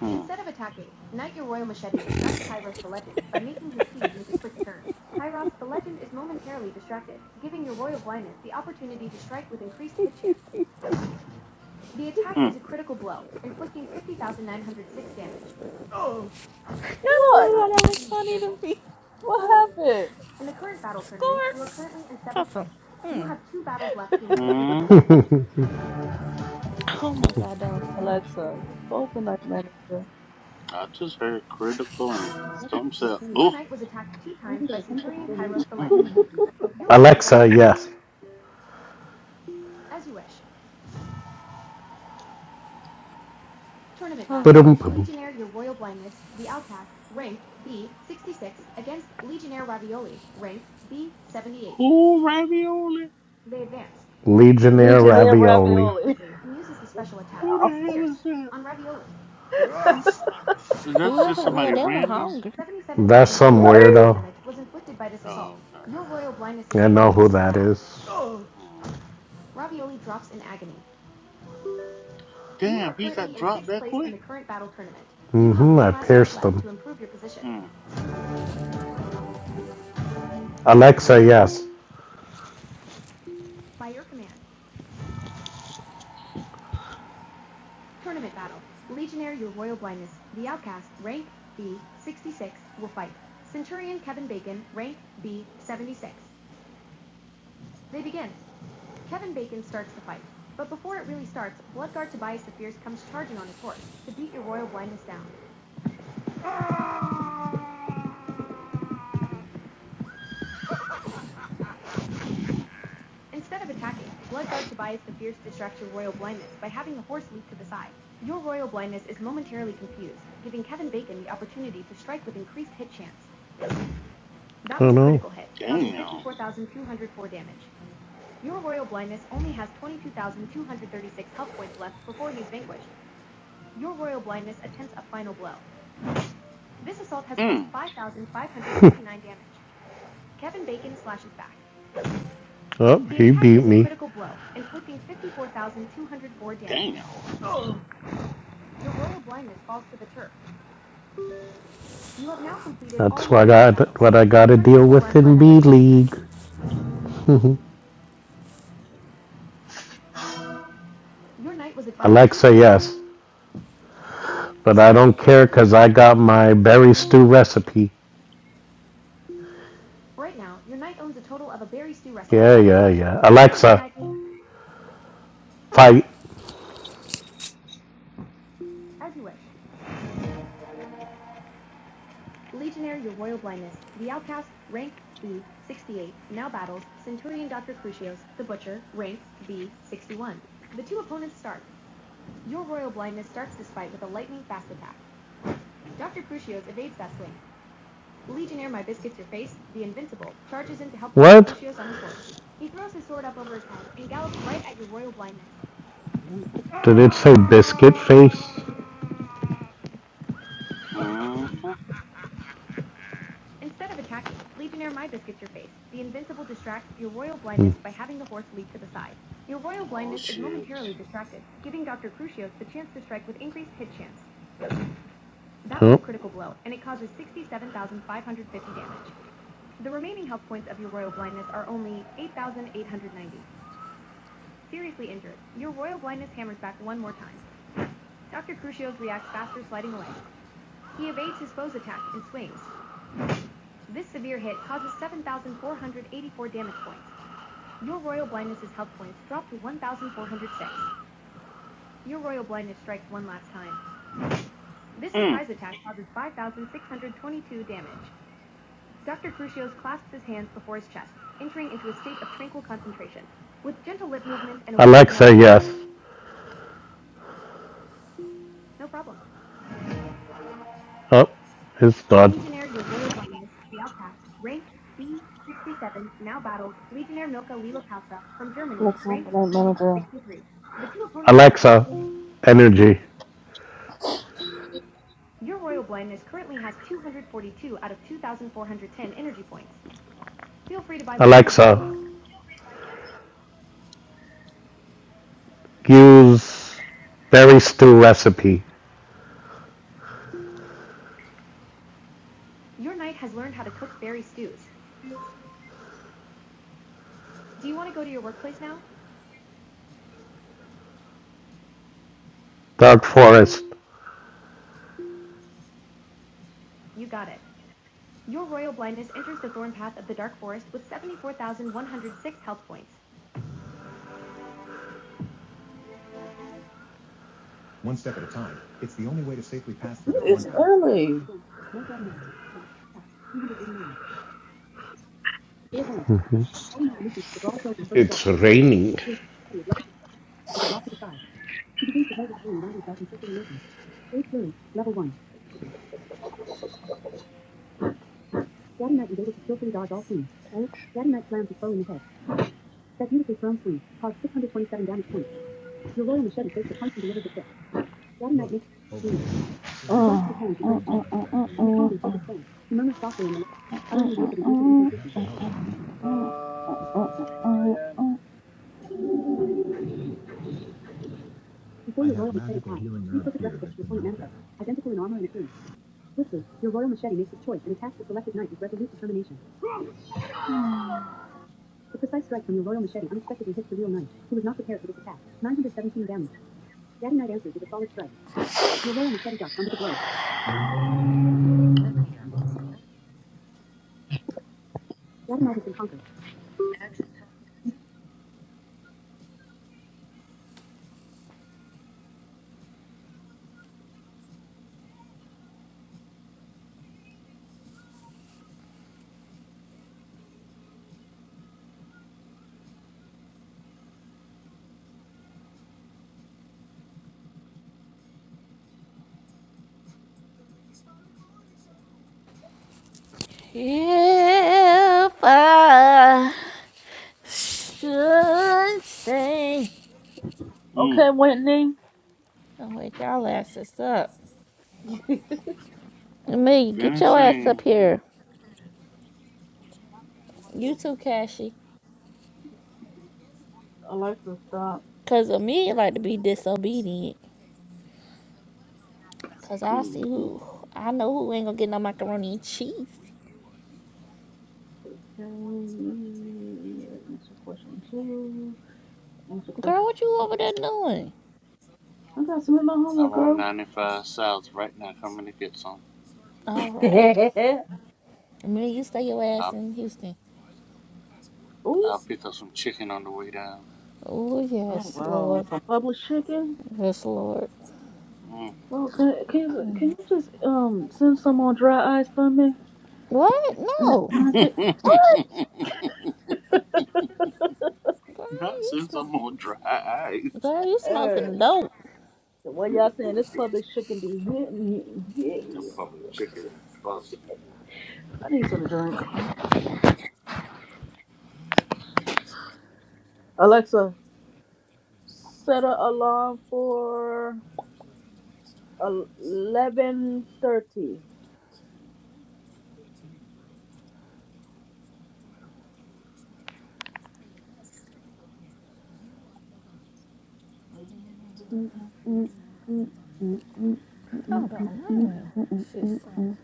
K: Mm, mm,
E: I don't
B: What?
E: know why that was funny to me.
B: What happened?
E: Score. Puffin. Mm.
K: mm.
D: position.
E: Oh my god, that was funny.
B: Alexa, open up manager.
K: I just heard critical and some said, oh, mm, mm.
D: [LAUGHS] Alexa, yes.
E: Oh, that was funny.
K: who ravioli?
D: Legionnaire
B: Legionnaire
D: ravioli.
B: ravioli. [LAUGHS]
K: Who
B: Wow.
K: the hell is that? That's just
E: Whoever it was,
K: somebody
E: they were
K: random?
E: hungry.
D: That's some
B: Right?
D: weirdo.
K: Oh, okay.
D: I know who that is.
K: Mm. Damn, he got dropped that quick?
D: Mm-hmm, I pierced them.
K: Mm,
D: Alexa, yes. That I don't know.
K: damn. Mm,
D: Oh, he beat me.
K: damn.
D: That's what I got. what I got to deal with in B League. [LAUGHS] Alexa, yes. But I don't care because I got my berry stew recipe.
K: I don't
D: yeah,
K: know.
D: yeah.
K: None of that.
D: Alexa, fight. Did it say biscuit face?
K: Mm-hmm. Oh, shit. Mm.
D: Oh, his
B: Alexa, open up manager.
D: Alexa, energy. use berry stew recipe. Dark forest.
B: It's early.
D: It's raining.
B: H? That beautifully thrown sleeve caused 627 damage points. Your royal machete takes the punch and delivers the fifth. Daddy
D: Brain
B: Knight makes a swing. Oh, Blasts the hands with oh, both
D: blind,
B: oh, strikes.
D: badly
B: oh,
D: injured
B: oh,
D: on
B: oh,
D: the
B: oh, focus
D: ground.
B: stance. softly in the light, uttering words of intensive oh, incantation. oh, oh. Before
D: I
B: your
D: have
B: royal machete
D: magical
B: eye,
D: healing
B: three
D: herbs
B: perfect
D: here
B: replicas of
D: that
B: your
D: can
B: opponent
D: help
B: manifest,
D: him.
B: identical in armor and appearance. Swiftly, your royal machete makes his choice and attacks the selected knight with resolute determination. The precise strike from your royal machete unexpectedly hits the real knight, who was not prepared for this attack. 917 damage. Daddy Knight answers with a solid strike. Your royal machete ducks under the blow. Daddy Knight has been conquered.
E: If I should say,
K: Mm,
B: Okay, Whitney.
E: don't wake y'all asses up.
B: [LAUGHS]
E: Amelia, get
K: finish
E: your ass up here. You too, Cashy.
B: Alexa, stop.
E: Cause Amelia like to be disobedient. Cause I
K: Mm,
E: see
K: mm.
E: who, I know who ain't gonna get no macaroni and cheese.
B: Can we answer question two? Answer question.
E: Girl, what you over there doing?
B: I gotta submit my homework,
K: I'm on
B: girl.
K: 95 South right now, coming to get some.
E: All right. Amelia, you stay your ass
K: I'll,
E: in Houston.
B: Ooh.
K: I'll pick up some chicken on the way down.
E: Oh,
B: Oh
E: yes,
B: wow.
E: Lord.
B: Some published chicken.
E: Yes, Lord.
K: Mm.
B: Well, can, can you can you just um send some on dry ice for me?
E: What? No.
B: Okay.
E: Girl,
K: Not
E: you
K: since
E: smoke.
K: I'm on dry ice.
E: Girl, you
B: Uh,
E: smoking dope.
B: the way y'all saying this published chicken be hitting, hitting,
K: They're
B: hitting.
K: probably chicken and busting.
B: I need some drink. Alexa, set an alarm for eleven thirty.
E: Hold on, I need see something.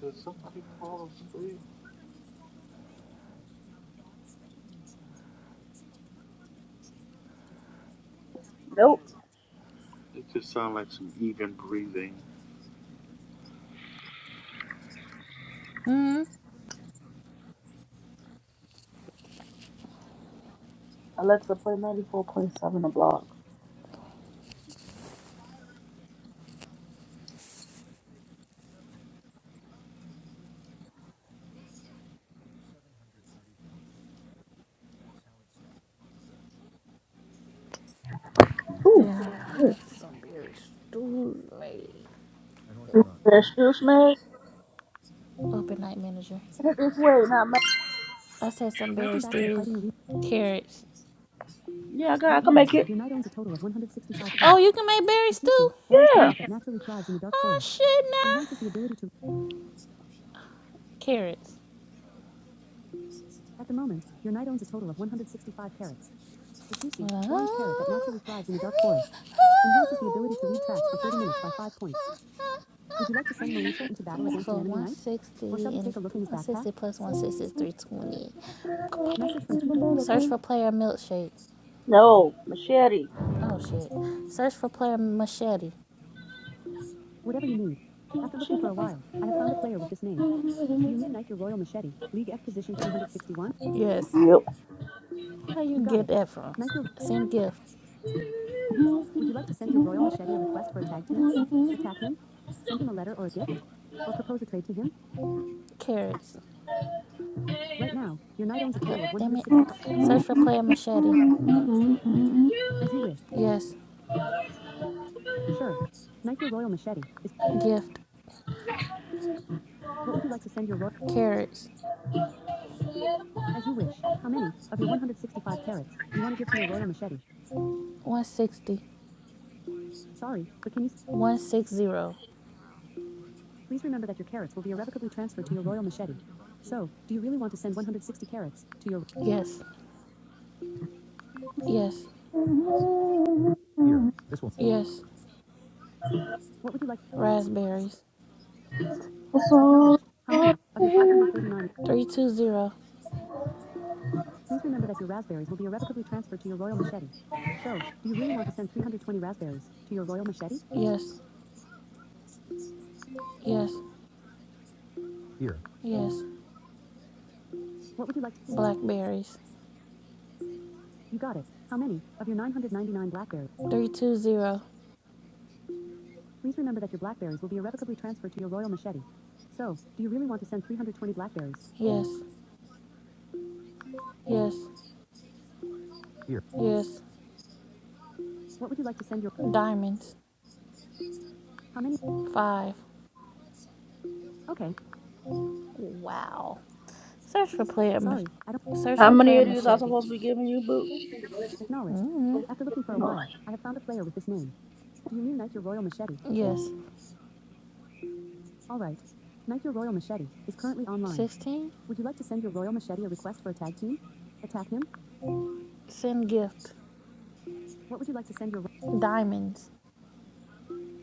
K: Did somebody fall asleep?
B: Nope.
K: It just sounds like some even breathing.
E: Hmm.
B: Alexa, play 94.7 a block. Ooh,
E: Yeah, I need some berry stews made.
B: that's just made
E: Open night manager.
B: Put it this way, not made.
E: I said some berry Welcome back to the stews, fighting week. carrots.
B: Yeah, God, I
E: Right
B: can
E: now,
B: make it.
E: your knight owns a total of 165 Oh, carrots. you can make berry This mushroom, stew? Additionally, orange
B: Yeah.
E: carrot that naturally thrives in the dark Oh, forest, shit, nah. enhances the nah. ability to. Carrots. At the moment, your knight owns a total of 165 carrots. The juicy, orange carrot that Oh. naturally thrives in the dark forest, enhances the ability to lead tracks for 30 minutes by 5 points. Would you like to send Moesha into battle against So an enemy one sixty knight? 160 Or and take a look in his one sixty backpack? 160 plus one sixty is 320. Message from two. Search for player milkshake.
B: No, machete.
E: Oh shit. Search for player machete. Whatever you need. After looking for a while, I have found a player with this name. Do you mean Knight Your Royal Machete, League F position 361? Yes.
B: Yep.
E: How you Got get it. that from? Knight Your... Send gift. Would you like to send your Royal Machete a request for a tag team? Attack him? Send him a letter or a gift? Or propose a trade to him? Carrots. Right now, your knight owns a total of God damn it. 165. Search for player machete. As you wish. Yes. Sure. Knight your royal machete is. Gift. What would you like to send your royal? Carrots. As you wish. How many of your 165 carrots do you want to give to your royal machete? 160. Sorry, but can you? 160. Please remember that your carrots will be irrevocably transferred to your royal machete. So, do you really want to send 160 carrots to your? Yes. Yes. Yes. What would you like? Raspberries. Acknowledged. How many of your 539? 320. Please remember that your raspberries will be irrevocably transferred to your royal machete. So, do you really want to send 320 raspberries to your royal machete? Yes, yes, yes. What would you like to? Blackberries. You got it. How many of your 999 blackberries? 320. Please remember that your blackberries will be irrevocably transferred to your royal machete. So, do you really want to send 320 blackberries? Yes, yes, yes. What would you like to send your? Diamonds. How many? Five. Okay. Wow. Search for player Sorry, I don't search
B: How
E: for
B: many
E: player
B: of these I
E: machete.
B: supposed to be giving you, boo?
E: acknowledged. Mm-hmm. After looking for a
B: Oh,
E: while, I have found a player with this name. Do you mean Knight Your Royal Machete? Yes. All right. Knight Your Royal Machete is currently online. Sixteen. Would you like to send your Royal Machete a request for a tag team? Attack him? Send gift. What would you like to send your... Diamonds.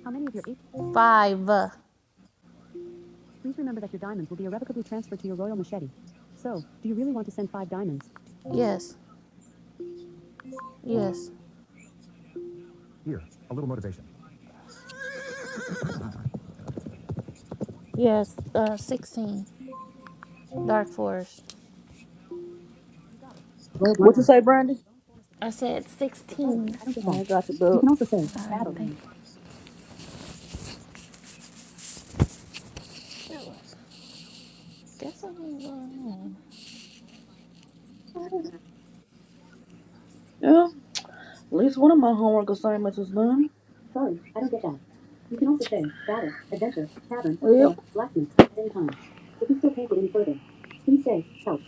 E: How many of your eight... Five. Please remember that your diamonds will be irrevocably transferred to your Royal Machete. So, do you really want to send five diamonds? Yes. Yes. Yes. Uh, sixteen. Dark forest.
B: what you say, Brandy?
E: I said
B: Sorry,
E: 16.
B: I don't get that. I got you, boo. You can also say
E: All right,
B: battle.
E: thank you. Guess what ain't going on.
B: Yeah. At least one of my homework assignments is done. Sorry, I don't get that. You can also say battle, adventure, tavern, or Yep. Blacksmith at any time. If you still can't get any further, please say help.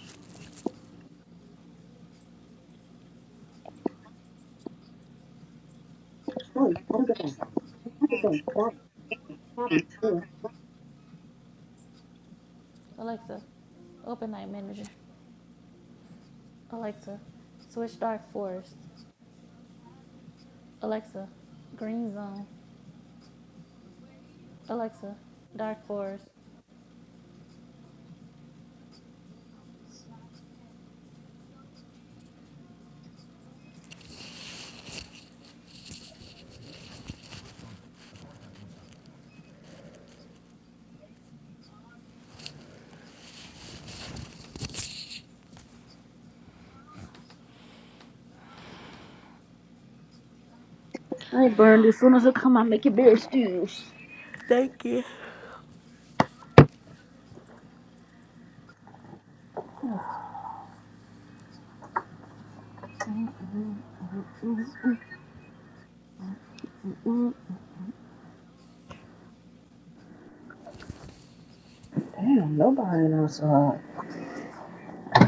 B: Sorry, I don't get that. You can also say battle, I
E: Alexa, open night manager. Alexa, switch dark forest. Alexa, green zone. Alexa, dark forest.
B: ain't burned as soon as I come, I make it beer stews.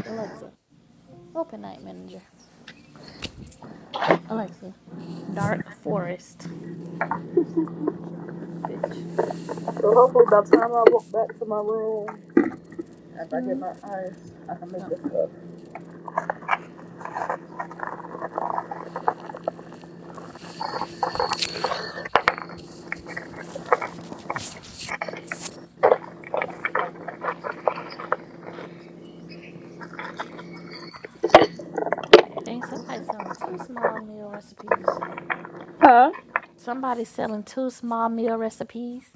E: Alexa, open night manager. Alexa, dark forest. Bitch.
B: So hopefully by the time I walk back to my room, after I get my ice, I can make
E: Oh.
B: this stuff.
E: Dang, somebody selling two small meal recipes.
B: Huh?
E: Somebody selling two small meal recipes.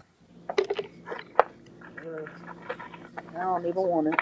B: I don't even want it.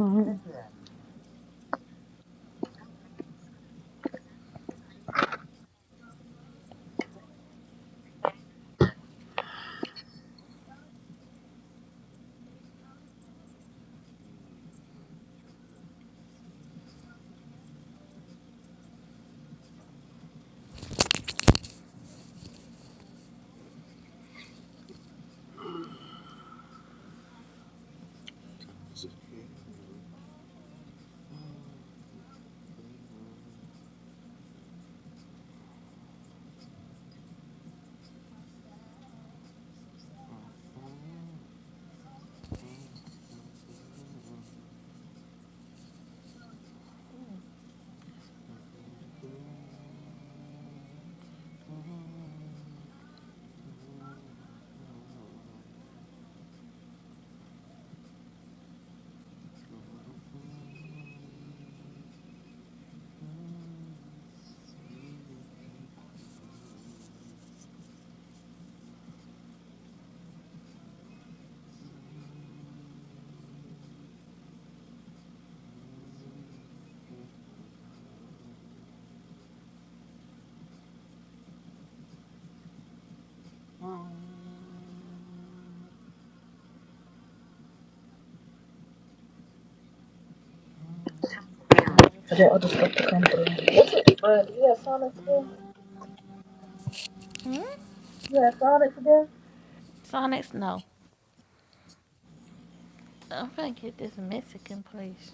B: Mm-hmm.
K: It's Mm.
B: For that other stuff to come through. Yeah, Sonic.
E: Hmm?
B: Yeah, Sonic again.
E: Sonics? No. I'm gonna get this Mexican place.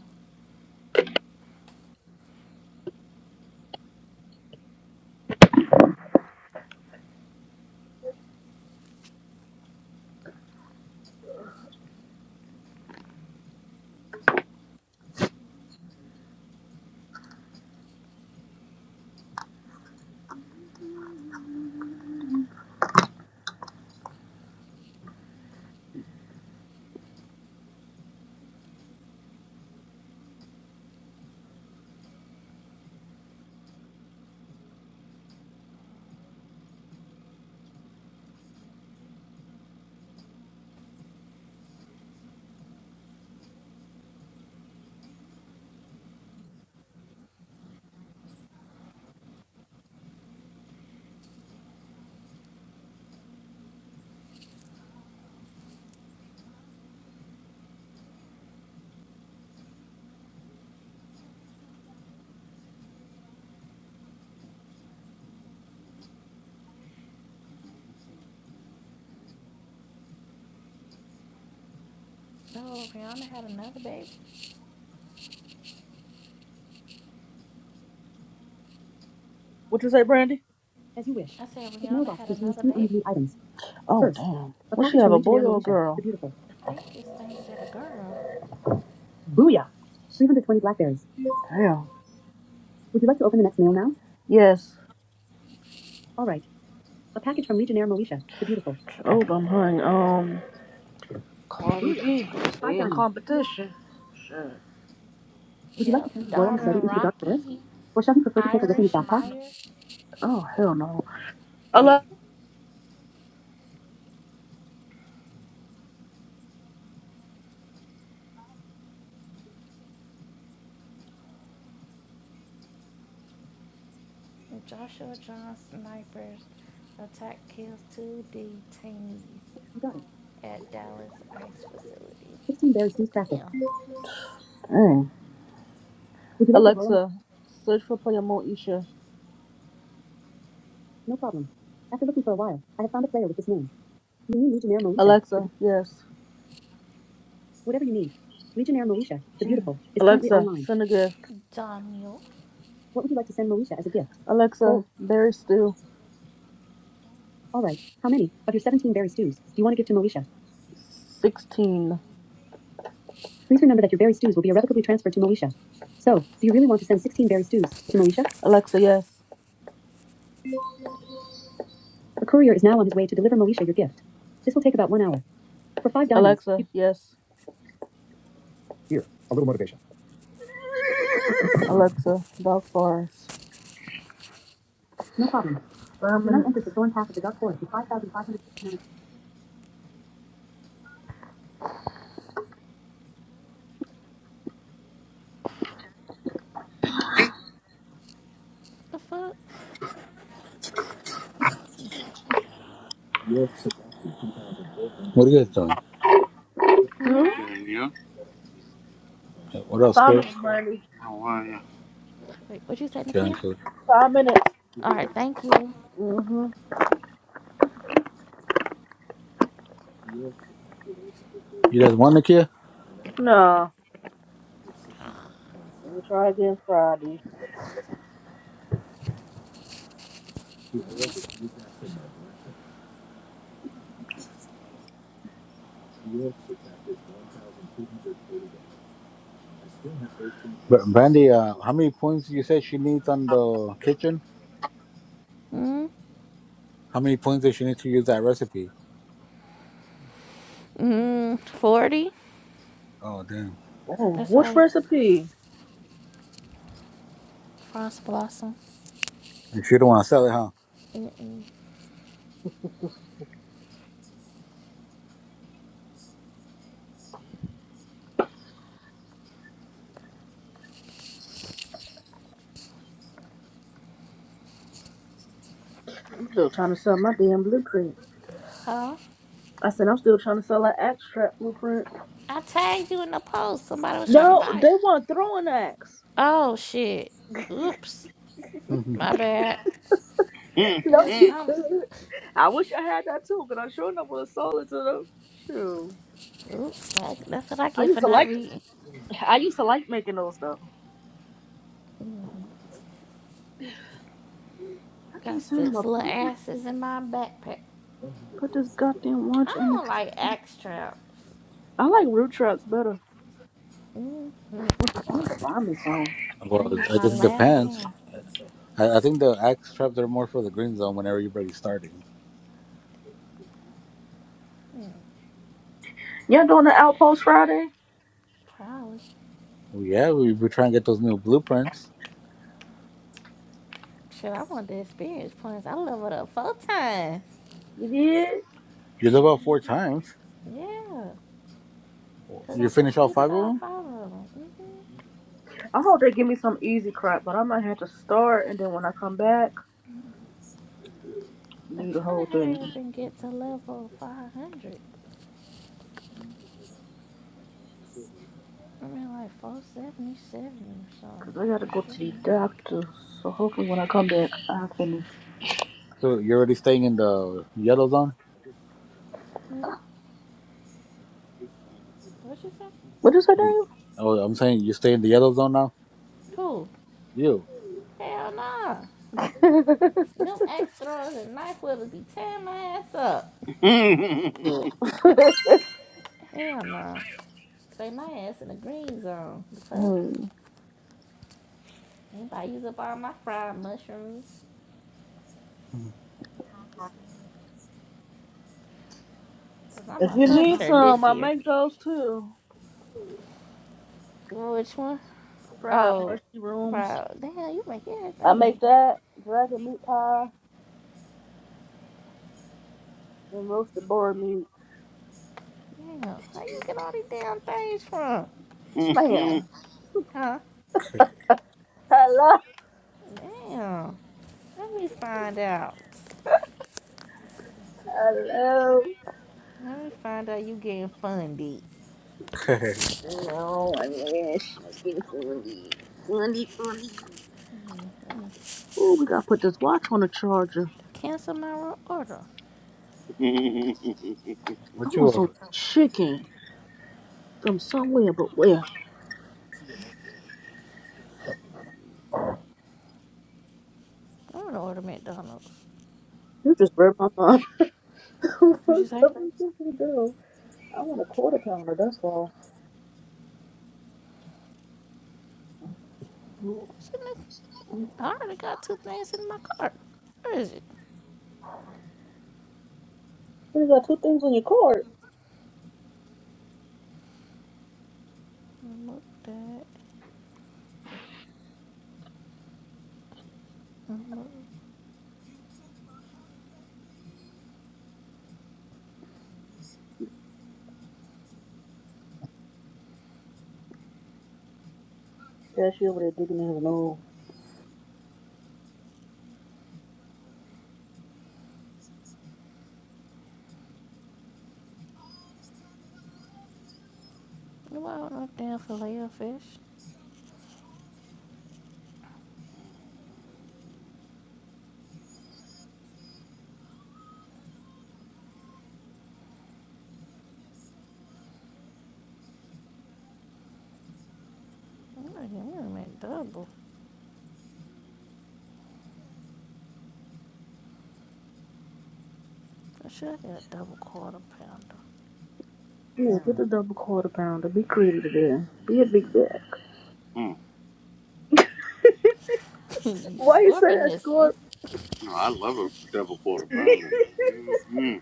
E: No, Rihanna had another baby.
B: What you say, Brandy? As you wish.
E: I said
B: His
E: Rihanna
B: mailbox
E: had
B: contains
E: another
B: two
E: baby.
B: unviewed items. Oh First, damn. A What she package have, from a boy Engineer or a Alicia, girl? The beautiful.
E: I think this thing said a girl.
B: Booyah. 320 blackberries. Damn. Would you like to open the next mail now? Yes. All right. A package from Legionnaire Moesha, the beautiful. Oh, I'm hung. Um, Ooh, Would you like to send
E: Yep,
B: Royal
E: daughter
B: Machete into the dark forest?
E: Rocky
B: Or shall he prefer to take a risk in his
E: Irish
B: backpack?
E: Myers.
B: oh, hell no.
E: Joshua John snipers attack kills two detainees
B: You got it.
E: at Dallas ICE facility.
B: 16 berries stews crafted.
E: Damn,
B: Would you like the Royal... Alexa, search for player Moesha. No problem. After looking for a while, I have found a player with this name. Do you mean Legionnaire Moesha? Alexa, yes. Whatever you need. Legionnaire Moesha, the beautiful, is Alexa, send a gift.
E: Daniel.
B: What would you like to send Moesha as a gift? Alexa, Oh, berry stew. all right. How many of your 17 berry stews do you want to give to Moesha? 16. Please remember that your berry stews will be irrevocably transferred to Moesha. So, do you really want to send 16 berry stews to Moesha? Alexa, yes. A courier is now on his way to deliver Moesha your gift. This will take about one hour. For five dollars. Alexa, yes. [COUGHS] Alexa, dog forest. No problem. Um, Tonight enter the Permanence. thorn path of the dark forest with 5,569...
E: What The fuck? Let me see.
M: What are you guys doing?
E: Hmm.
K: Good, you?
M: What
B: Five hundred fifty-nine.
M: else,
B: Five
M: score?
B: minutes, Brandy.
K: How are
E: Wait, what you said,
M: Sharon
E: Nakia?
M: Curry.
B: Five minutes.
E: All right, thank you.
B: Mm-hmm.
M: You guys won, Nakia?
B: Nah. Let me try again Friday.
M: Br- Brandy, uh, how many points you said she needs on the kitchen?
E: Hmm.
M: How many points does she need to use that recipe?
E: Hmm. Forty.
M: Oh, damn.
B: Oh,
E: That's
B: which
E: why
B: recipe?
E: Frost Blossom.
M: And she don't want to sell it, huh?
E: Mm-mm.
B: I'm still trying to sell my damn blueprint.
E: Huh?
B: I said I'm still trying to sell that extract blueprint.
E: I tagged you in the post. Somebody was trying to
B: No,
E: buy. it.
B: they weren't throwing axe.
E: Oh shit! Oops,
M: [LAUGHS]
E: my bad.
B: [LAUGHS]
E: It
B: No,
E: was
B: you
E: some.
B: could. I wish I had that too, but I sure enough would have sold it to them. True.
E: Oops, that's what I
B: I
E: get for
B: used to
E: not
B: like
E: reading.
B: I used to like making those though. I
E: I
B: keep
E: got
B: saying to
E: six
B: myself,
E: little
B: put this
E: asses in my backpack.
B: put this goddamn
E: I
B: watch in the
E: don't like axe traps.
B: I like root traps better.
E: Mm,
B: What the fuck? Find me some.
E: I
M: well,
E: used
M: I
E: my
M: guess it
E: last
M: depends.
E: one.
M: I, I think the axe traps are more for the green zone whenever everybody's starting.
B: Y'all doing the outpost Friday?
E: Probably.
M: Well, yeah, we, we trying to get those new blueprints.
E: Shit, I want the experience points. I leveled up four times.
B: You did?
M: You live out four times.
E: Yeah, cause
M: You
E: I
M: finish all
E: completed
M: five of
E: all
M: them?
E: five of them. Mm.
B: I hope they give me some easy crap, but I might have to start and then when I come back,
E: I'm
B: do the
E: trying
B: whole
E: to hurry
B: thing.
E: up and get to level 500. I'm at like 477 or
B: Cause
E: something.
B: I gotta go to the
E: 478.
B: doctor, so hopefully when I come back, I'll finish.
M: So you're already staying in the yellow zone?
E: Hmm? What you say?
B: What you say, Daniel?
M: Oh, I'm saying you stay in the yellow zone now?
E: Who?
M: You.
E: Hell nah. Them axe throwers and knife wielders be tearing my ass up.
B: Cool. [LAUGHS]
E: Hell nah. Stay my ass in the green zone. The fuck?
B: Hmm.
E: Anybody use up all my fried mushrooms? Cause I'm
B: If
E: a
B: you need
E: hunter
B: some,
E: this
B: I
E: year.
B: make those too.
E: Which one?
B: Fried
E: Oh,
B: mushy rooms.
E: bro. Damn, you make
B: I make
E: everything.
B: that dragon meat pie and roasted boar meat.
E: Damn. How you get all these damn things from?
B: Ma'am.
E: Huh?
M: [LAUGHS]
B: Hello.
E: Damn. Let me find out.
B: Hello.
E: Let me find out you getting funded.
M: Okay.
B: Yes, Wendy. Wendy, Wendy. Ooh, we gotta put this watch on the charger.
E: Cancel my order.
K: you?
B: I
M: what you
B: want some
M: want?
B: chicken from somewhere, but where?
E: I'm gonna order McDonald's.
B: You just read my mind. [LAUGHS]
E: What'd you
B: What's
E: say?
B: up with you to I want a quarter pounder, that's all. You
E: What's in this? I already got two things in my cart. Where is it?
B: got two things on your card.
E: Remove that. Remove.
B: Cashier over there digging in his nose.
E: No, I want no damn filet of fish. I'm gonna give me a McDouble. I should I get a double quarter pounder.
B: Yeah, get the double quarter pounder. Be creative there. Be a big bag.
K: [LAUGHS]
E: [LAUGHS] you
B: Why you say
E: scorping
B: that,
E: this
B: Scorp?
E: one.
K: No, I love a double quarter
B: [LAUGHS]
K: pounder.
B: I
K: Mm-hmm.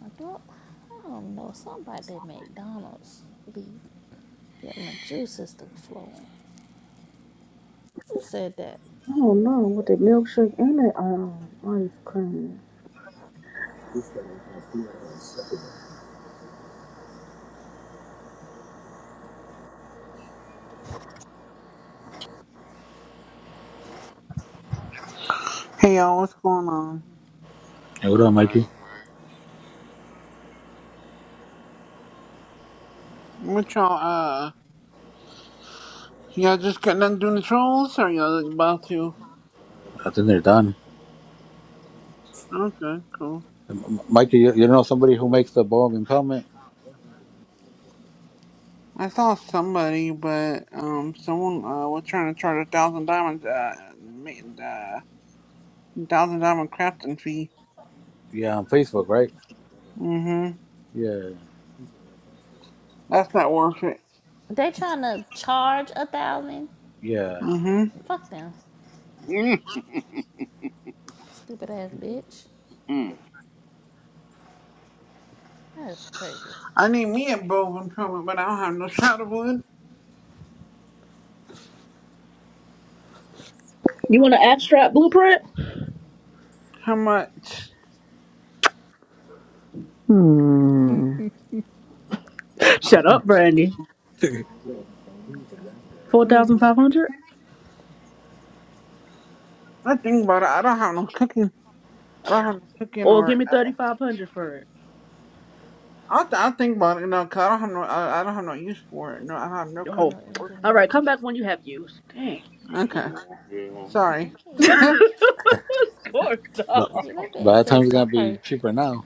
E: I don't, I don't know. Something about that McDonald's be getting my juices to flowing. Who said that?
B: don't know. With that milkshake and the um ice cream.
N: Hey y'all, what's going on?
M: Hey, what up,
K: I'm like,
M: Mikey?
N: What y'all, uh, y'all just got done doing the trolls or y'all like about to?
M: I think they're done.
N: Okay, cool.
M: M- Mikey, you, you know somebody who makes the bomb impoundment?
N: I saw somebody, but, um, someone, uh, was trying to charge a thousand diamonds, uh, ma- uh, thousand diamond crafting fee.
M: Yeah, on Facebook, right?
N: Mm-hmm.
M: Yeah,
N: That's not worth it.
E: They trying to charge a thousand?
M: yeah.
N: Mm-hmm.
E: Fuck them.
K: mm-hmm.
E: Stupid ass bitch. That's crazy.
N: I need me a bow coming, but I don't have no [LAUGHS] shadow wood.
B: You want an abstract blueprint?
N: How much?
B: Hmm. Shut up, Brandy.
E: I didn't say anything.
B: Four
N: Mm,
B: thousand five hundred?
N: I think about it. I don't have no cooking. I don't have no cooking
B: Or give
N: or,
B: me
N: uh,
B: thirty five hundred for it.
N: I th- I think about it, no, 'cause I don't have no, I, I don't have no use for it. No, I have no
B: Oh.
E: No
N: cooking or
B: Alright,
E: engineer.
B: come back when you have used. Dang.
N: Okay,
K: Oh, yeah.
N: sorry.
B: [LAUGHS]
E: Dang.
B: Scorp
M: But
B: dog.
E: Yeah, that
M: by
E: man
M: that time
E: said
M: it's gonna be
E: sorry.
M: cheaper now.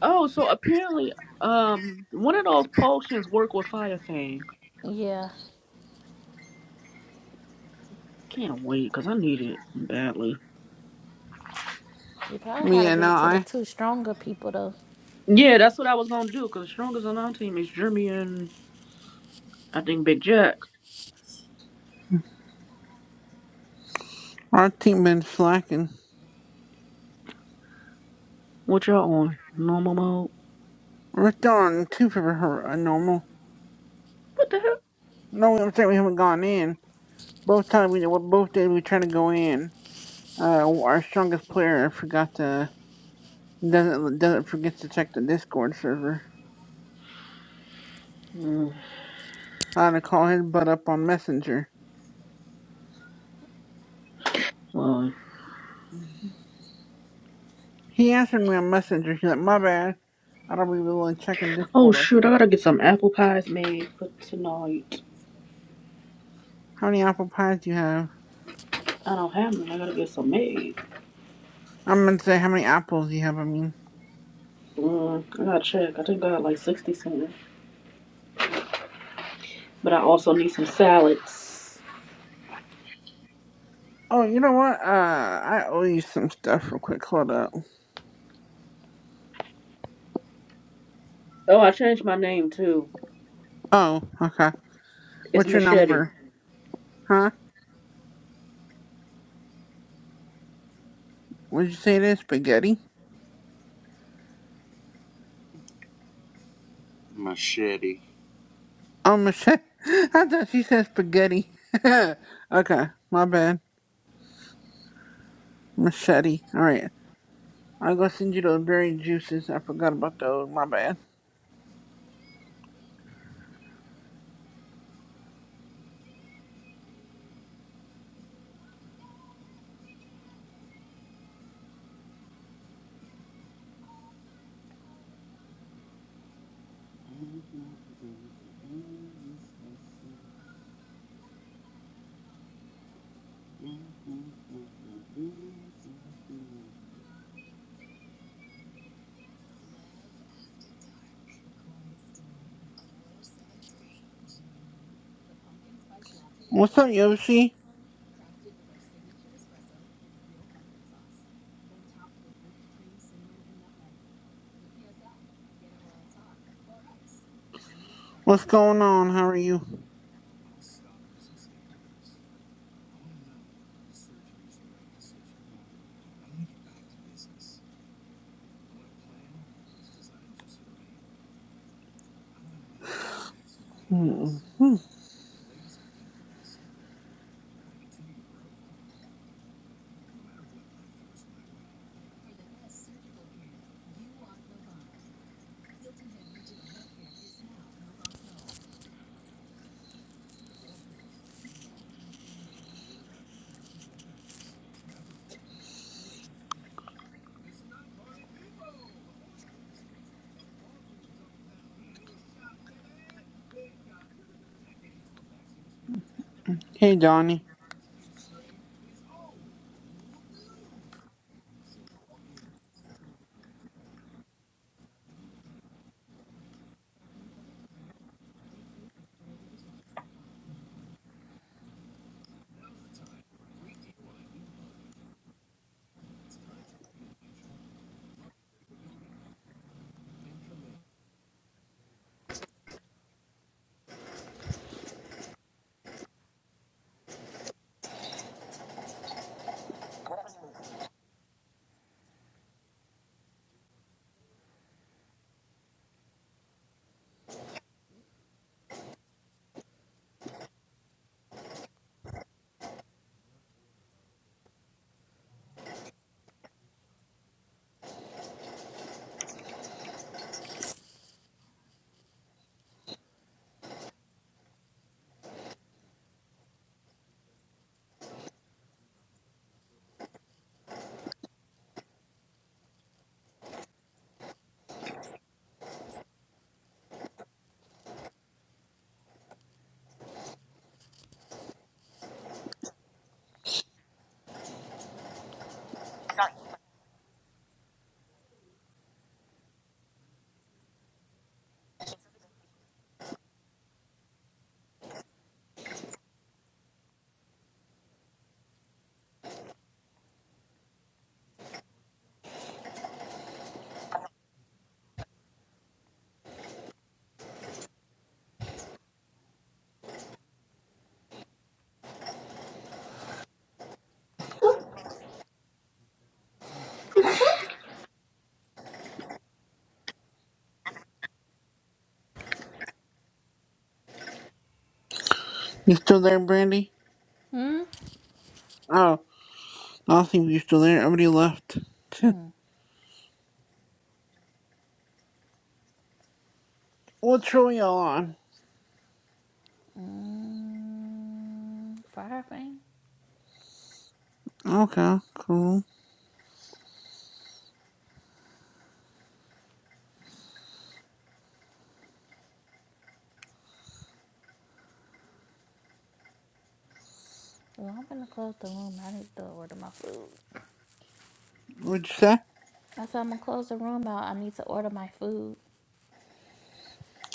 B: Oh, so apparently um one of those potions work with fire thing.
E: Yeah.
B: Can't wait, cause I need it badly.
E: You probably
N: Me
E: gotta
N: and
E: give it to the
N: I,
E: two stronger people though.
B: Yeah, that's what I was gonna do. Cause strongest on our team is Jeremy and I think Big Jack.
N: our team been slacking.
B: What y'all on? Normal mode.
N: We're still on two for her uh, normal.
B: What the heck?
N: No, I'm saying we haven't gone in. Both times we, well, both days we try to go in. Uh, our strongest player forgot to doesn't doesn't forget to check the Discord server.
B: Mm,
N: I had to call his butt up on Messenger.
B: well,
N: He answered me on Messenger. He's like, "My bad. I don't be really checking
B: oh
N: Discord like
B: shoot, I
N: that."
B: gotta get some apple pies made for tonight.
N: How many apple pies do you have?
B: I don't have them. I gotta get some made.
N: I'm gonna say how many apples you have. I mean,
B: Mm, I gotta check. I think I got like sixty somewhere. But I also need some salads.
N: oh, you know what? Uh, I owe you some stuff real quick. Hold up.
B: Oh, I changed my name too.
N: Oh, okay.
B: It's
N: What's your
B: Machete.
N: number? Huh? What'd you say it is? Spaghetti?
K: Machete.
N: Oh, machete. [LAUGHS] I thought she said spaghetti. [LAUGHS] okay, my bad. Machete. All right. I'll go send you those berry juices. I forgot about those. My bad.
K: Mm-hmm. Mm-hmm. Mm-hmm.
N: What's up, Yoshi? What's going on? How are you? Hmm. Hmm. Hey, Donnie. You still there, Brandy? Oh, I don't think you're still there. Everybody left. [LAUGHS] What's really on?
E: Mm, fire thing?
N: Okay, cool.
E: Well, I'm gonna close the room. I need to order my food.
N: What'd you say?
E: I said I'm gonna close the room out. I need to order my food.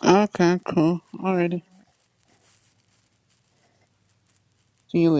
N: Okay, cool. Alrighty. See you later.